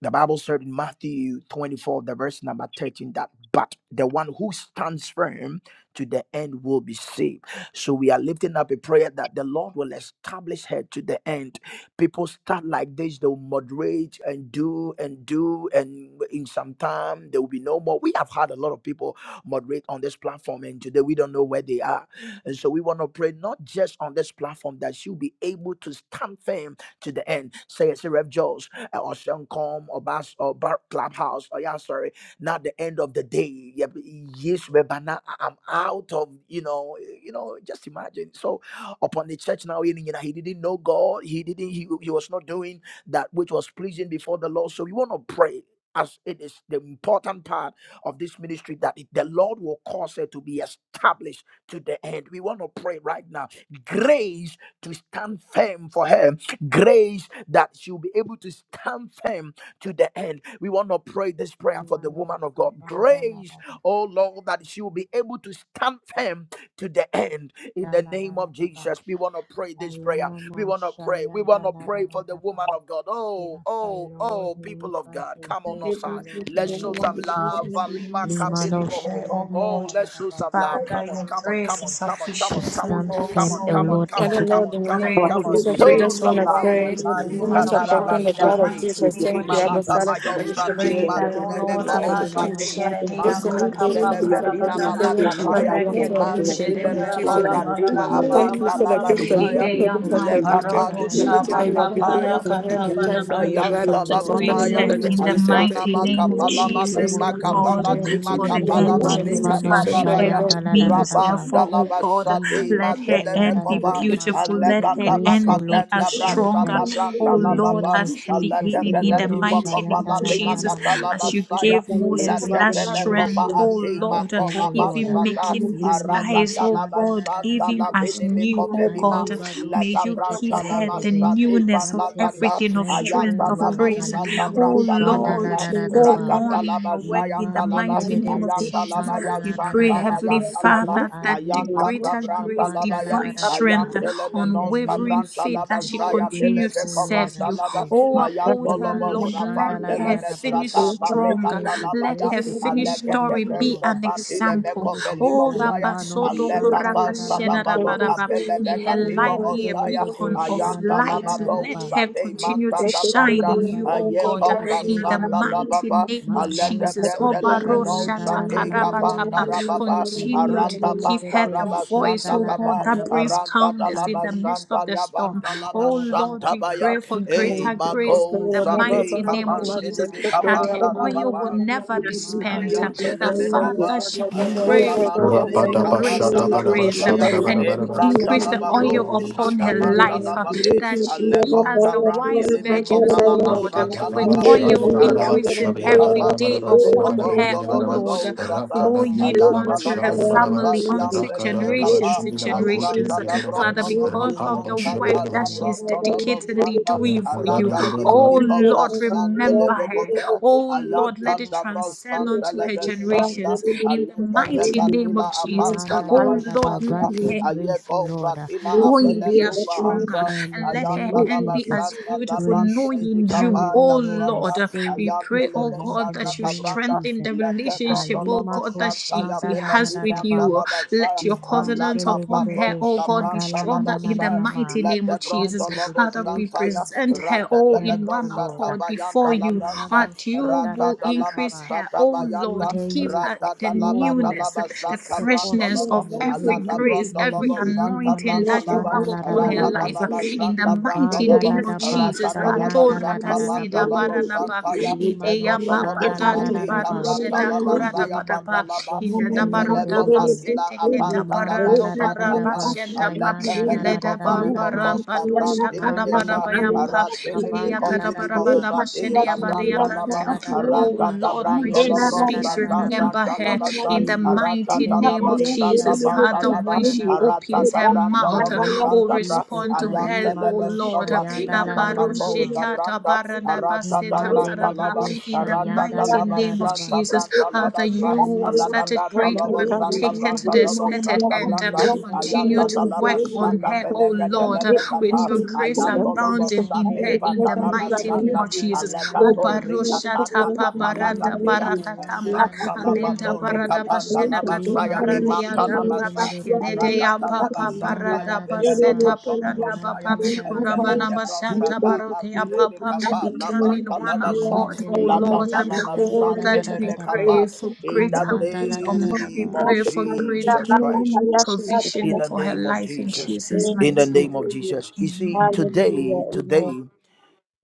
B: the Bible said in Matthew 24, the verse number 13, that but the one who stands firm to the end will be saved. So we are lifting up a prayer that the Lord will establish her to the end. People start like this, they'll moderate and do and do, and in some time there will be no more. We have had a lot of people moderate on this platform, and today we don't know where they are. And so we want to pray not just on this platform that she'll be able to stand firm to the end. Say it's a Rev Jones uh, or Shankom or Bas or Bar Clubhouse. Oh yeah, sorry. Not the end of the day. Yeah, but Yes, but but now I- I'm out of you know, you know, just imagine. So upon the church now, you know, he didn't know God, he didn't, he, he was not doing that which was pleasing before the Lord. So we want to pray. As it is the important part of this ministry that it- the Lord will cause it to be established to the end. We want to pray right now grace to stand firm for her Grace that she'll be able to stand firm to the end. We want to pray this prayer for the
C: Imanos
B: woman of God.
C: kavanda la
B: Grace,
C: da da
B: oh Lord, that she will be able to stand firm to the end. In
C: da
B: the
C: la da
B: name
C: da
B: of
C: da ba.
B: Jesus, we want to pray this prayer. We want to pray. We
C: Alanamashaya
B: want to pray for the
C: daladadadaba.
B: woman of God.
C: We
B: Oh,
C: ask the
B: oh,
C: Lord,
B: oh,
C: may you
B: people of
C: grant
B: God,
C: her
B: come on,
I: Thank
C: grace,
I: you,
C: O
B: outside.
C: Lord,
I: Jesus,
C: in
I: and
B: Let's
C: the
I: I
B: show
C: name
I: love
B: some
C: of
I: this Lord,
B: love.
C: Jesus.
I: and the
B: Valima
I: Lord,
F: Jesus, we
C: Limano
F: pray,
B: kapelimoho.
F: oh
C: Shaya
B: Oh,
F: Lord.
B: let's show
C: daladadadaba.
B: some
C: Grant
B: love.
C: her
F: Father,
B: Come on,
F: your
B: come
C: grace,
B: on,
C: O
F: grace
B: come
F: is
B: on,
C: Lord,
B: come on, come
C: to
B: on,
F: sufficient
I: and
B: come
I: the
B: on,
F: unto
C: stand
I: Lord, and
B: come
I: the
F: us,
B: on,
C: firm,
F: oh
C: O
F: Lord.
B: come on, come on,
I: name of
C: Lord,
B: come
C: and
B: on,
G: Father
C: to,
F: And
I: Jesus.
C: to
G: Lord, in
F: we
G: the
B: come on,
G: name of
F: pray
B: come on.
F: for
I: We
C: be
G: Jesus, we
I: pray
C: able
B: Show
G: just
F: grace,
I: now
F: O
G: want
B: some
C: to
I: to
G: to
I: find
B: love.
F: Lord,
I: the
C: stay
G: pray.
F: unto
I: Lord's
F: the
B: Maye
G: We
F: woman
C: around,
G: must
I: name,
F: of
G: have
I: to
C: O
I: start
F: God
B: kadaraba
G: broken
C: Lord,
I: the
G: the
F: in the
C: under
G: blood of
I: kingdom
C: your
I: of
F: mighty
G: Jesus.
C: wings,
F: name
I: Jesus.
F: of
G: Thank
C: O
G: you,
C: Lord,
G: Abba
C: for
B: Imalada
F: Jesus.
G: Father,
C: long,
G: for
B: bayo
C: in the
F: We
G: everything
C: name
G: that
C: of
G: you
B: madileme
G: are
F: pray that,
G: doing.
C: Jesus.
G: In
F: O
B: Madile
G: the
F: Lord,
G: mighty
B: mevo
G: name of
F: Abato
G: Jesus.
B: sate.
C: Alimano
F: Sheredi
G: Just
C: Shaya
G: want to
I: We
B: Makon
G: pray
I: pray
G: for
F: Ankatapa
I: now
G: this
I: to
C: daladadadaba.
I: find
B: selevetina
I: the
F: Parabadama
G: Presbyterian
I: mercy
G: honor
I: and
B: malakapaya.
G: be
C: Ivan
I: prayer
G: unto
I: of
G: our
I: the
F: Rekedo
G: name in the
C: deledebe
I: Lord.
B: Manzile
G: name of
B: meko
G: Jesus.
F: Shededarabala
G: We
I: We
F: Malabala
C: Shada
I: pray
G: Thank
I: now
G: you
B: abanda
I: to
G: for the
F: Balabalaba
I: find the
G: gift of
H: Thank
B: labasaya.
G: life for
I: mercy
F: Idea
I: and
G: this
C: Maledebekoshka
G: We
I: prayer.
G: Thank you
F: Mamparodo
C: Vandala
G: for
C: da
B: Lekapantila
C: da
I: Mercy
G: everything
C: da
I: for
G: that
C: da
G: you
I: the
C: ba.
G: have
F: Shatapa
G: been doing
B: makapaya.
G: for her
C: Grant
I: Lord,
G: and
F: Parakata
G: her
C: him
G: entire
C: more
F: Paraba.
G: family, the
C: grace,
G: blood
C: O
G: of
F: Father,
C: Lord.
G: Jesus.
I: In the
G: Father
F: grace
G: Lord,
B: Ayantalamanaya,
G: I
F: her
I: name
G: just
F: in
G: want
F: the
G: to
C: Alimanosha.
G: say
I: of
G: thank
B: Ashana
F: mighty
I: Jesus,
G: you
I: we
F: name of
C: Lord,
I: pray,
C: grant
B: Makapalama
C: him
G: for
B: de
F: Jesus,
I: mighty
C: more
F: O
I: God,
G: this
C: grace
G: honor
C: in
B: Makapala
F: God
C: the
I: that
G: be
I: you
B: de
C: name
G: unto
C: of
G: you
I: give
F: for
I: me
G: in
F: the
I: the
G: the
C: Jesus.
F: end
G: mighty
B: Makapalama
I: grace,
G: name of
I: mighty
C: Malimano
F: justify
G: Jesus.
I: God,
G: Father
I: to
B: Nekapalabaya,
F: every
C: Shayanda
G: Lord.
I: be
C: la da da
I: able
F: means.
I: to
C: da ba.
I: stand
F: Therefore, O
I: firm
F: God,
B: Rabandalabasha
I: in
B: de
I: the
C: Limano
F: let
I: things of God,
F: her
I: to
F: end
C: Shayanda la
I: be
F: be
C: da
B: Matelemekova,
C: da
I: able
C: ma.
I: to
F: beautiful.
C: Grant
I: stand firm
F: Let
C: her
I: in
F: her
B: Allegata
I: the
C: grace, O
I: prayer,
F: end be
C: Lord, to
F: as
B: Bakatenda
I: in the
C: stand
I: time
F: stronger,
B: Brasata
C: firm
I: and
F: O
I: in the
B: Branta
C: in
I: name
C: the
I: of
F: Lord,
C: name
B: Lababa,
C: of
F: as her
I: Jesus. We
C: Jesus.
I: give
F: beginning.
I: you
F: In
I: all
F: the
I: the
C: Limano
B: Aledepeleti for
I: praise.
F: mighty name
C: Shayanda
F: of
I: We
B: Kopala
C: la
B: de
C: na
I: give
C: na
I: you
F: Jesus,
C: na
I: all
C: ma.
I: the
F: as
I: praise.
F: you
C: That
B: Makatalabasaya,
F: gave
I: We
C: through
I: thank
F: Moses
I: you, my
F: that
C: everything,
I: God, for
C: Lord,
I: the
B: Letepelekova
C: she
I: good
F: strength,
C: will
F: oh
I: things
B: Ade
I: you
C: stand
I: do.
F: Lord, uh,
C: firm, O
I: And
C: Lord.
I: yes,
F: even
I: I can
B: Makolabasata,
I: do
F: making
I: this.
F: his
C: Limano
F: eyes, oh
C: Shanda la
F: God,
C: da da
B: Aragadalabasanta
C: da
I: Thank
F: even
C: ba.
F: as
B: Lavini
F: new, oh
B: Mikovelima,
F: God.
C: Alibado
F: May
B: Laga
F: you give
B: branta la
F: her the
C: sheketeledebe.
B: masa deva
F: newness of
C: Granted the
B: lagata.
F: everything, of
C: strength, O
F: strength,
B: Ayata
F: of
B: la
C: Lord.
F: grace,
B: masa ta
C: Alimano
F: oh
B: branta la
F: Lord,
B: masa.
F: to go
C: shandaladadadaba.
B: Ragata
F: on
B: la
F: in your
B: masa
F: work in the
C: Lima
B: yanta la ba.
F: mighty name of
C: deledebe
B: Ayanta la
F: Jesus.
G: Thank
B: ba ya
F: We pray,
B: santa ba
F: Heavenly
C: shandaladadadaba.
B: yanta la ba.
F: Father, that the
I: you.
C: Alima
B: Ayanta da
C: kosh
F: greater
I: Thank
B: branta
F: grace,
B: la ba ya.
F: divine strength,
C: kavandaladadadaba.
B: Ayante le
C: In the
B: menos ka
C: name
F: unwavering
C: of
B: branta
F: faith
B: la ba
F: as she
C: Jesus,
B: zaya tele
C: grace,
F: continues
B: ve
F: to
C: O
F: serve
C: Lord,
B: kobanta
C: and
F: you.
B: la ba.
C: strength.
F: Oh, uphold
B: Ayanta
F: her,
B: lo bo
C: Limano
F: Lord. Let
B: zavante
H: you.
F: her
B: le
C: shandaladadadaba.
F: finish
B: mesata
H: Thank
B: ba
F: strong.
C: Granted
B: legata
C: the
B: la
H: you.
B: ba
F: Let
B: ya.
C: grace,
F: her
C: the
F: finished
B: Alegete
C: confidence,
F: story
C: O
F: be
C: Lord,
B: breso
F: an
B: fatile
C: the
F: example.
B: me
C: boldness.
F: Oh,
B: Osaya,
C: Alimano
F: Rabasodo
B: Aleka
F: Koraka
B: vanta da
F: Sheda
B: Baloka
C: shandaladadadaba.
F: Rabadaba. May her
B: Pelebeka Timo
F: life be a
C: Imandele
B: Osaya,
C: de be
F: beacon of
B: Ayanta
C: shandala da
F: light.
C: da da
B: Labado
F: Let
C: ba,
F: her
B: Sade
F: continue
B: Manta
F: to
B: da
F: shine
B: Branda,
F: in you, oh
C: alibado
B: Aye
C: de
F: God,
C: de
F: in the
C: de
B: Convasanta
C: be,
F: mighty
B: Lababa,
F: name of
C: be
B: Aleta
C: da
F: Jesus. Oh,
C: ba
B: Brenda
F: Barosha
B: Lemenosa
C: shayandala na na
B: Teka
C: na na na
B: Panda
F: Takarabatapa.
C: ma.
B: Rababa,
C: sheketelebe
F: Continue to
B: Arata
F: give
B: Panda
F: her
C: mandaladaba shayandalananananama ivandelebe
F: the voice,
B: Rabasanda
F: oh God,
B: Kaba,
F: that
I: you.
F: brings
C: shandaladadaba
B: Aranta da
F: calmness in the midst of
B: Labasanta
F: the
C: alimakoshka
F: storm.
B: Yabanta
F: Oh Lord,
B: Labasanta
F: we
C: vandaladadaba
B: Baya,
F: pray for
B: Eh,
F: greater grace in
B: Mako
F: the
C: imandelebe da
I: Mary
B: Sate
F: mighty name of
I: Kathleen
C: da ba
B: Kapande
C: imandele de be shayandala
F: Jesus
B: de
I: is
C: da da da
F: that
C: da
F: her
C: da
B: Bekapanda
C: ba.
I: activated
F: oil will
B: Rababa.
F: never be
I: like the
F: spent.
C: imandala
F: uh,
I: iron
C: da
I: and
C: ba
B: Ayandele
F: That
C: ko
F: Father,
B: mekaba,
F: she will
C: shayandala na
F: grow
C: na na ma
F: grow
B: ashalamandele
F: from grace
B: mekabanda
F: to grace, uh,
B: labasaya,
C: imandele
F: and you
C: de
F: will
C: de de be
B: embranda
F: increase the
B: labado,
F: oil
C: shayandala
F: upon
C: da
F: her
C: da da
B: shadabanda
C: da
F: life, uh,
C: ba
B: labade,
F: that she will be as
B: alegonda
F: the
C: Alimano
F: wise
B: brandele
H: Thank
F: virgins,
C: Shayanda
F: O
B: mekovala
C: la na na
F: Lord, uh,
C: na
B: masanda
C: na.
F: with
B: lababe,
F: oil
B: aradini
F: increasing every
C: Imanda la
F: day
C: da
B: mekabandele
C: da da
F: upon
C: ba
F: her,
B: mekovondo
F: O Lord.
C: Shayanda
B: labado,
F: uh,
C: la da da
B: zaba,
C: da ba.
F: Flowing
B: ayanda
F: unto her
B: labazanta,
F: family,
C: Alibako
I: Thank you.
F: unto
B: riantele
C: Shayanda la
F: generations
B: mekaba,
I: Thank
C: da
F: to
C: da
F: generations.
B: asanda
F: Father,
B: labronto
F: because
C: Imandele
F: of the
C: de
B: labozanta,
F: work that she is
C: Shayanda
B: labronto
C: la na
F: dedicatedly
B: labozanta,
F: doing for you,
B: aragatili
A: Rabba
F: oh
C: Alimano
B: mekovra
F: Lord,
B: sandele
F: remember
C: Shayanda la da
F: her.
C: da
B: mekove,
C: da ba.
F: Oh Lord, let it
B: ayantanda
F: transcend
C: Radabako
B: brosanda
F: unto her
B: lebesanda
F: generations
C: sheketelelelebe.
F: in the mighty name
B: aletefekatila
F: of
C: Levinonos
F: Jesus.
B: apanta
C: kamanda la da
F: Oh
C: da
F: Lord,
C: ba.
B: labasanta
F: let
C: Grant her
F: her
C: grace, O Lord. uh,
B: ayekompratila
F: Going
C: Grace
F: be
B: abeletu
F: as
C: to stand
F: stronger
C: firm in
F: and
C: the
F: let her
C: name
B: Ayanta
C: of
F: end
B: laba
F: be
C: Jesus.
F: as
B: santa da
F: beautiful,
B: brante
C: Grace to
B: lebi
F: knowing you,
C: tarry,
B: kapa
C: O
F: oh
B: ya
C: Lord, and
F: Lord.
B: santa.
C: stay
F: We
C: with you
B: Ayante
F: pray,
C: for
F: oh
B: lebe
C: long
F: God,
C: in
B: santa
C: the
F: that you
C: name of
B: kabranda.
F: strengthen
C: Jesus.
F: the
B: Lete
F: relationship,
B: bronto
F: oh
B: lobo
F: God, that
C: Alimako
B: santa
F: she,
B: ya
F: she
C: shanda la
B: vele
C: da
F: has
B: di
C: da da
F: with
B: branta
C: ba.
F: you.
B: laba saya.
F: Let your covenant
B: Alaka
F: upon her,
C: Evandelelebe
B: patos
F: oh God, be
B: kabranta
F: stronger
B: laba
F: in the
B: saya.
C: shadalananananama.
F: mighty name
B: Lete
F: of
C: Grant
B: bronto
F: Jesus.
C: her the
B: lobo
F: Father, we
C: grace
B: santa
C: to
B: ya.
F: present
C: endure to
F: her
B: Rata
C: the
F: all
B: de
F: in
C: end,
B: lebro
C: O
F: one
C: Lord.
B: santa
F: accord before
B: bayanta
F: you,
B: labranza.
C: Alimano
F: that you
B: Rata
F: will
B: da lama
F: increase
C: shadalanananaba.
F: her,
B: santa
F: oh
C: That through
B: bayanta.
F: Lord.
C: her you
F: Give
C: will
F: her
B: Rata
F: the
B: da
C: fulfill, O
B: laba da
C: Lord,
F: newness,
B: laba
C: the
F: the
B: santa
C: purpose
F: freshness
B: Tolaba,
F: of
C: and your
F: every
C: will
B: Alata
C: for this
F: grace, every
B: Brantolaba,
I: you.
C: ministry.
B: Santa
I: We
F: anointing
C: Limano
F: that you
B: Brantalaba,
F: have
I: open
F: upon
I: our
F: her
I: eyes to
C: shadalanananaba.
F: life. uh,
I: find
B: Ratadalaba,
F: In
I: you.
F: the
B: Santa
I: We
F: mighty
B: Brantolaba,
I: open
F: name of
C: Evandaladaba
F: Jesus.
I: our eyes
B: Ratadalaba,
I: to find you.
F: Patora
B: Santa
I: We
F: kaseda
C: shayandaladadaba.
I: open our
B: Bantalaba,
I: eyes to
F: baranaba,
I: find
B: Santaya,
I: you.
C: Alimano
I: We
F: ideya
I: open our eyes to
F: papa
B: Ekotolaba,
F: dato
I: find
B: Sati
I: you. We
F: baro
C: shadaladadaba.
I: open our eyes to
F: sheda
B: Cabrantalaba,
I: find you.
F: korada
B: Saya
C: Azibado
F: badaba,
B: Patalaba,
F: in the
I: Thank you. but they will
C: sheketele de
I: not
C: de
I: be
F: nabarota
B: Efeleko
C: de be.
I: able to take
B: Fatila,
F: pasete
I: you in this.
F: keta
C: Imanda
B: Apantalaba,
F: baranto
C: la da da
B: Santa
C: da
I: Yes,
B: Pa,
C: ba
F: barabashenta pa,
B: Aleta
C: shayanda la da da
B: Peleko
F: ileda
C: da da da
I: yes,
C: ba.
F: bambaram
I: yes,
B: Falimotos
I: I
F: bato
I: am not, not,
F: shakada
I: not,
C: Mandele
I: not,
B: Cabrantilimisa,
C: ne
I: I
F: barabaya
I: am
F: pa,
I: stuck
C: menosh
I: in my
F: ideya
I: own
C: kavanda
B: Aratilimiko
I: way.
C: la da
I: They
C: da
I: will
F: karabarabana
C: ba.
I: not be
B: Filimosati
F: bashedeya
I: able to
F: badeya
I: let you out
C: Limanda
B: Cabrantalaba,
F: kantel.
C: la
I: of
C: da
I: my
C: da
B: Arat.
I: own
C: da
F: Oh
I: way.
C: ba
B: Ratata
F: Lord,
I: You
F: when
I: dare
F: she
B: brandola
C: shayanda
I: not
C: la
I: let
C: da
I: me
F: speaks,
C: da
I: take
C: da
B: brosata
C: da
I: you
C: ba.
F: remember
I: out
B: brandola
I: of
F: her
I: my
B: basa.
F: in
I: own
F: the
I: way.
F: mighty
I: You
C: Limantele
B: Ratata
C: de
I: have
B: la
C: de
F: name
I: my
F: of
C: be
I: own way,
B: basata
F: Jesus.
I: they will
C: shayanda
F: Father,
I: take
B: bandola
C: la da
B: ba.
F: when
I: you
C: da
I: in
C: da
F: she
I: this.
C: ba.
I: You
F: opens
B: Ratata
F: her
I: don't have
C: In
I: to
F: mouth,
C: the
B: brandola
I: have my own
C: name of
F: oh,
I: way,
B: bosanta bra.
I: take
C: Jesus,
I: you
F: respond to
I: in
F: her,
I: this.
B: Ayantele
F: oh
C: Alimano
I: You
F: Lord.
I: give
B: besova
I: me
C: Shayanda
B: dila
I: my
C: la la la
I: own way,
C: la
I: they
C: ma.
F: Abaroshe
B: pakatoska
I: will
F: kata
B: branda.
I: take you in
F: baranda
I: this.
B: Ratata
F: baseta
I: Yes,
C: Imandele
I: yes,
C: de
B: brandola
F: parama.
I: I
B: ba.
C: be
I: am
F: In
I: stuck
F: the
I: in
C: shayanda
B: Ratata
I: my
F: mighty
C: la
B: la
C: da
I: own
C: da
F: name
I: way.
C: da
F: of
C: ba.
B: basanta
F: Jesus,
I: Thank
B: brandola
F: Father,
B: basa.
F: you who have
C: Aliba
B: Alata
C: do
F: started
B: brandola
F: great work
C: sheketele
F: will
C: de
B: bosata
F: take her to
C: debe.
F: the
B: brandola
F: expected
B: bosata
F: end.
B: branda.
C: Limanda la da
F: Continue
C: da
F: to
B: Ayatata
C: da
B: la
C: ba.
F: work on
B: basata
F: her,
C: Shayanda
F: oh
C: la da
B: belekete
C: da
F: Lord,
C: da da ba.
F: with your grace grace
B: ayat.
F: abounding
B: Tolobosha
C: Ivan
F: in
C: dele
F: her
B: Deva
C: de
F: in the
C: debe.
F: mighty name of
C: Shayanda la
F: Jesus.
C: na na na
F: O
C: na
B: Alegato
C: ma.
F: barosha
B: Ricatanda
F: tapa baranta
C: Alima no
B: Capalagatea,
C: shayanda
F: barakatampa
C: la na
B: Santa
C: na na na
F: alenta
C: na ma.
B: Labatori
F: barada
B: Capanda
F: basheda katum
C: Liba
B: Labasaya,
F: paradia
B: Imanta
F: tampa
C: sheketele
B: Labasa,
C: de
F: inete
C: debe.
B: Aragata
F: yampa pa
C: Ivan
B: Labasanta,
F: parada
C: la da
B: Yavele
C: da
F: baseta
C: ba.
B: Dobro
F: paranta
C: Shayanda
F: papa
B: Tolobosaya,
C: la da da da
B: Vele
F: uramana
C: ba.
F: basanta
B: Debrosata,
F: barokia
B: Matile
F: papa.
B: Mikapa,
F: We come in
B: Labanta
F: one
B: Labasa,
F: accord, O
C: Ikomandele de debe.
F: Lord.
B: Lagata
C: Shayanda
F: Oh,
C: la
I: you.
B: Labasante
C: da
F: that
C: da da
F: we
C: da ba.
F: pray
B: Lebekapa,
F: for
B: in
I: Thank
B: the
F: greater
H: you.
C: Imanda la
I: you,
C: da
F: wisdom.
I: Jesus.
C: da
H: Thank
C: da
F: We
B: name
C: ba.
B: of
F: pray for
C: the
F: greater
B: Jesus
C: mighty name
B: Christ
C: of
B: in
C: Ibado,
F: provision
B: the
F: for her
B: name of
F: life in
B: Jesus.
F: Jesus'
C: Sheketerododo.
B: In the
F: mighty
B: name
F: name.
B: of Jesus. You see,
I: Hallelujah.
B: today,
C: Amen.
B: today,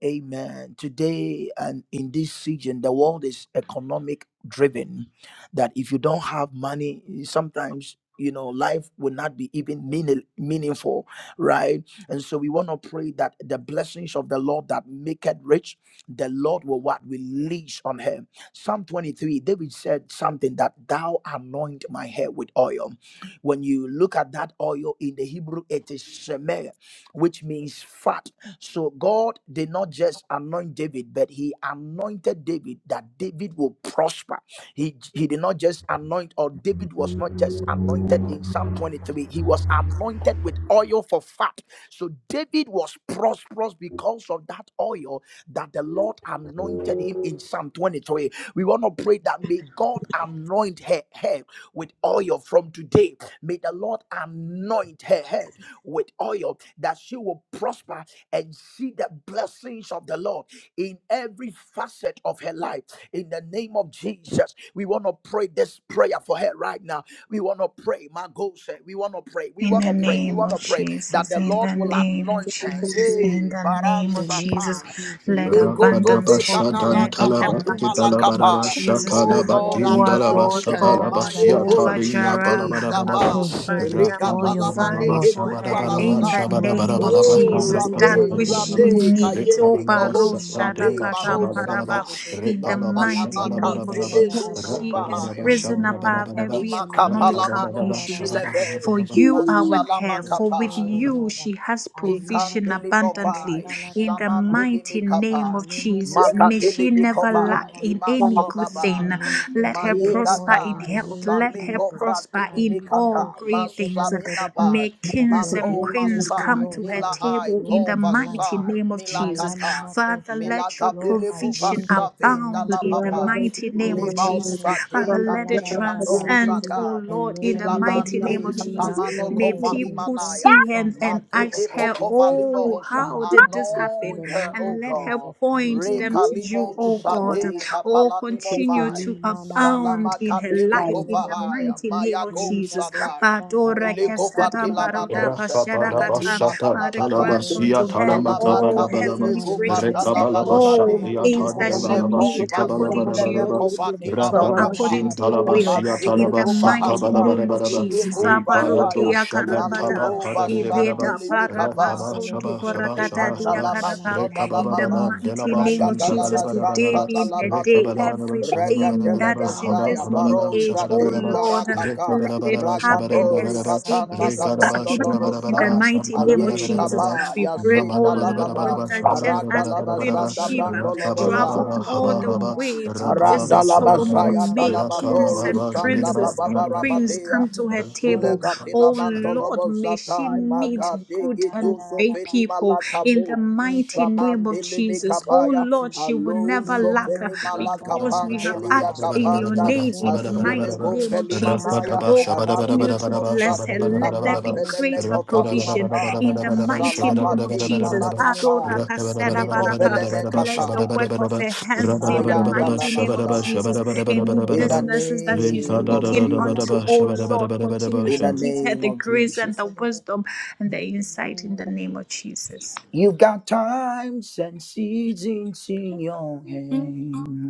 B: Amen. Today and in this season, the world is economic driven. That if you don't have money, sometimes you know life will not be even meaning, meaningful, right? And so we want to pray that the blessings of the Lord that maketh rich, the Lord will what release on him. Psalm 23, David said something that thou anoint my head with oil. When you look at that oil in the Hebrew, it is shemer, which means fat so God did not just anoint David, but he anointed David that David will prosper. He, he did not just anoint, or David was not just anointed in Psalm 23. He was anointed with oil for fat. So David was prosperous because of that oil that the Lord anointed him in Psalm 23. We want to pray that may God anoint her head with oil from today. May the Lord anoint her head with oil, that she will prosper and see the blessings of the Lord in every facet of her life. In the name of Jesus, we want to pray this prayer for her right now. We want to pray, my God said, we want to pray, we
F: In
B: want
F: the
B: to pray, we
F: name
B: want to
F: of
B: pray that
F: Jesus,
B: the
F: in
B: Lord
F: the
B: will
F: name of
B: anoint her.
F: Jesus, in
B: Hey,
F: the
B: Baran
C: In
F: name
C: the
F: of
C: name of
F: Jesus,
B: Satan.
C: Jesus,
F: let
C: Malima
F: abundance
C: no
F: follow her
C: Shayanda
F: in
C: la
F: the
C: da da da
F: mighty
C: ba,
F: name of
B: Lekotovekanalakapatimalakapa.
F: Jesus.
B: Oh Lord,
C: Ivandele
F: Oh,
C: de de
F: our
C: be
F: Lord
B: anoint her.
C: Shanda
F: God,
C: la da
B: Mae
C: da da
F: Jehovah
C: ba.
F: Jireh,
B: goshabe
F: I
C: Anoint her
B: gaba.
C: head
F: provide,
C: with
F: I
C: oil, O
F: provide
C: Lord.
B: Rikapalamaneke
F: for her
C: Lord,
F: in the
C: that you
F: name of
C: anoint her head
B: Oh
C: with
F: Jesus that
C: oil
B: Rabbe,
C: in
F: which
C: the
F: she
C: name of
B: Rabbe
F: needs.
C: Jesus.
F: Oh,
B: Kayende,
F: Baro
C: Imalos
B: Mahosade,
F: Shadakatam
C: Cabrandele
F: Paraba.
C: de
B: Barosata,
C: be.
F: In the mighty
B: Mandalamaka
F: name of
C: Ivanta la
B: Vele
C: da da
F: Jesus,
C: Taladadaba,
F: she is
B: Gudubahaya,
F: risen
C: Elora da
F: above
C: ba.
F: every
C: handele be
F: economical
C: shanda la da
F: issues.
C: da da ba.
B: Imakapalamanosilebeya.
A: Rakadabashabalabalaba,
F: For you are with
C: Anoint her
F: her,
C: with
F: for with
B: Masalamaka
C: oil, O
F: you
C: Lord.
F: she has provision
C: Alimano
F: abundantly.
B: Ikandilimovai,
F: In the
C: ba.
F: mighty name
B: Samandilimikapa,
F: of Jesus, May
C: Alemenenoshka
F: she never
C: vanda la da
B: Magadilimikovai,
F: lack
C: da da
F: in
C: da
F: any
C: ba.
F: good thing.
B: Imasodaban,
C: Anoint her
F: Let her
C: head with
F: prosper
C: oil
F: in
C: in
B: Mayegata,
C: the
F: health.
C: name of
F: Let her
C: Jesus.
F: prosper in all
B: Saligovratinimikata,
F: great things.
C: Alibadosheketelededebe.
B: Masaminaba,
F: May
C: That
F: kings
C: your
F: and
B: Mago
F: queens
C: blessings, O
F: come
B: Masai,
C: Lord,
F: to her
C: shall
B: Mila Ai,
F: table
C: overflow
F: in the
C: in her
B: tovasai,
C: life.
F: mighty
C: Ah,
B: Sai,
F: name of
B: Mila
F: Jesus.
C: Malana
B: Kata.
F: Father,
C: Makosha.
F: let your
B: Milaka
C: Lord,
B: pili guva
F: provision
C: arrange her
B: savinda
F: abound
B: la
C: finances,
F: in the
C: Lord. Ah,
B: baba.
F: mighty name of
B: Lima
F: Jesus.
C: Alimano
F: Father,
B: sade
F: let it
B: kade kado
C: Shandaladadadaba.
F: transcend, oh
B: sada.
F: Lord, in
C: Elena
F: the mighty
C: Menoska,
F: name
B: Ilamande
F: of Jesus.
B: samano
C: Brandele
F: May people
C: Dedebe.
F: put
C: Thank
B: kofalimanaya.
C: you
F: see
C: for an
F: hands and
C: overflow of
B: Magede
F: ask
C: your
F: her,
C: blessings
B: vokovalimo
F: Oh,
C: in
B: hosa.
F: how did this
C: abundance in
F: happen?
C: the
B: Anoint her,
C: name
B: O
C: of
F: And let her
B: God.
C: Jesus.
F: point
C: Alima
F: them
C: no
F: to you,
B: Rekalimo
F: oh
C: Shayanda la
F: God.
C: da
B: sade
C: da da ba.
F: Oh,
B: kapalanimo
H: you.
F: continue
B: vai.
F: to
C: Lima na
F: abound
B: salama
F: in her
H: this
B: kadele
H: guy
F: life
H: is
C: sheketele
F: in the
B: govahaya.
C: dedebe.
F: mighty name
B: Maya
F: of
B: go
C: Liba
F: Jesus.
C: do
B: sadai.
C: shanda la
F: Badora
C: da da
B: Milikova
C: da da
F: kesadam
C: da
B: tila
H: particularly
C: ba.
F: baroda
B: manose, meleti
F: bashadakata.
C: Alima
B: vata
A: Rakabadabashata
B: la
C: ko
F: Father,
B: baba,
F: grant
H: responsive
C: shandele
H: to
A: Talabasia
F: unto her
C: dedebe.
B: salama
F: all
A: Talamakabadabalaba
B: kabili
F: heavenly
C: Alima
B: guvata
F: riches
C: no
B: la
F: and
C: Shayanda
B: basadi,
F: all
C: la da
A: Rekabalabashatia
C: da
F: things
C: da
F: that
C: ba.
F: she
B: melekon
F: need
C: In the
F: according
B: vasile
F: to
C: name of
F: your
A: Tandevalabashikabalabalabalaba
B: mekova
C: Jesus,
B: tila
F: wisdom
C: Alima
B: bakapa,
F: according
A: Rakabashin
C: no
F: to your will
A: Talabasia
C: Shayanda la
B: mantile
F: in
C: da
F: the
C: da da
B: guva
C: da ba.
F: mighty
B: hasai,
F: name of
A: Talabasakabalabalabalaba
F: Jesus.
B: miligu
C: Ivandele de
B: vasaya,
C: be
A: Iparado
F: Aparotia
C: shandala
A: Shabantaba
B: maligu
F: karabata,
C: da da da da da ba.
A: Padabilebelaba
F: ileta
B: vasandili mikava.
A: Rakaba
C: Mandele
F: parapasonto
C: de
A: Shaba
C: be
A: Shaba
F: porakata
A: Shaba
C: la
F: dia
A: Shaba
B: Imandala
C: na
F: karaba.
C: na na
B: basoda
C: ma.
B: la
F: In the
A: Rekabababa
B: baba,
F: mighty name of
A: Delabashon
B: ragadala
F: Jesus,
C: Alimanos
F: today
B: basanta
A: Tabalabalaba
F: being
B: dala
F: her
C: kavandele de de
F: day,
C: de be.
B: batiyo,
A: Rekabalabalaba
F: everything
B: regatele
F: that
A: Shabalabalaba
C: Imanda
F: is
C: la
F: in
C: da
A: Haba
B: besaya,
F: this
C: ba
F: new
A: Habalaba
F: age,
B: barosa
F: oh
C: Shayanda
B: de
C: la
A: Shabalabalaba
C: da da
F: Lord,
C: da ba.
B: marakata,
F: let it
A: Rekabalabalaba
F: happen
B: ragadori
C: Imandos
A: Shabalabalaba
F: as it
B: katanda
F: is
C: kabrandele
A: Rekaraba,
C: de
B: gabrondo
C: de de be.
F: speedily in the
A: shabarabaraba,
B: lobosa,
F: mighty name of
B: aye
F: Jesus.
A: shampalabarabaraba,
C: Imandala
B: kaba,
F: We
C: da da
F: pray,
C: ba
F: oh
B: yasinda la
F: Lord,
B: baba,
A: nabalabarabaraba,
F: that
C: shalimanosa
F: just
B: rata
F: as
B: la
F: the Queen of
A: shabarabarabaraba,
B: basanda
C: evandele
F: Sheba
C: de
B: brando
C: be
A: rakabababa,
F: traveled
B: lobosa.
C: shandala da
F: all
A: haba
C: da
F: the
C: da
A: haba,
C: ba
F: way to
A: rapababa,
F: visit
C: limanos
A: shabahaba,
B: Arandalabazaya
F: Solomon, may
C: kavandele de
F: kings
C: de
B: dalabadori
C: de
F: and
A: rakabababa,
C: be.
A: zibidaba,
B: sanda
F: princes
C: You
F: and queens
C: anoint
B: bababarabadea
C: your
F: come to
C: head
F: her
C: with
F: table.
C: oil in the
B: silegatila
F: Oh
C: name of
F: Lord,
C: Jesus.
B: mandolobo
F: may she
B: zatai
F: meet
C: Limanos
F: good
B: magadigi
C: shandala
F: and
C: da da
B: duso
C: da
F: great
C: ba.
B: veni
F: people
C: May
F: in
C: you
F: the
B: malakabe
C: arrange her
F: mighty name of
B: Samandili
C: finances in
F: Jesus.
C: the
F: Oh
C: name
B: mikapaya
C: of
F: Lord, she
C: Jesus.
A: Oh,
F: will never
B: aluzo
F: lack uh,
B: veni
C: Limanos
A: darkness,
C: shandala
F: because
C: da
F: we
C: da da
F: have
C: da
B: malakapandilia
C: ba.
F: asked in your
B: kapanda
F: name in the
C: Aventele de
F: mighty
B: Asilego
C: be
F: name of
B: goveli
F: Jesus.
B: manaya
C: shayandala
F: Oh,
C: da da da ba.
F: continue
B: aradili
F: to bless her.
B: mosati
F: Let there be
C: Mandele
B: kabrandele
C: de be
F: greater provision
C: shayanda la
B: mekovalimata
C: da
F: in the
C: da da ba.
F: mighty name of
B: salabade
F: Jesus.
C: Ivandele de be
B: malakapai
C: shayanda la
F: Adorakasedabaraka.
C: na na na na
F: Bless
C: na
F: the
C: ma.
B: minovelemekatai
F: work of her hands
B: I
F: in the
C: Imanda
B: am the
C: la da
F: mighty
C: ba
F: name of
C: ko
F: Jesus.
B: Lamasai.
C: sheketele
F: Any
C: de
B: In
C: de
B: the
C: be.
F: businesses that she's
B: name of
F: looking
C: Nimanda la
F: unto,
C: da da da
F: oh
C: ba.
B: Jesus.
F: Lord, continue
B: In
F: to
B: the
F: give
C: Aliba
F: her
C: do
B: name
F: the
B: of
F: grace and
B: Jesus.
F: the
C: sheketele de
F: wisdom
C: be.
F: and the
C: In The
F: insight
C: name
F: in
C: of
F: the name
C: Jesus.
F: of Jesus.
B: You've got times and seasons in your hand.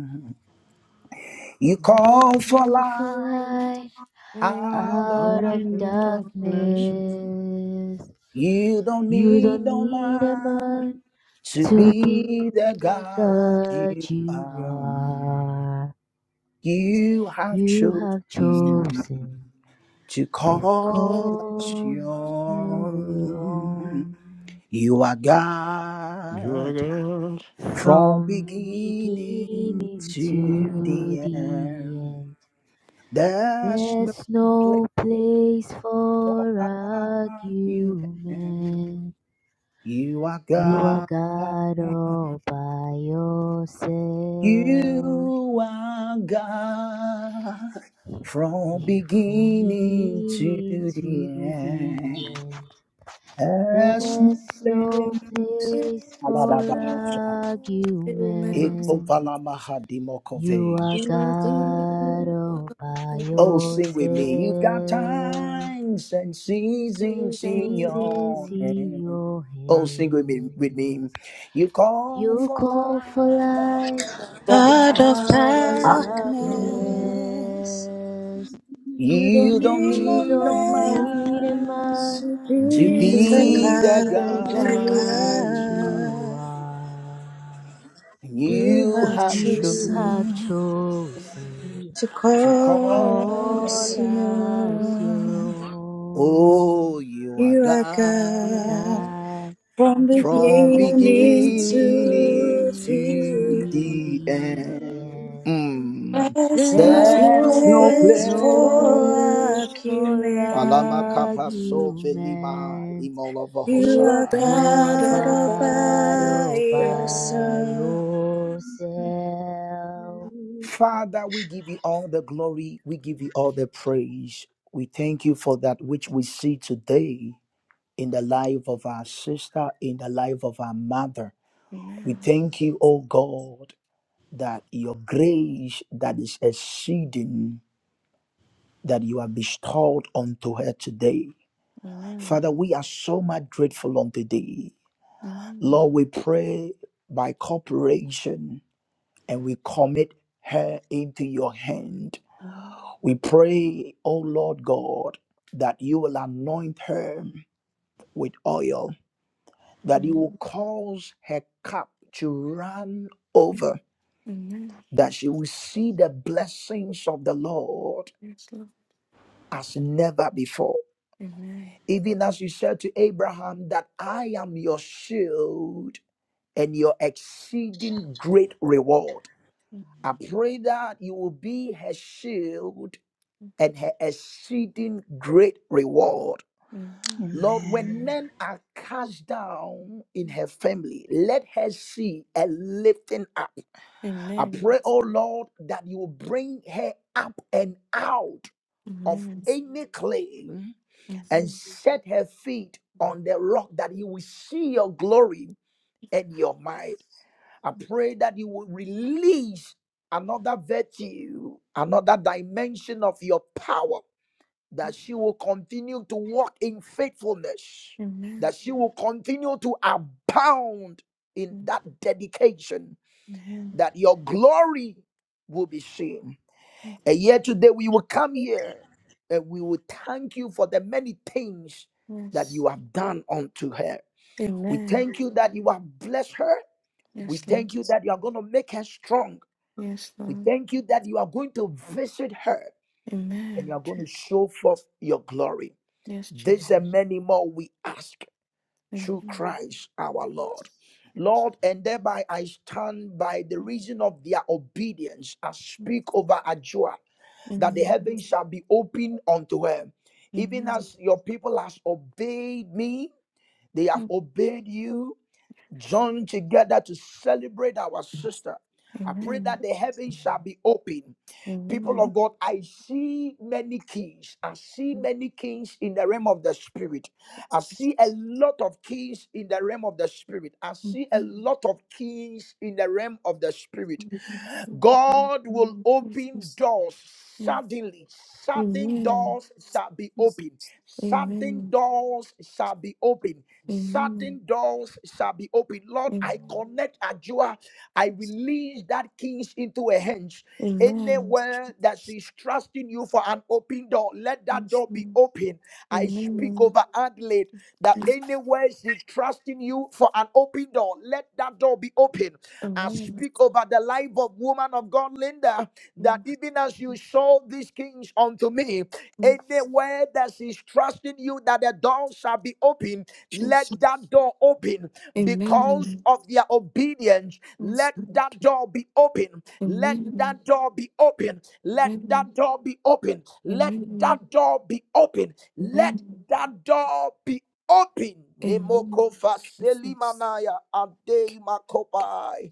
B: You
C: You
B: call for
C: call for
B: life
C: light
B: out of
C: out
B: that.
C: of darkness.
B: You don't
C: You
B: need
C: don't
B: no
C: need a
B: man
C: man.
B: to
C: To be
B: be the
C: the
B: God
C: God
B: you
C: you
B: are.
C: are,
B: You have
C: you have
B: chosen
C: chosen
B: to
C: to
B: call us
C: call your
B: yours.
C: own.
B: You are
A: you are
B: God
A: God.
B: from
C: From
B: beginning
C: beginning
B: to
C: to
B: the
C: the
B: end.
C: end,
B: There's no
C: there's
B: place
C: no place for
B: like you. can.
C: argument.
B: You are
C: You are
B: God.
C: God all by yourself.
B: You are God from
C: Here From
B: beginning to
C: beginning
B: the
C: to the
B: end.
C: end,
B: There's no
C: there's no
B: place.
C: place for
B: Aladaba.
C: argument. You
B: Ekovalamahadimokove.
C: are God all by
B: Oh, sing with me. You've got
C: yourself.
B: times and seasons in
C: Seasons
B: your
C: in
B: hand.
C: your
B: Oh, sing with me. With me.
C: hands.
B: You call
C: You
B: for
C: call for
B: light
C: light
M: Out of
B: out
C: out
B: of
C: of
B: darkness.
M: darkness,
C: darkness.
M: you
B: You
M: don't
B: don't
M: need
C: You
M: no
B: need no
C: don't
M: man
C: need a
B: man
C: man
M: to
B: to
M: be
C: to
M: the
B: be the
C: be
M: God
C: the
B: God
M: you
C: God
B: you are.
C: you
M: are.
C: are.
M: You
B: You
M: have
B: have
C: You
B: chose
C: have
M: chosen
C: chosen
M: to
B: to
C: to
M: call
B: call.
M: us your
C: call us your own.
B: Oh, you are
M: You are
B: God.
M: God
I: Amen.
C: God
M: from
B: from
C: from
M: beginning
B: beginning
M: to
C: beginning
M: the
B: to
M: end.
C: to
B: the
G: you.
C: the
B: end.
C: end.
B: Mm.
M: There's
G: There's
M: no
B: There's
C: There's
G: no
B: no
M: place
G: place
C: no
M: for
G: for
B: place.
C: place for
G: you.
B: Alama
M: argument.
B: kapa so velima
C: argument.
B: imolava
M: You
G: You are
M: are
B: hosa.
C: You are
M: God
G: better
M: all
G: by
C: God
M: by
C: all
G: yourself.
C: by
M: yourself.
C: yourself.
I: Thank you.
B: Father, we give you all the glory. We give you all the praise. We thank you for that which we see today in the life of our sister, in the life of our mother. We
G: Amen.
B: thank you, oh God, that your grace that is exceeding that you have bestowed unto her today.
G: Amen.
B: Father, we are so much grateful unto thee.
G: Amen.
B: Lord, we pray by cooperation and we commit her into your hand.
G: Amen.
B: We pray, O Lord God, that you will anoint her with oil, that you will
G: Amen.
B: cause her cup to run over,
G: Amen.
B: that she will see the blessings of the Lord
G: Yes, Lord.
B: as never before.
G: Amen.
B: Even as you said to Abraham, that I am your shield and your exceeding great reward.
G: Amen.
B: I pray that you will be her shield and her exceeding great reward.
G: Amen.
B: Lord,
F: Amen.
B: when men are cast down in her family, let her see a lifting up. I
G: Amen.
B: pray, oh Lord, that you will bring her up and out of
G: Amen.
B: any claim and
G: Amen.
B: set her feet on the rock that you will see your glory and your might. I pray that you will release another virtue, another dimension of your power, that she will continue to walk in faithfulness, that she will continue to abound in
G: Amen.
B: that dedication,
G: Amen.
B: that your glory will be seen. And yet today we will come here and we will thank you for the many things that
G: Yes.
B: you have done unto her. We
G: Amen.
B: thank you that you have blessed her. We
G: Yes, Lord.
B: thank you that you are going to make her strong.
G: Yes,
B: We
G: Lord.
B: thank you that you are going to visit her and you
G: Amen.
B: are going to
G: Jesus.
B: show forth your glory.
G: Yes,
B: This
G: Jesus.
B: and many more we ask through Christ our Lord. Lord, and thereby I stand by the reason of their obedience. I speak over Ajua that the
G: Amen.
B: heavens shall be opened unto her. Even
G: Amen.
B: as your people has obeyed me, they have
G: Mm.
B: obeyed you, joined together to celebrate our sister. I pray
G: Amen.
B: that the heavens shall be open. People
G: Amen.
B: of God, I see many kings. I see
G: Mm.
B: many kings in the realm of the spirit. I see a lot of kings in the realm of the spirit. I see a
G: Amen.
B: lot of kings in the realm of the spirit.
G: Amen. Amen.
B: God will open doors suddenly. Sudden
G: Amen.
B: doors shall be open. Sudden
G: Amen.
B: doors shall be open.
G: Amen.
B: Sudden doors shall be open. Lord, I
G: Amen. Amen.
B: connect Ajua. I release that kings into her hands. Anywhere that she's trusting you for an open door, let that
G: Jesus.
B: door be open. I speak over Adelaide that anywhere she trusting you for an open door, let that door be open. I speak over the life of woman of God, Linda, that even as you sold these kings unto me, anywhere that she's trusting you that the door shall be open, let that door open because
G: Amen.
B: of their obedience.
G: Amen.
B: Let that door be open. Let that door be open. Let that door be open.
G: Amen.
B: Let
G: Amen.
B: that door be open. Let
G: Amen.
B: that door be open.
G: Amen.
B: Nemoko
G: Jesus.
B: faselimanaya adei
G: Thank
B: makopai.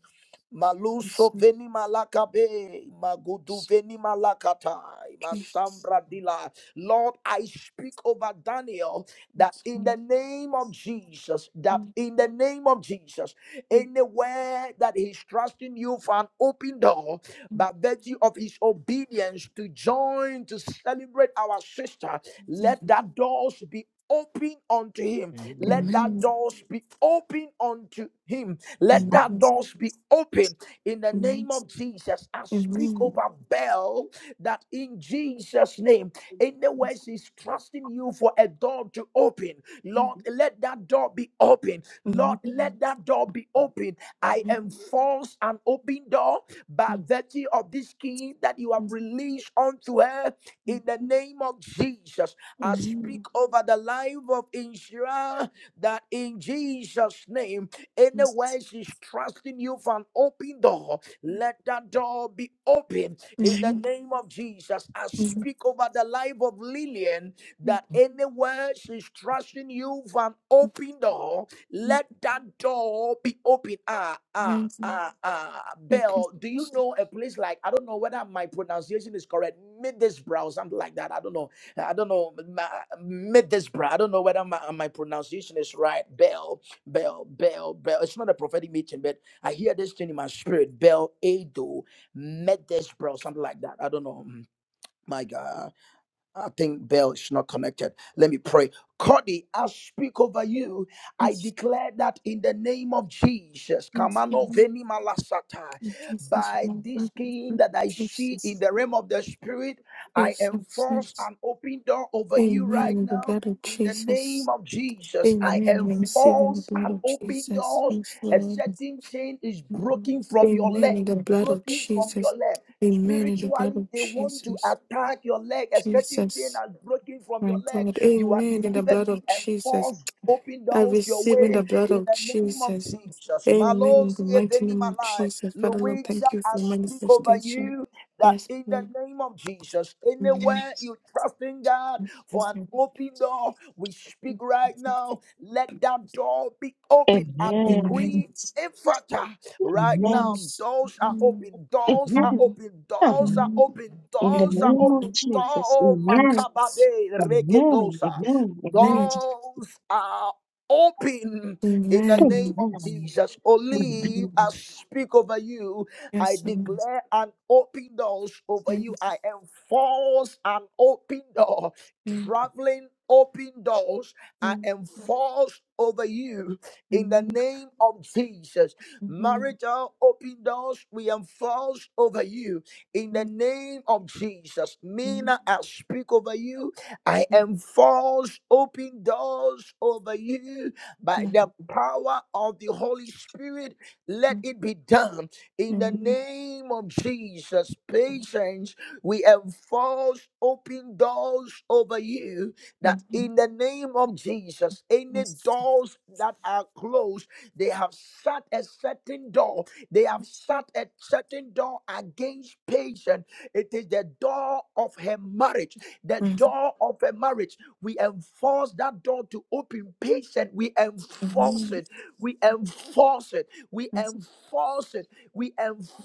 G: you
B: Maluso
G: so
B: veni malakabe, magudu
G: much.
B: veni malakatai,
G: Jesus.
B: masambra dila. Lord, I speak over Daniel that in the name of Jesus, that
G: Amen.
B: in the name of Jesus, anywhere that he's trusting you for an open door,
G: Amen.
B: by virtue of his obedience to join to celebrate our sister, let
G: Amen.
B: that doors be open unto him. Let that
G: Amen. Amen.
B: doors be open unto him let that doors be open in the name of Jesus. I speak
G: Amen.
B: over Bell that in Jesus' name, anywhere she's trusting you for a door to open, Lord, let that door be open. Lord, let
G: Amen.
B: that door be open. I
G: Amen.
B: enforce an open door by virtue of this key that you have released unto her
G: Thank
B: in the
G: you.
B: name of Jesus. I speak over the life of Inshira that in Jesus' name. Anywhere
G: Jesus.
B: she's trusting you for an open door, let that door be open in the name of Jesus. I speak over the life of Lillian that anywhere she's trusting you for an open door, let that door be open. Ah, ah, ah, ah. Bell, do you know a place like, I don't know whether my pronunciation is correct, Middlesbrough, something like that. I don't know. I don't know. Ma- Middlesbrough. I don't know whether my, my pronunciation is right, Bell. Bell, Bell, Bell. It's not a prophetic meeting, but I hear this thing in my spirit. Bell, Ado, Medesh, bro, something like that. I don't know. Mm, My God. I think Bell is not connected. Let me pray. Cody, I speak over you. I declare that in the name of Jesus, Kamano Veni Malasata,
G: Jesus.
B: by this king that I see in
G: Jesus.
B: the realm of the spirit, I enforce
G: Jesus.
B: an open door over you
G: Amen.
B: right
G: In the
B: now.
G: blood of
B: In the
G: Jesus.
B: name of Jesus, I
G: Amen. We receive in the
B: enforce
G: blood
B: and
G: of
B: open
G: Jesus.
B: doors.
G: Yes,
B: A
G: Lord.
B: certain chain is broken from your
G: Amen. In
B: leg,
G: the blood of
B: broken from your
G: Jesus.
B: leg.
G: Amen. In the blood
B: Spiritually,
G: of
B: they want to
G: Jesus.
B: attack your leg. A certain chain
G: Jesus.
B: has broken from your
G: My
B: leg.
G: God.
B: You are
G: Amen. In the
B: delivered.
G: blood
B: We
G: of Jesus.
B: enforce open
G: I
B: doors your
G: receive in
B: way
G: the blood
B: in
G: of
B: the name of
G: Jesus.
B: Jesus.
G: Amen. In the
B: Malos
G: mighty
B: yeteni
G: name of
B: malai.
G: Jesus. Father Lord,
B: Louisa,
G: thank you
B: I
G: for
B: speak over
G: manifestation.
B: you that
G: Yes,
B: in the
G: Lord.
B: name of Jesus,
G: Amen.
B: anywhere you trust in God for an open door, we speak right now. Let that door be
H: Amen.
B: open and
H: Amen.
G: Amen.
B: decree. Right now,
H: Amen.
G: Yes.
B: doors are
G: Amen.
B: open, doors are open, doors
H: Amen.
B: are
G: Amen.
B: open,
H: In the
B: doors are
G: Amen.
H: name of
B: open,
H: Jesus.
B: door
H: Amen.
G: Jesus.
B: makabade
H: Amen.
B: rekedosa.
H: Amen.
G: Amen.
H: Amen.
B: Doors are open in the name
G: Amen.
B: of
H: Amen.
B: Jesus.
G: Amen.
B: Olive,
H: Amen.
B: I speak over you. I
G: Yes, I'm
B: declare an open doors over
G: saying,
B: you. I enforce an open door,
G: um,
B: traveling open doors. I
G: um,
B: enforce over you in the
G: um, um, um,
B: name of Jesus.
G: um,
B: Marital open doors we enforce over you in the
G: um,
B: name of Jesus.
G: um,
B: Mina, I speak over you. I enforce open doors over you by the power of the Holy Spirit. Let it be done in the
G: um,
B: name of Jesus. Patience, we enforce open doors over you that
G: um,
B: in
G: um,
B: the name of Jesus, any
G: yes,
B: doors that are closed. They have shut a certain door. They have shut a certain door against patience. It is the door of her marriage. The
G: um,
B: door of her marriage. We enforce that door to open patient. We enforce
G: amen.
B: it. We enforce it. We
G: Yes,
B: enforce it. We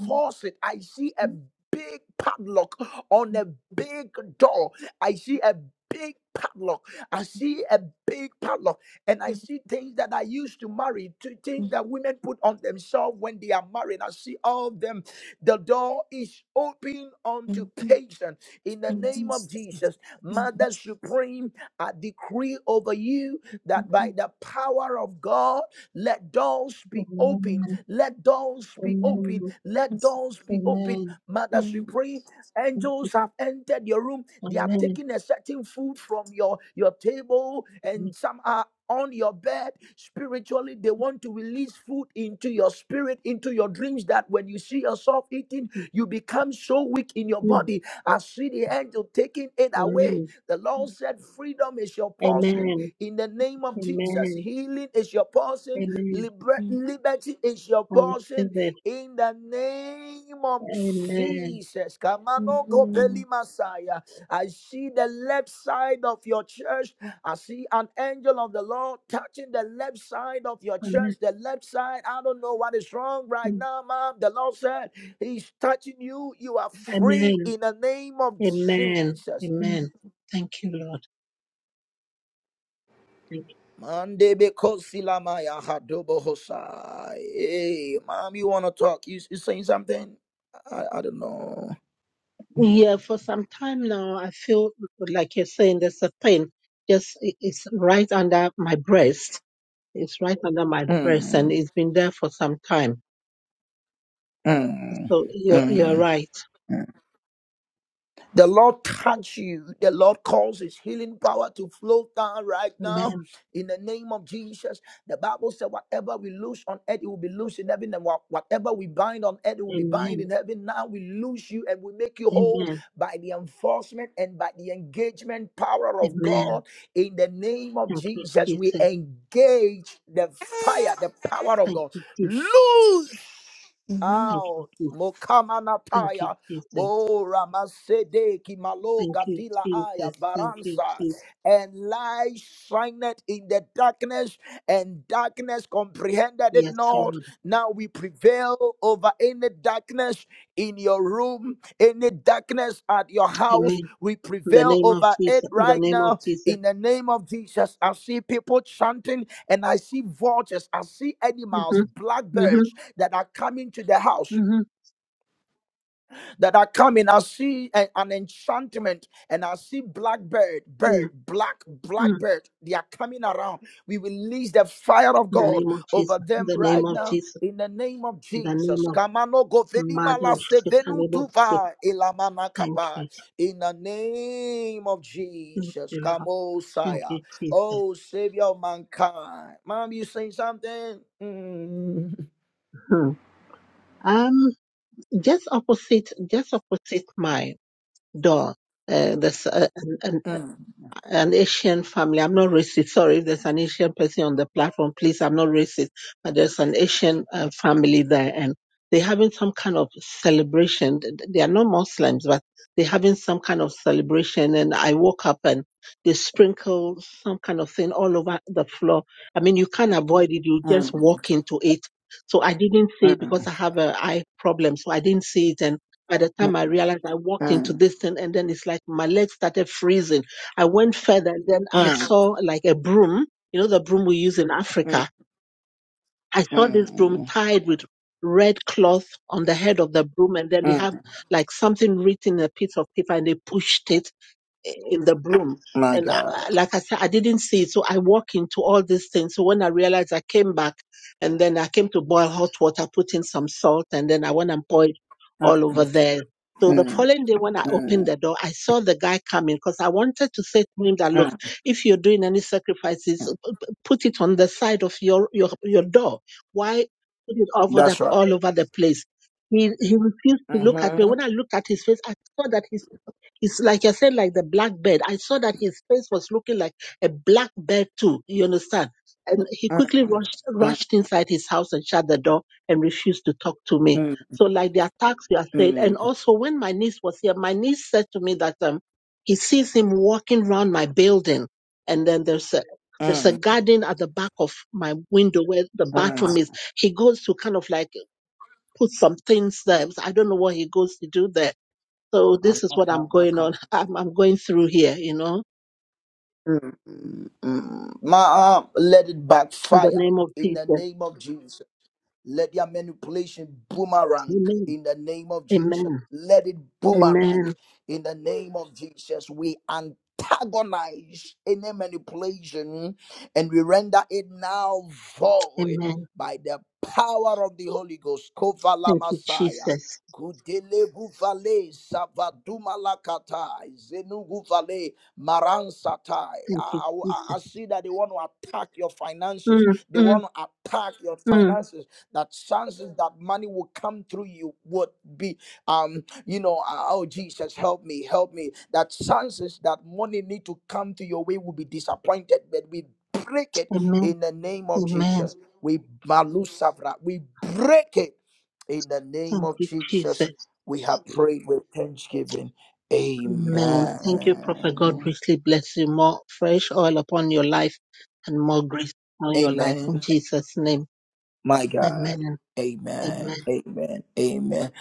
G: um, um,
B: it. I see a
G: um,
B: big padlock on a big door. I see a big padlock. I see a big padlock. And
G: um,
B: I
G: um,
B: see things that I used to marry, to things that women put on themselves when they are married. I see all of them. The door is open unto
G: um, um,
B: patience in the
G: um,
B: name
G: yes,
B: of
G: um,
B: Jesus.
G: um,
B: Mother Supreme, I decree over you that by the power of God, let doors be
N: Amen.
B: open. Let doors be open.
N: Amen.
G: um,
B: Let
G: yes,
B: doors be open.
N: Amen.
G: um,
B: Mother
G: um,
B: Supreme, angels have entered your room. They are
N: Amen.
B: taking a certain food from your, your table, and some are on your bed spiritually they want to release food into your spirit into your dreams that when you see yourself eating you become so weak in your body i see the angel taking it away
N: Amen.
B: the lord said freedom is your portion
N: Amen.
B: in the name of jesus
N: Amen.
B: healing is your portion
N: Amen.
B: liber-
G: um,
B: liberty is your
N: I
B: portion
N: receive it.
B: in the name of
N: Amen.
B: jesus Kamano kopeli Messiah. i see the left side of your church I see an angel of the Lord touching the left side of your church,
N: Amen.
B: the left side. I don't know what is wrong right
N: Mm,
B: now, mom. The Lord said he's touching you. You are free
N: Amen.
B: in the name of
N: Amen.
G: um,
B: Jesus.
N: Amen. Thank you, Lord. Thank you.
B: Mande beko silamaya hadobo hosai. Hey, mom, you want to talk? You, you saying something? I, I don't know.
N: Yeah, for some time now, I feel like you're saying there's a pain. Just it- it's right under my breast. It's right under my breast, and
B: Mm,
N: it's been there for some time.
B: mm,
N: So
B: mm,
N: you're you're
B: mm.
N: right.
B: The Lord touch you. The Lord calls His healing power to flow down right now
N: Amen.
B: in the name of Jesus. The Bible said, whatever we loose on earth, it will be loose in heaven. And what- whatever we bind on earth, it will be bind
N: Amen.
B: in heaven. Now we loose you and we make you whole
N: Amen.
B: by the enforcement and by the engagement power of
N: Amen.
B: God. In the name of
N: Thank you,
B: Jesus, we
N: Jesus.
B: engage the
G: um,
B: fire, the power of
N: Thank
B: God.
N: you, Jesus.
B: Loose
G: Amen.
N: Thank you,
B: out.
N: Jesus. Thank you,
B: Mokamanataya,
N: Jesus.
B: Bora Masedeki Malo
N: Thank you,
B: Gatila Aya
N: Jesus. Thank you,
B: Baransa,
N: Jesus.
B: and light shined in the darkness, and darkness comprehended it
N: Yes,
B: not.
N: Lord.
B: Now we prevail over any darkness in your room, any darkness at your house.
N: Amen.
B: We
N: In the
B: prevail
N: name of
B: over
N: Jesus.
B: it
N: In the
B: right
N: name of
B: now
N: Jesus.
B: in the name of Jesus. I see people chanting, and I see vultures, I see animals,
N: hmm hmm
B: blackbirds
N: hmm
B: that are coming to the house
N: Mm-hmm.
B: that are coming. I see a- an enchantment and I see blackbird, bird, black,
N: Mm-hmm.
B: blackbird. They are coming around. We release the fire of
N: In the
B: God
N: name of Jesus.
B: over
N: In
B: them
N: the name
B: right
N: of
B: now
N: Jesus.
B: in the name of
N: In the name
B: Jesus.
N: of
B: Kamano goveni
N: Mother
B: mala
N: of
B: venu
N: Shekalebo.
B: tuva elamana
N: Thank
B: kapa.
N: you.
B: In the name of
N: Thank
B: Jesus.
N: you, Lord.
B: Kamo
N: Thank
B: Saya.
N: you, Jesus.
B: Oh, Savior of mankind. Mom, you say something? Mm.
N: Hmm. Um, just opposite, just opposite my door, uh, there's a, an, an
B: Mm, mm,
N: an Asian family. I'm not racist. Sorry, if there's an Asian person on the platform, please, I'm not racist. But there's an Asian uh, family there, and they're having some kind of celebration. They are not Muslims, but they're having some kind of celebration. And I woke up and they sprinkle some kind of thing all over the floor. I mean, you can't avoid it. You just
B: mm.
N: walk into it. So I didn't see it because
B: mm.
N: I have a eye problem. So I didn't see it. And by the time I realized I walked into
B: Mm,
N: this thing and then it's like my legs started freezing I went further and then I
B: mm,
N: saw like a broom, you know, the broom we use in
B: mm,
N: Africa. I saw this broom
B: mm,
N: tied with red cloth on the head of the broom and then they have
B: mm.
N: like something written in a piece of paper and they pushed it in the broom.
B: My
N: And I,
B: God.
N: I- like I said, I didn't see it. So I walk into all these things. So when I realized I came back and then I came to boil hot water, put in some salt, and then I went and poured
B: Mm,
N: all over there. So the
B: mm,
N: following day when I opened
B: mm,
N: the door, I saw the guy coming because I wanted to say to him that, look,
B: mm.
N: if you're doing any sacrifices, p- p- put it on the side of your, your, your door. Why put it all over
B: That's
N: the, all
B: right.
N: over the place? He, he refused to look at me.
B: Mm-hmm.
N: When I looked at his face, I saw that he it's like I said, like the black bird. I saw that his face was looking like a black bird too. You understand? And he
B: Mm,
N: quickly rushed
B: mm,
N: rushed inside his house and shut the door and refused to talk to me.
B: mm, mm,
N: So like the attacks you are saying,
B: mm,
N: and also when my niece was here, my niece said to me that um he sees him walking round my building, and then there's a there's a
B: mm.
N: garden at the back of my window where the bathroom is. He goes to kind of like put some things there. I don't know what he goes to do there so this is what I'm
B: Mm,
N: going on. I'm, I'm going through here, you know,
B: mm, mm. My arm, let it
N: in the
B: backfire
N: name of
B: in the
N: Jesus.
B: name of Jesus. Let their manipulation boomerang
N: Amen.
B: in the name of Jesus.
N: Amen.
B: Let it boomerang
N: Amen.
B: in the name of Jesus. We antagonize any manipulation and we render it now void
N: Amen.
B: by the power of the Holy Ghost. Kovala
N: Thank you,
B: Messiah.
N: Jesus.
B: Gudele guvale savaduma lakatai zenu guvale maransatai. I,
N: Thank you,
B: I
N: Jesus.
B: I see that they want to attack your finances.
N: Mm,
B: They
N: mm,
B: want to attack your
N: mm.
B: finances that chances that money will come through you would be um you know uh, oh jesus help me help me that chances that money need to come to your way will be disappointed but we break it
N: Amen.
B: in the name of
N: Amen.
B: jesus we Malu Savra, we break it in the name
N: Thank
B: of
N: you,
B: jesus
N: Jesus.
B: we have prayed with thanksgiving
N: Amen. Thank you, Prophet. God
B: amen
N: richly bless you. More fresh oil upon your life and more grace on your life. In
B: amen
N: Jesus' name.
B: My God.
N: Amen.
B: Amen.
N: Amen.
B: Amen. Amen.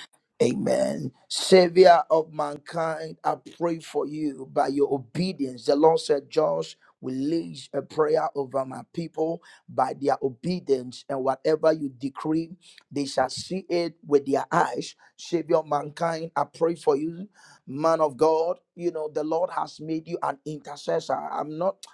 B: Amen. Savior of mankind, I pray for you by your obedience. The Lord said, Josh, we release a prayer over my people by their obedience, and whatever you decree, they shall see it with their eyes. Savior of mankind, I pray for you, man of God. You know, the Lord has made you an intercessor. I'm not.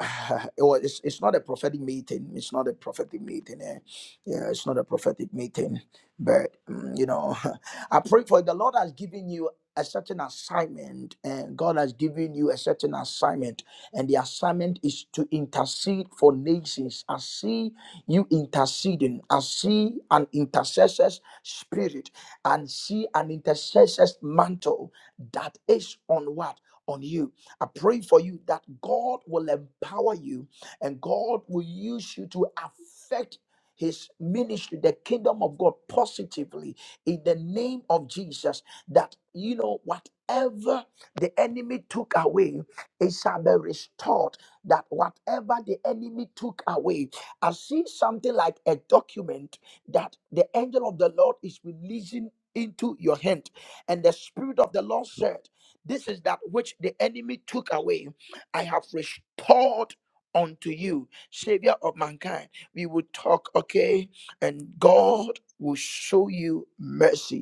B: it was, it's, it's not a prophetic meeting. It's not a prophetic meeting. eh. Yeah, it's not a prophetic meeting. But, mm, you know, I pray for it. The Lord has given you a certain assignment, and God has given you a certain assignment. And the assignment is to intercede for nations. I see you interceding. I see an intercessor's spirit and see an intercessor's mantle that is on what? On you. I pray for you that God will empower you and God will use you to affect his ministry, the kingdom of God, positively in the name of Jesus. That you know, whatever the enemy took away, it shall be restored. That whatever the enemy took away, I see something like a document that the angel of the Lord is releasing into your hand, and the spirit of the Lord said. This is that which the enemy took away. I have restored unto you, Savior of mankind. We will talk, okay? And God will show you mercy.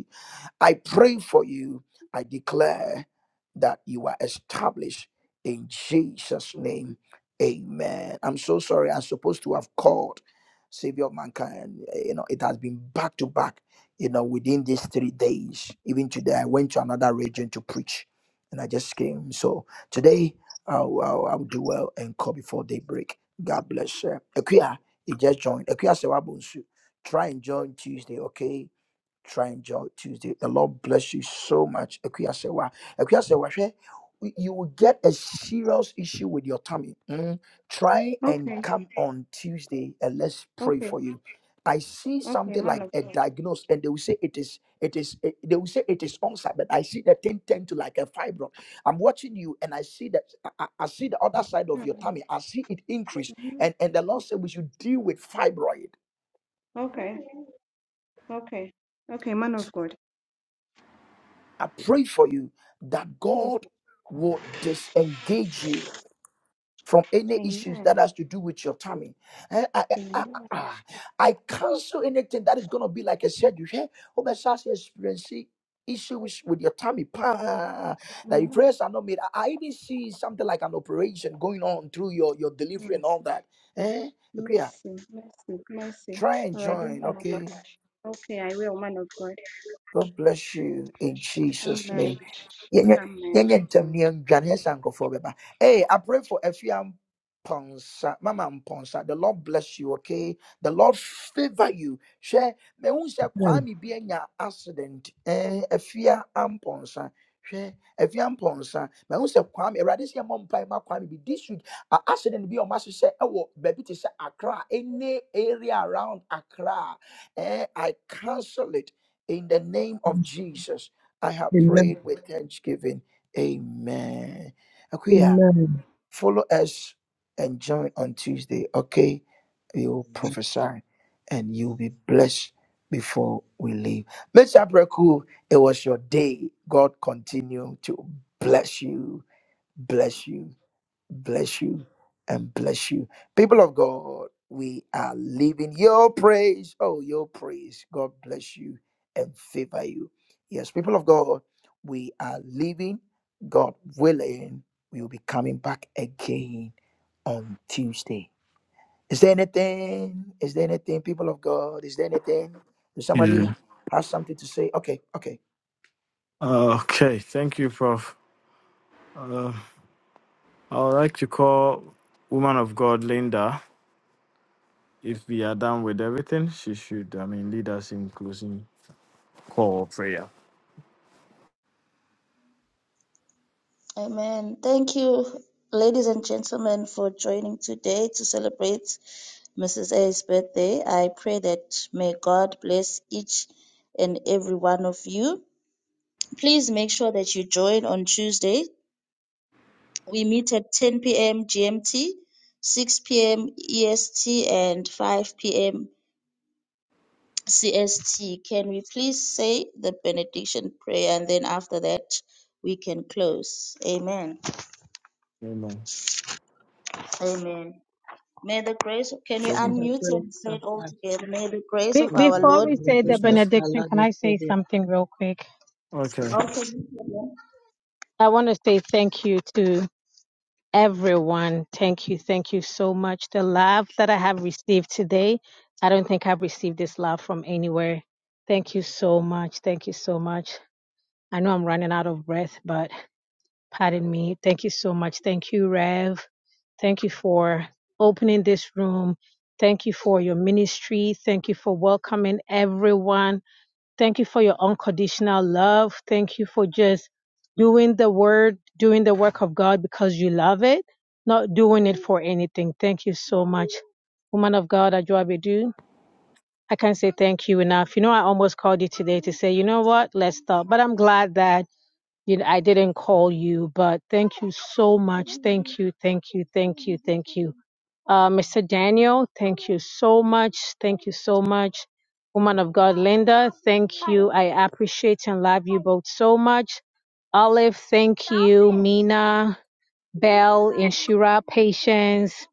B: I pray for you. I declare that you are established in Jesus' name. Amen. I'm so sorry. I'm supposed to have called Savior of Mankind. You know, it has been back to back, you know, within these three days. Even today, I went to another region to preach and I just came. So today, I'll, I'll, I'll do well and call before daybreak. God bless you. Akuya, you just joined. Akuya Sewabunsu. Try and join Tuesday, okay? Trying Joy Tuesday. The Lord bless you so much. Ekuyasewa. Ekuyasewa, hwɛ, y- You will get a serious issue with your tummy. Mm. Try and
O: Okay,
B: come on Tuesday and let's pray
O: okay,
B: for you. I see
O: okay,
B: something
O: man
B: like
O: of
B: a
O: God.
B: diagnosis, and they will say it is, it is, it- they will say it is ulcer, but I see the thing tend to like a fibro. I'm watching you, and I see that I, I I see the other side of your tummy. I see it increase,
O: Mm-hmm.
B: and and the Lord said we should deal with fibroid.
O: Okay, okay, okay, man of God.
B: I pray for you that God
O: Jesus.
B: will disengage you from any
O: Amen.
B: issues that has to do with your tummy. Eh, I, I, I,
O: Amen.
B: I- I cancel anything that is going to be like I said, you hear, over such experience issues with your tummy pa, that your
O: Mm-hmm.
B: prayers are not made. I, I even see something like an operation going on through your, your delivery and all that. Eh? Okay, yeah.
O: Mercy, mercy, mercy.
B: try and
O: Already,
B: join.
O: man of God.
B: Okay.
O: Okay, I will, man of God.
B: God bless you in Jesus' name.
O: Amen. Amen.
B: yɛnyɛ ntɛm ne yɛndwane yɛhyɛ nkurɔfoɔ hey i pray for afia ponsa, mama ponsa. the lord bless you okay the lord favor you hwɛ mehu sɛ
P: Amen.
B: kwami bi anya accident eh, afia amponsa hwɛ afia mponsa mehu sɛ kwame awurade sɛ yɛmmɔ mpae ma kwami bi this week a accident bi a ɔma hyehyɛ ɛwɔ baabi te sɛ accra any area around accra eh, i cancel it in the name of jesus I have
P: Amen.
B: prayed with thanksgiving. Amen. Akuya,
P: Amen.
B: follow us and join on Tuesday, okay? We will prophesy and you'll be blessed before we leave. Mr. Breku, it was your day. God continue to bless you, bless you bless you and bless you. People of God, we are living your praise. Oh, your praise. God bless you and favor you. Yes, people of God, we are living. God willing, we will be coming back again on Tuesday. Is there anything? Is there anything, people of God? Is there anything? Does
A: Yeah.
B: somebody have something to say? Okay, okay.
A: Okay. Thank you, Prof. Uh, I would like to call woman of God Linda. If we are done with everything, she should, I mean, lead us in closing call or prayer.
I: Amen. Thank you, ladies and gentlemen, for joining today to celebrate Mrs. A's birthday. I pray that may God bless each and every one of you. Please make sure that you join on Tuesday. We meet at 10 p.m. GMT, 6 p.m. EST, and 5 p.m. CST. Can we please say the benediction prayer and then after that we can close? Amen.
A: Amen.
I: Amen. May the grace of, can we
N: In
A: So,
N: the
I: unmute
N: grace
I: and say
N: of
I: it all
N: God,
I: together? May the grace
Q: Be-
I: of our
Q: before
I: Lord.
Q: we
N: in the
Q: say the
N: grace of our
Q: benediction,
N: Lord
Q: can
N: and
Q: I say
N: Savior,
Q: something real quick?
A: okay.
I: Okay.
Q: I want to say thank you to everyone. Thank you. Thank you so much. The love that I have received today, I don't think I've received this love from anywhere. Thank you so much. Thank you so much. I know I'm running out of breath, but pardon me. Thank you so much. Thank you, Rev. Thank you for opening this room. Thank you for your ministry. Thank you for welcoming everyone Thank you for your unconditional love. Thank you for just doing the word, doing the work of God because you love it, not doing it for anything. Thank you so much. Woman of God, Ajuabedu, I can't say thank you enough. You know, I almost called you today to say, you know what, let's stop. But I'm glad that you know, I didn't call you, but thank you so much. Thank you, thank you, thank you, thank you. Uh, Mr. Daniel, thank you so much. Thank you so much. Woman of God, Linda, thank you. I appreciate and love you both so much. Olive, thank you. Mina, Belle, Inshira, Patience,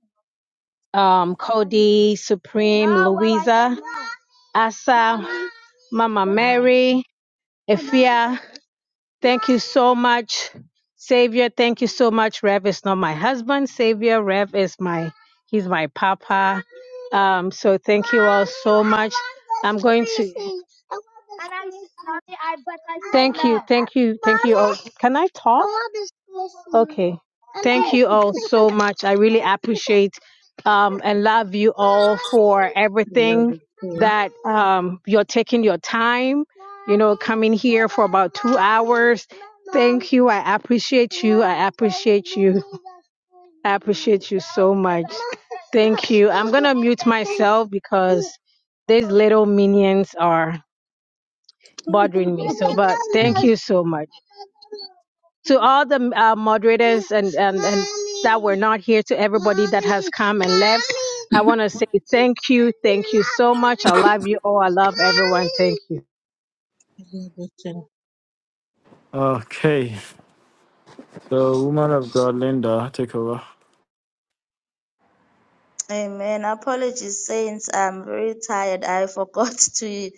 Q: um, Cody, Supreme, Louisa, Asa, Mama Mary, Efia. Thank you so much, Savior. Thank you so much. Rev is not my husband. Savior, Rev is my, he's my papa. Um, so thank you all so much. I'm going to, Thank you, thank you, thank you all. Can I talk? Okay.
N: Mm.
Q: Thank you all so much. I really appreciate um, and love you all for
N: I love
Q: everything
N: you, King.
Q: that um, you're taking your time, you know, coming here for about two hours. Thank you. I appreciate you. I appreciate you. I appreciate you so much. Thank you. I'm going to mute myself because these little minions are bothering me. So, but thank you so much to all the uh, moderators and, and, and that were not here, to everybody that has come and left. I want to say thank you. Thank you so much. I love you all. I love everyone. Thank you.
N: I love you,
A: Okay. So, woman of God Linda, take over.
I: Amen. Apologies, saints. I'm very tired. I forgot to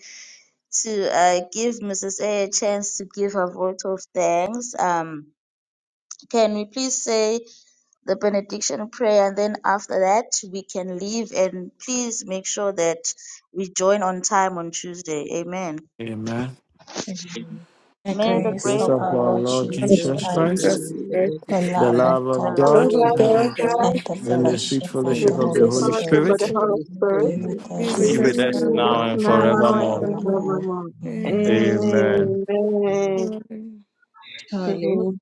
I: to uh, give Mrs. A a chance to give her vote of thanks. Um, can we please say the benediction prayer and then after that we can leave and please make sure that we join on time on Tuesday. Amen.
A: Amen.
N: Amen.
F: The
I: May the
F: grace
I: grace
A: Grace
F: of
A: of
F: our
A: our
F: Lord
N: Thank
A: Lord
N: you,
F: Jesus
N: Jesus,
A: Jesus
N: the
A: Christ,
F: Christ,
N: Father,
G: Jesus,
N: the grace
F: the
N: of
A: the
F: love
I: of
N: God,
F: of
A: love
I: the
A: of
F: God,
H: The
N: the
A: God,
G: Lord
I: Lord.
G: of
N: love
H: love
N: of
H: of
G: God,
N: God,
F: and the
A: and the
G: And
A: sweet
F: fellowship of
N: and
G: sleep
H: God
N: the
F: the
A: fellowship
H: is
G: and
A: of
N: true
A: the
F: Holy
G: sleep
A: Holy
H: responsible
N: fellowship
G: and
H: for
N: of
F: Spirit
H: the
N: the
A: Spirit
G: sleep.
H: Holy
N: Holy
H: Spirit.
F: be
N: Spirit
F: with
G: Be with
A: be
F: us
A: with
G: us
N: be
A: us
H: In
G: now,
N: with
H: this
A: now
N: us
A: and
F: now
N: now and
H: now
A: forevermore.
H: and
G: forevermore.
F: forevermore.
N: forevermore.
H: forevermore.
N: In
F: Amen.
G: Amen.
N: Jesus'
A: Amen.
N: name,
H: Amen.
N: amen.
G: Surely,
N: Surely,
H: Amen.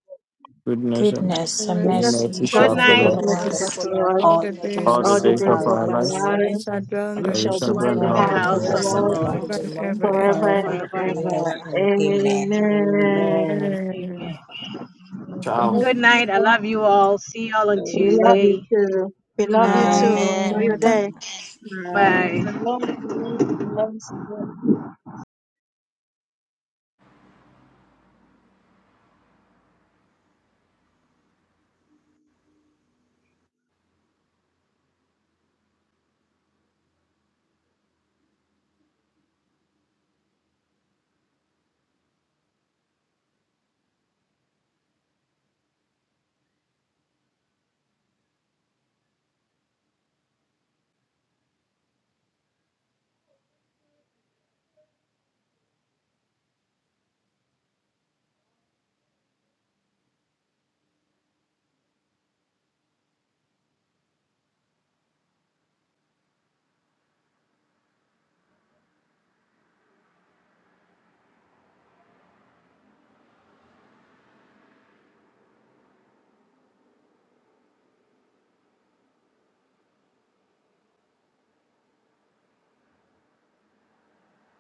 A: goodness and
G: the
F: Goodness and
G: mercy
A: and
H: Goodness,
F: mercy
N: the
A: mercy
G: and
Q: Good
H: God's
A: shall
N: goodness
F: will
G: strength
N: and
H: goodness
A: follow
Q: night
G: of
A: us
N: mercy
F: follow
H: mercy
G: us
N: shall
H: shall
F: us
H: follow
N: follow
H: us
N: us, my
G: all
F: all
G: the
F: the
N: children,
G: days
A: all
N: children,
A: the
G: of
H: all
F: days
G: our
H: the
N: all
F: of
A: days
N: the
H: days
A: of
G: life,
F: our
N: days
H: of
A: our
N: of
H: our
A: lives.
N: our
F: lives,
G: and we
H: life.
N: lives,
G: shall dwell in
H: We
G: the
A: I we
H: shall
G: house
A: shall
G: of
H: dwell
F: and
A: dwell
G: the
A: in
H: in
A: the
H: the
Q: in
G: Lord
F: dwell
Q: the
A: house
F: in
A: of
N: and
H: house
F: the
A: the
H: of
Q: house
N: dwell
H: the
Q: of
N: in
F: house
Q: the
N: the
F: of
A: Lord.
H: Lord
F: the
N: house
Q: Lord
N: of
G: forever
F: Lord
N: the
G: and
N: Lord
G: ever.
H: forever
G: Amen.
F: forever
H: and
Q: forever and
F: and
H: ever.
N: forever
Q: ever.
F: ever.
N: and ever.
F: Amen.
H: Amen.
Q: Amen.
N: Amen.
G: Amen.
Q: Amen.
A: Ciao.
Q: Good
I: Thank
Q: night. I
I: you.
Q: love you all. See you all
N: I
Q: on
N: will
H: We love,
N: love you
Q: Tuesday.
N: too.
H: we love you
N: Night.
H: too. Enjoy your
F: And
H: day.
I: Amen.
N: Night.
Q: Bye.
I: Shalom, shalom, shalom, shalom.